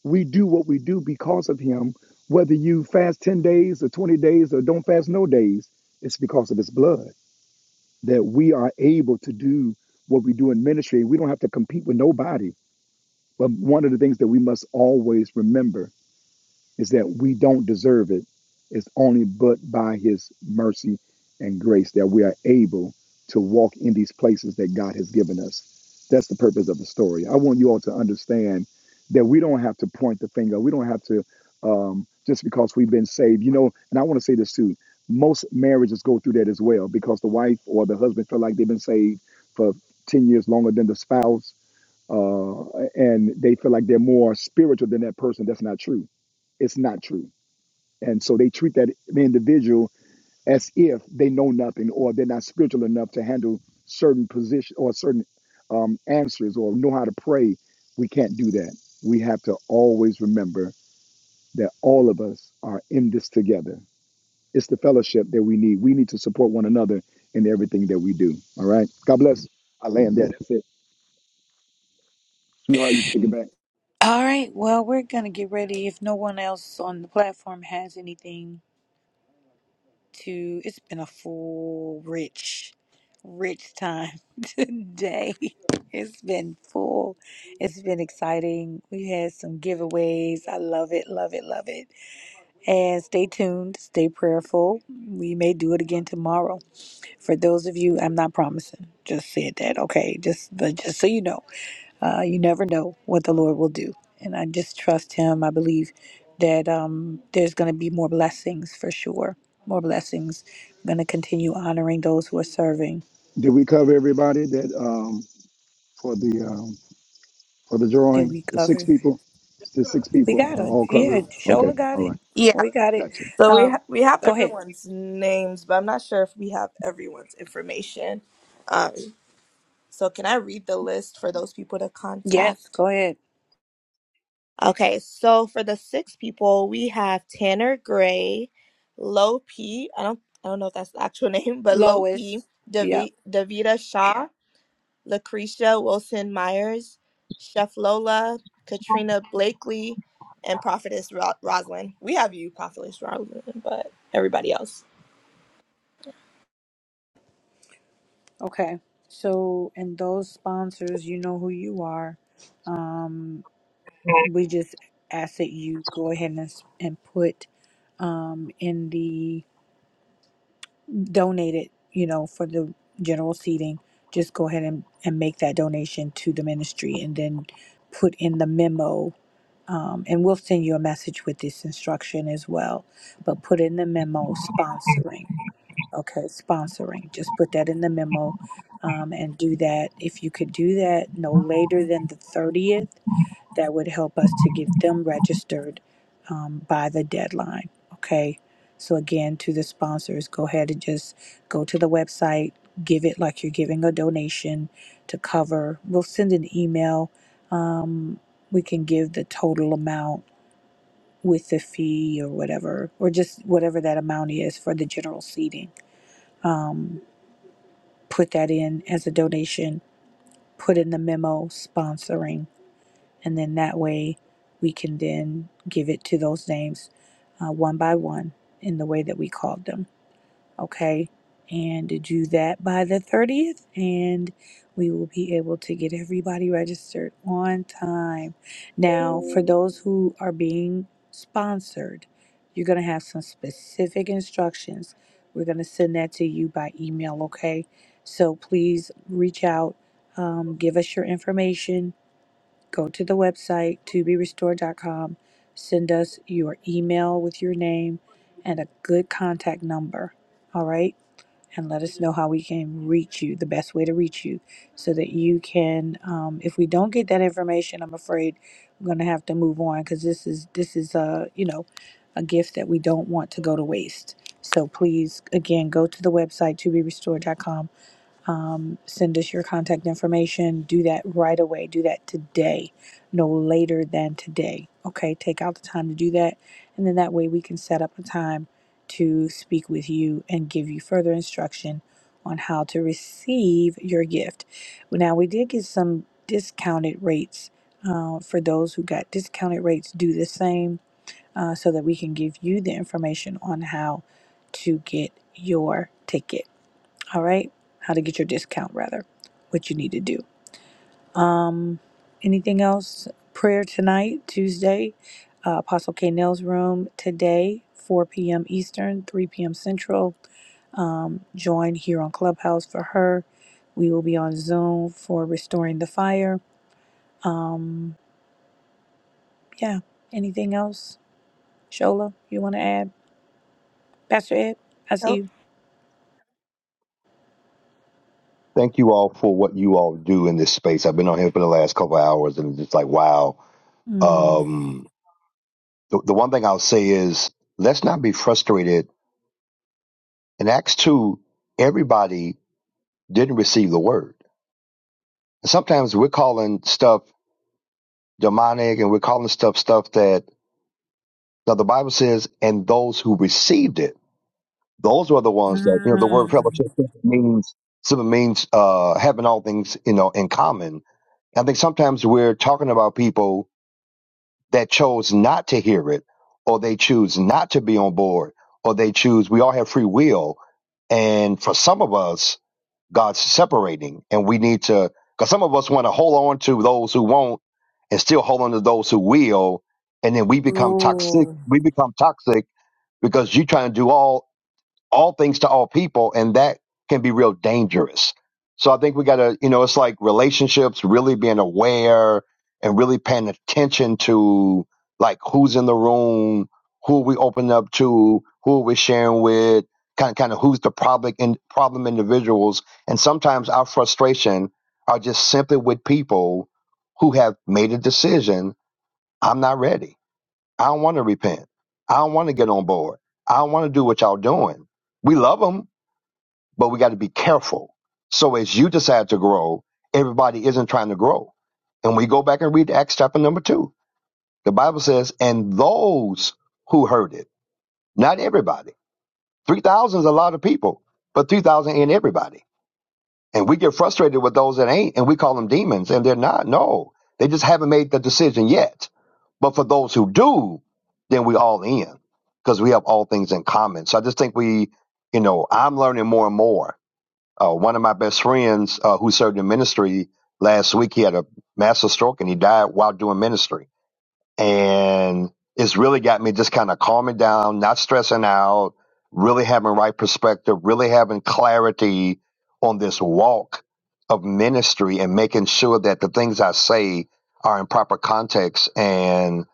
[SPEAKER 1] We do what we do because of Him. Whether you fast 10 days or 20 days or don't fast no days, it's because of His blood that we are able to do what we do in ministry. We don't have to compete with nobody. But one of the things that we must always remember is that we don't deserve it. It's only but by His mercy and grace that we are able to walk in these places that God has given us. That's the purpose of the story. I want you all to understand that we don't have to point the finger. We don't have to um, just because we've been saved. You know, and I want to say this too. Most marriages go through that as well because the wife or the husband feel like they've been saved for 10 years longer than the spouse uh, and they feel like they're more spiritual than that person. That's not true. It's not true. And so they treat that individual as if they know nothing or they're not spiritual enough to handle certain position or certain um, answers or know how to pray. We can't do that. We have to always remember that all of us are in this together. It's the fellowship that we need. We need to support one another in everything that we do. All right. God bless. I land there. That's it. Sweetheart, you can take it back.
[SPEAKER 6] All right, well, we're going to get ready. If no one else on the platform has anything to, it's been a full, rich, rich time today. It's been full. It's been exciting. We had some giveaways. I love it, love it, love it. And stay tuned, stay prayerful. We may do it again tomorrow. For those of you, I'm not promising. Just said that, okay? Just, but just so you know, uh, you never know what the Lord will do, and I just trust Him. I believe that um, there's going to be more blessings for sure. More blessings. I'm going to continue honoring those who are serving.
[SPEAKER 1] Did we cover everybody that um, for the um, for the
[SPEAKER 6] Did
[SPEAKER 1] drawing?
[SPEAKER 6] we
[SPEAKER 1] The six
[SPEAKER 6] cover?
[SPEAKER 1] people, the six
[SPEAKER 6] We
[SPEAKER 1] people
[SPEAKER 6] got
[SPEAKER 1] are
[SPEAKER 6] it.
[SPEAKER 1] all
[SPEAKER 6] Yeah,
[SPEAKER 1] covered. Okay,
[SPEAKER 6] Shola got
[SPEAKER 1] all
[SPEAKER 6] it.
[SPEAKER 1] right,
[SPEAKER 4] Yeah,
[SPEAKER 6] We got it.
[SPEAKER 1] gotcha.
[SPEAKER 4] so we
[SPEAKER 6] Um,
[SPEAKER 4] ha- we have
[SPEAKER 6] go ahead.
[SPEAKER 4] everyone's names, but I'm not sure if we have everyone's information. Um, so can I read the list for those people to contact?
[SPEAKER 6] Yes, go ahead.
[SPEAKER 4] Okay, so for the six people, we have Tanner Gray, Lo P. I don't I don't know if that's the actual name, but Lo P,
[SPEAKER 6] Lois. Yep.
[SPEAKER 4] Davi, Davita Shaw, Lucretia Wilson Myers, Chef Lola, Katrina Blakely, and Prophetess Ro- Rosalind. We have you, Prophetess Rosalind, but everybody else.
[SPEAKER 6] Okay. So, and those sponsors, you know who you are. we just ask that you go ahead and, s- and put um, in the donated, you know, for the general seating, just go ahead and, and make that donation to the ministry and then put in the memo. Um, and we'll send you a message with this instruction as well. But put in the memo sponsoring. Okay, sponsoring. Just put that in the memo um, and do that. If you could do that no later than the 30th, that would help us to get them registered um, by the deadline. Okay. So, again, to the sponsors, go ahead and just go to the website, give it like you're giving a donation to cover. We'll send an email. Um, we can give the total amount with the fee or whatever, or just whatever that amount is for the general seating. Um, put that in as a donation, put in the memo sponsoring and then that way we can then give it to those names uh, one by one in the way that we called them okay and do that by the 30th and we will be able to get everybody registered on time now for those who are being sponsored you're going to have some specific instructions we're going to send that to you by email okay so please reach out um, give us your information go to the website toberestored.com send us your email with your name and a good contact number all right and let us know how we can reach you the best way to reach you so that you can um, if we don't get that information i'm afraid we're going to have to move on because this is this is a you know a gift that we don't want to go to waste so please again go to the website toberestored.com um, send us your contact information. Do that right away. Do that today, no later than today. Okay, take out the time to do that. And then that way we can set up a time to speak with you and give you further instruction on how to receive your gift. Now, we did get some discounted rates uh, for those who got discounted rates, do the same uh, so that we can give you the information on how to get your ticket. All right. How to get your discount, rather, what you need to do. Um, anything else? Prayer tonight, Tuesday, uh, Apostle K. Nell's room today, 4 p.m. Eastern, 3 p.m. Central. Um, join here on Clubhouse for her. We will be on Zoom for Restoring the Fire. Um, yeah. Anything else? Shola, you want to add? Pastor Ed, I see you.
[SPEAKER 14] Thank you all for what you all do in this space. I've been on here for the last couple of hours, and it's just like wow.
[SPEAKER 6] Mm.
[SPEAKER 14] Um, the, the one thing I'll say is let's not be frustrated. In Acts two, everybody didn't receive the word. Sometimes we're calling stuff demonic, and we're calling stuff stuff that now the Bible says, and those who received it Those are the ones that you know. The word
[SPEAKER 6] Mm.
[SPEAKER 14] fellowship means simply means uh, having all things you know in common. I think sometimes we're talking about people that chose not to hear it, or they choose not to be on board, or they choose. We all have free will, and for some of us, God's separating, and we need to, because some of us want to hold on to those who won't and still hold on to those who will, and then we become toxic.
[SPEAKER 6] Ooh.
[SPEAKER 14] We become toxic because you're trying to do all all things to all people, and that can be real dangerous. So I think we got to, you know, it's like relationships, really being aware and really paying attention to like who's in the room, who we open up to, who we're sharing with, kind of, kind of who's the problem in problem individuals, and sometimes our frustration are just simply with people who have made a decision. I'm not ready I don't want to repent. I don't want to get on board. I don't want to do what y'all doing. We love them, but we got to be careful. So as you decide to grow, everybody isn't trying to grow. And we go back and read Acts chapter number two. The Bible says, and those who heard it, not everybody. 3,000 is a lot of people, but 3,000 ain't everybody. And we get frustrated with those that ain't, and we call them demons, and they're not. No, they just haven't made the decision yet. But for those who do, then we all in because we have all things in common. So I just think we, you know, I'm learning more and more. Uh, one of my best friends uh, who served in ministry last week, he had a massive stroke and he died while doing ministry and it's really got me just kind of calming down, not stressing out, really having right perspective, really having clarity on this walk of ministry and making sure that the things I say are in proper context. And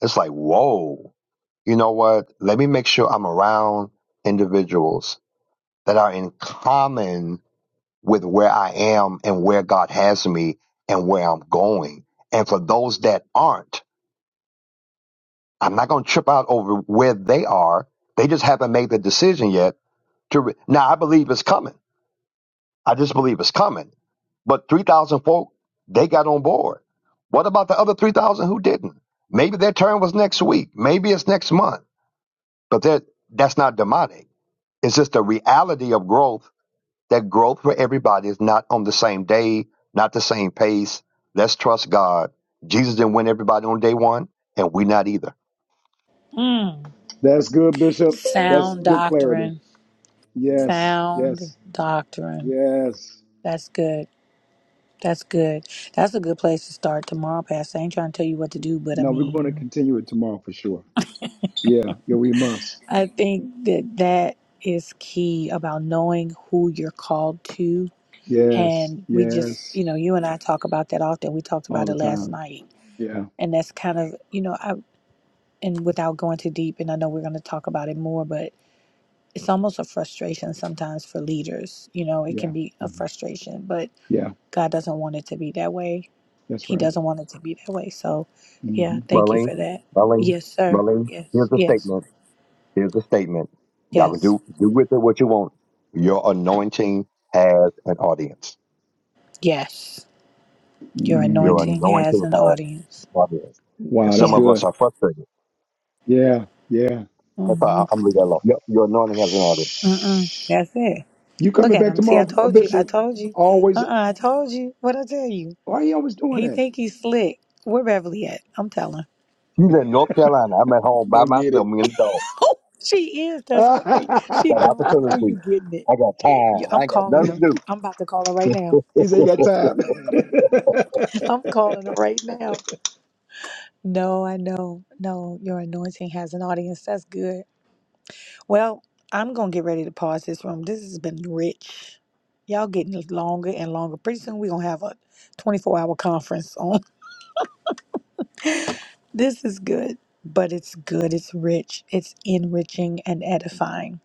[SPEAKER 14] it's like, whoa, you know what? Let me make sure I'm around individuals that are in common with where I am and where God has me and where I'm going. And for those that aren't, I'm not going to trip out over where they are. They just haven't made the decision yet. To re- now, I believe it's coming. I just believe it's coming. But three thousand folk, they got on board. What about the other three thousand who didn't? Maybe their turn was next week. Maybe it's next month. But that that's not demonic. It's just the reality of growth. That growth for everybody is not on the same day, not the same pace. Let's trust God. Jesus didn't win everybody on day one, and we not either.
[SPEAKER 6] Mm.
[SPEAKER 1] That's good, Bishop. That's
[SPEAKER 6] Sound
[SPEAKER 1] good clarity.
[SPEAKER 6] doctrine.
[SPEAKER 1] Yes,
[SPEAKER 6] Sound
[SPEAKER 1] yes,
[SPEAKER 6] doctrine.
[SPEAKER 1] yes.
[SPEAKER 6] That's good. That's good. That's a good place to start tomorrow, Pastor. I ain't trying to tell you what to do, but I
[SPEAKER 1] No, we're going to
[SPEAKER 6] mean,
[SPEAKER 1] continue it tomorrow for sure. Yeah, yeah, we must.
[SPEAKER 6] I think that that is key about knowing who you're called to.
[SPEAKER 1] Yes,
[SPEAKER 6] And we just,
[SPEAKER 1] yes,
[SPEAKER 6] you know, you and I talk about that often. We talked
[SPEAKER 1] all
[SPEAKER 6] about
[SPEAKER 1] the
[SPEAKER 6] it last
[SPEAKER 1] time.
[SPEAKER 6] night.
[SPEAKER 1] Yeah,
[SPEAKER 6] And that's kind of, you know, I, and without going too deep, and I know we're going to talk about it more, but it's almost a frustration sometimes for leaders. You know, it can
[SPEAKER 1] yeah,
[SPEAKER 6] be a
[SPEAKER 1] hmm
[SPEAKER 6] frustration, but
[SPEAKER 1] yeah.
[SPEAKER 6] God doesn't want it to be that way.
[SPEAKER 1] That's
[SPEAKER 6] He
[SPEAKER 1] right.
[SPEAKER 6] doesn't want it to be that way. So, yeah,
[SPEAKER 1] hmm
[SPEAKER 6] thank you
[SPEAKER 14] Marlene,
[SPEAKER 6] for that.
[SPEAKER 14] Marlene,
[SPEAKER 6] Yes, sir.
[SPEAKER 14] Marlene, here's
[SPEAKER 6] Yes,
[SPEAKER 14] the
[SPEAKER 6] yes,
[SPEAKER 14] statement. Here's the statement. Y'all can
[SPEAKER 6] yes,
[SPEAKER 14] do do with it what you want. Your anointing has an audience.
[SPEAKER 6] yes. Your
[SPEAKER 14] Your
[SPEAKER 1] mm
[SPEAKER 6] anointing
[SPEAKER 14] anointing
[SPEAKER 6] has
[SPEAKER 14] has
[SPEAKER 6] an
[SPEAKER 14] an
[SPEAKER 6] audience.
[SPEAKER 14] audience. And
[SPEAKER 1] Wow, that's
[SPEAKER 14] some
[SPEAKER 6] Yeah.
[SPEAKER 14] of us
[SPEAKER 1] good.
[SPEAKER 14] are frustrated.
[SPEAKER 1] Yeah, yeah.
[SPEAKER 14] That's why
[SPEAKER 6] Mm-hmm.
[SPEAKER 14] I- I'm leaving that alone. Your, your anointing has an audience.
[SPEAKER 6] Mm-mm. That's it.
[SPEAKER 1] You
[SPEAKER 6] Look
[SPEAKER 1] coming
[SPEAKER 6] at
[SPEAKER 1] back
[SPEAKER 6] him. See, I
[SPEAKER 1] tomorrow, uh,
[SPEAKER 6] told you. I
[SPEAKER 1] Bishop?
[SPEAKER 6] told you.
[SPEAKER 1] Always.
[SPEAKER 6] Uh-uh. I told you. What I tell you?
[SPEAKER 1] Why you always doing
[SPEAKER 6] He
[SPEAKER 1] that?
[SPEAKER 6] think he's slick. Where Beverly at? I'm telling.
[SPEAKER 14] She's in North Carolina. I'm at home by
[SPEAKER 1] Go get
[SPEAKER 14] myself,
[SPEAKER 1] it.
[SPEAKER 14] me and the dog.
[SPEAKER 6] Oh, she is. That's right.
[SPEAKER 14] I
[SPEAKER 6] She
[SPEAKER 14] got
[SPEAKER 6] gone. Oh, you
[SPEAKER 14] opportunity.
[SPEAKER 6] getting it?
[SPEAKER 14] I got
[SPEAKER 6] Yeah.
[SPEAKER 14] time. I
[SPEAKER 6] I'm
[SPEAKER 14] ain't got
[SPEAKER 6] calling
[SPEAKER 14] nothing to
[SPEAKER 6] him.
[SPEAKER 14] do.
[SPEAKER 6] I'm about to call her right now.
[SPEAKER 1] he said he got time.
[SPEAKER 6] I'm calling her right now. No, I know. No, your anointing has an audience. That's good. Well, I'm going to get ready to pause this room. This has been rich. Y'all getting longer and longer. Pretty soon we're going to have a 24 hour conference on this. is good, but it's good. It's rich. It's enriching and edifying.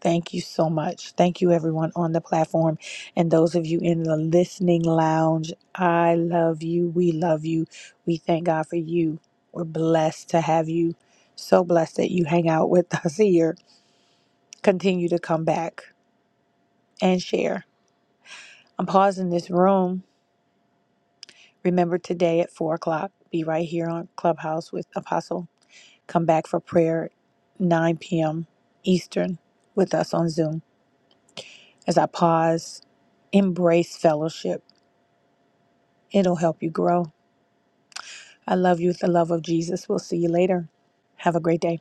[SPEAKER 6] Thank you so much. Thank you, everyone on the platform and those of you in the listening lounge. I love you. We love you. We thank God for you. We're blessed to have you. So blessed that you hang out with us here. Continue to come back and share. I'm pausing this room. Remember today at four o'clock, be right here on Clubhouse with Apostle. Come back for prayer 9 p.m. Eastern with us on Zoom. As I pause, embrace fellowship It'll help you grow. I love you with the love of Jesus. We'll see you later. Have a great day.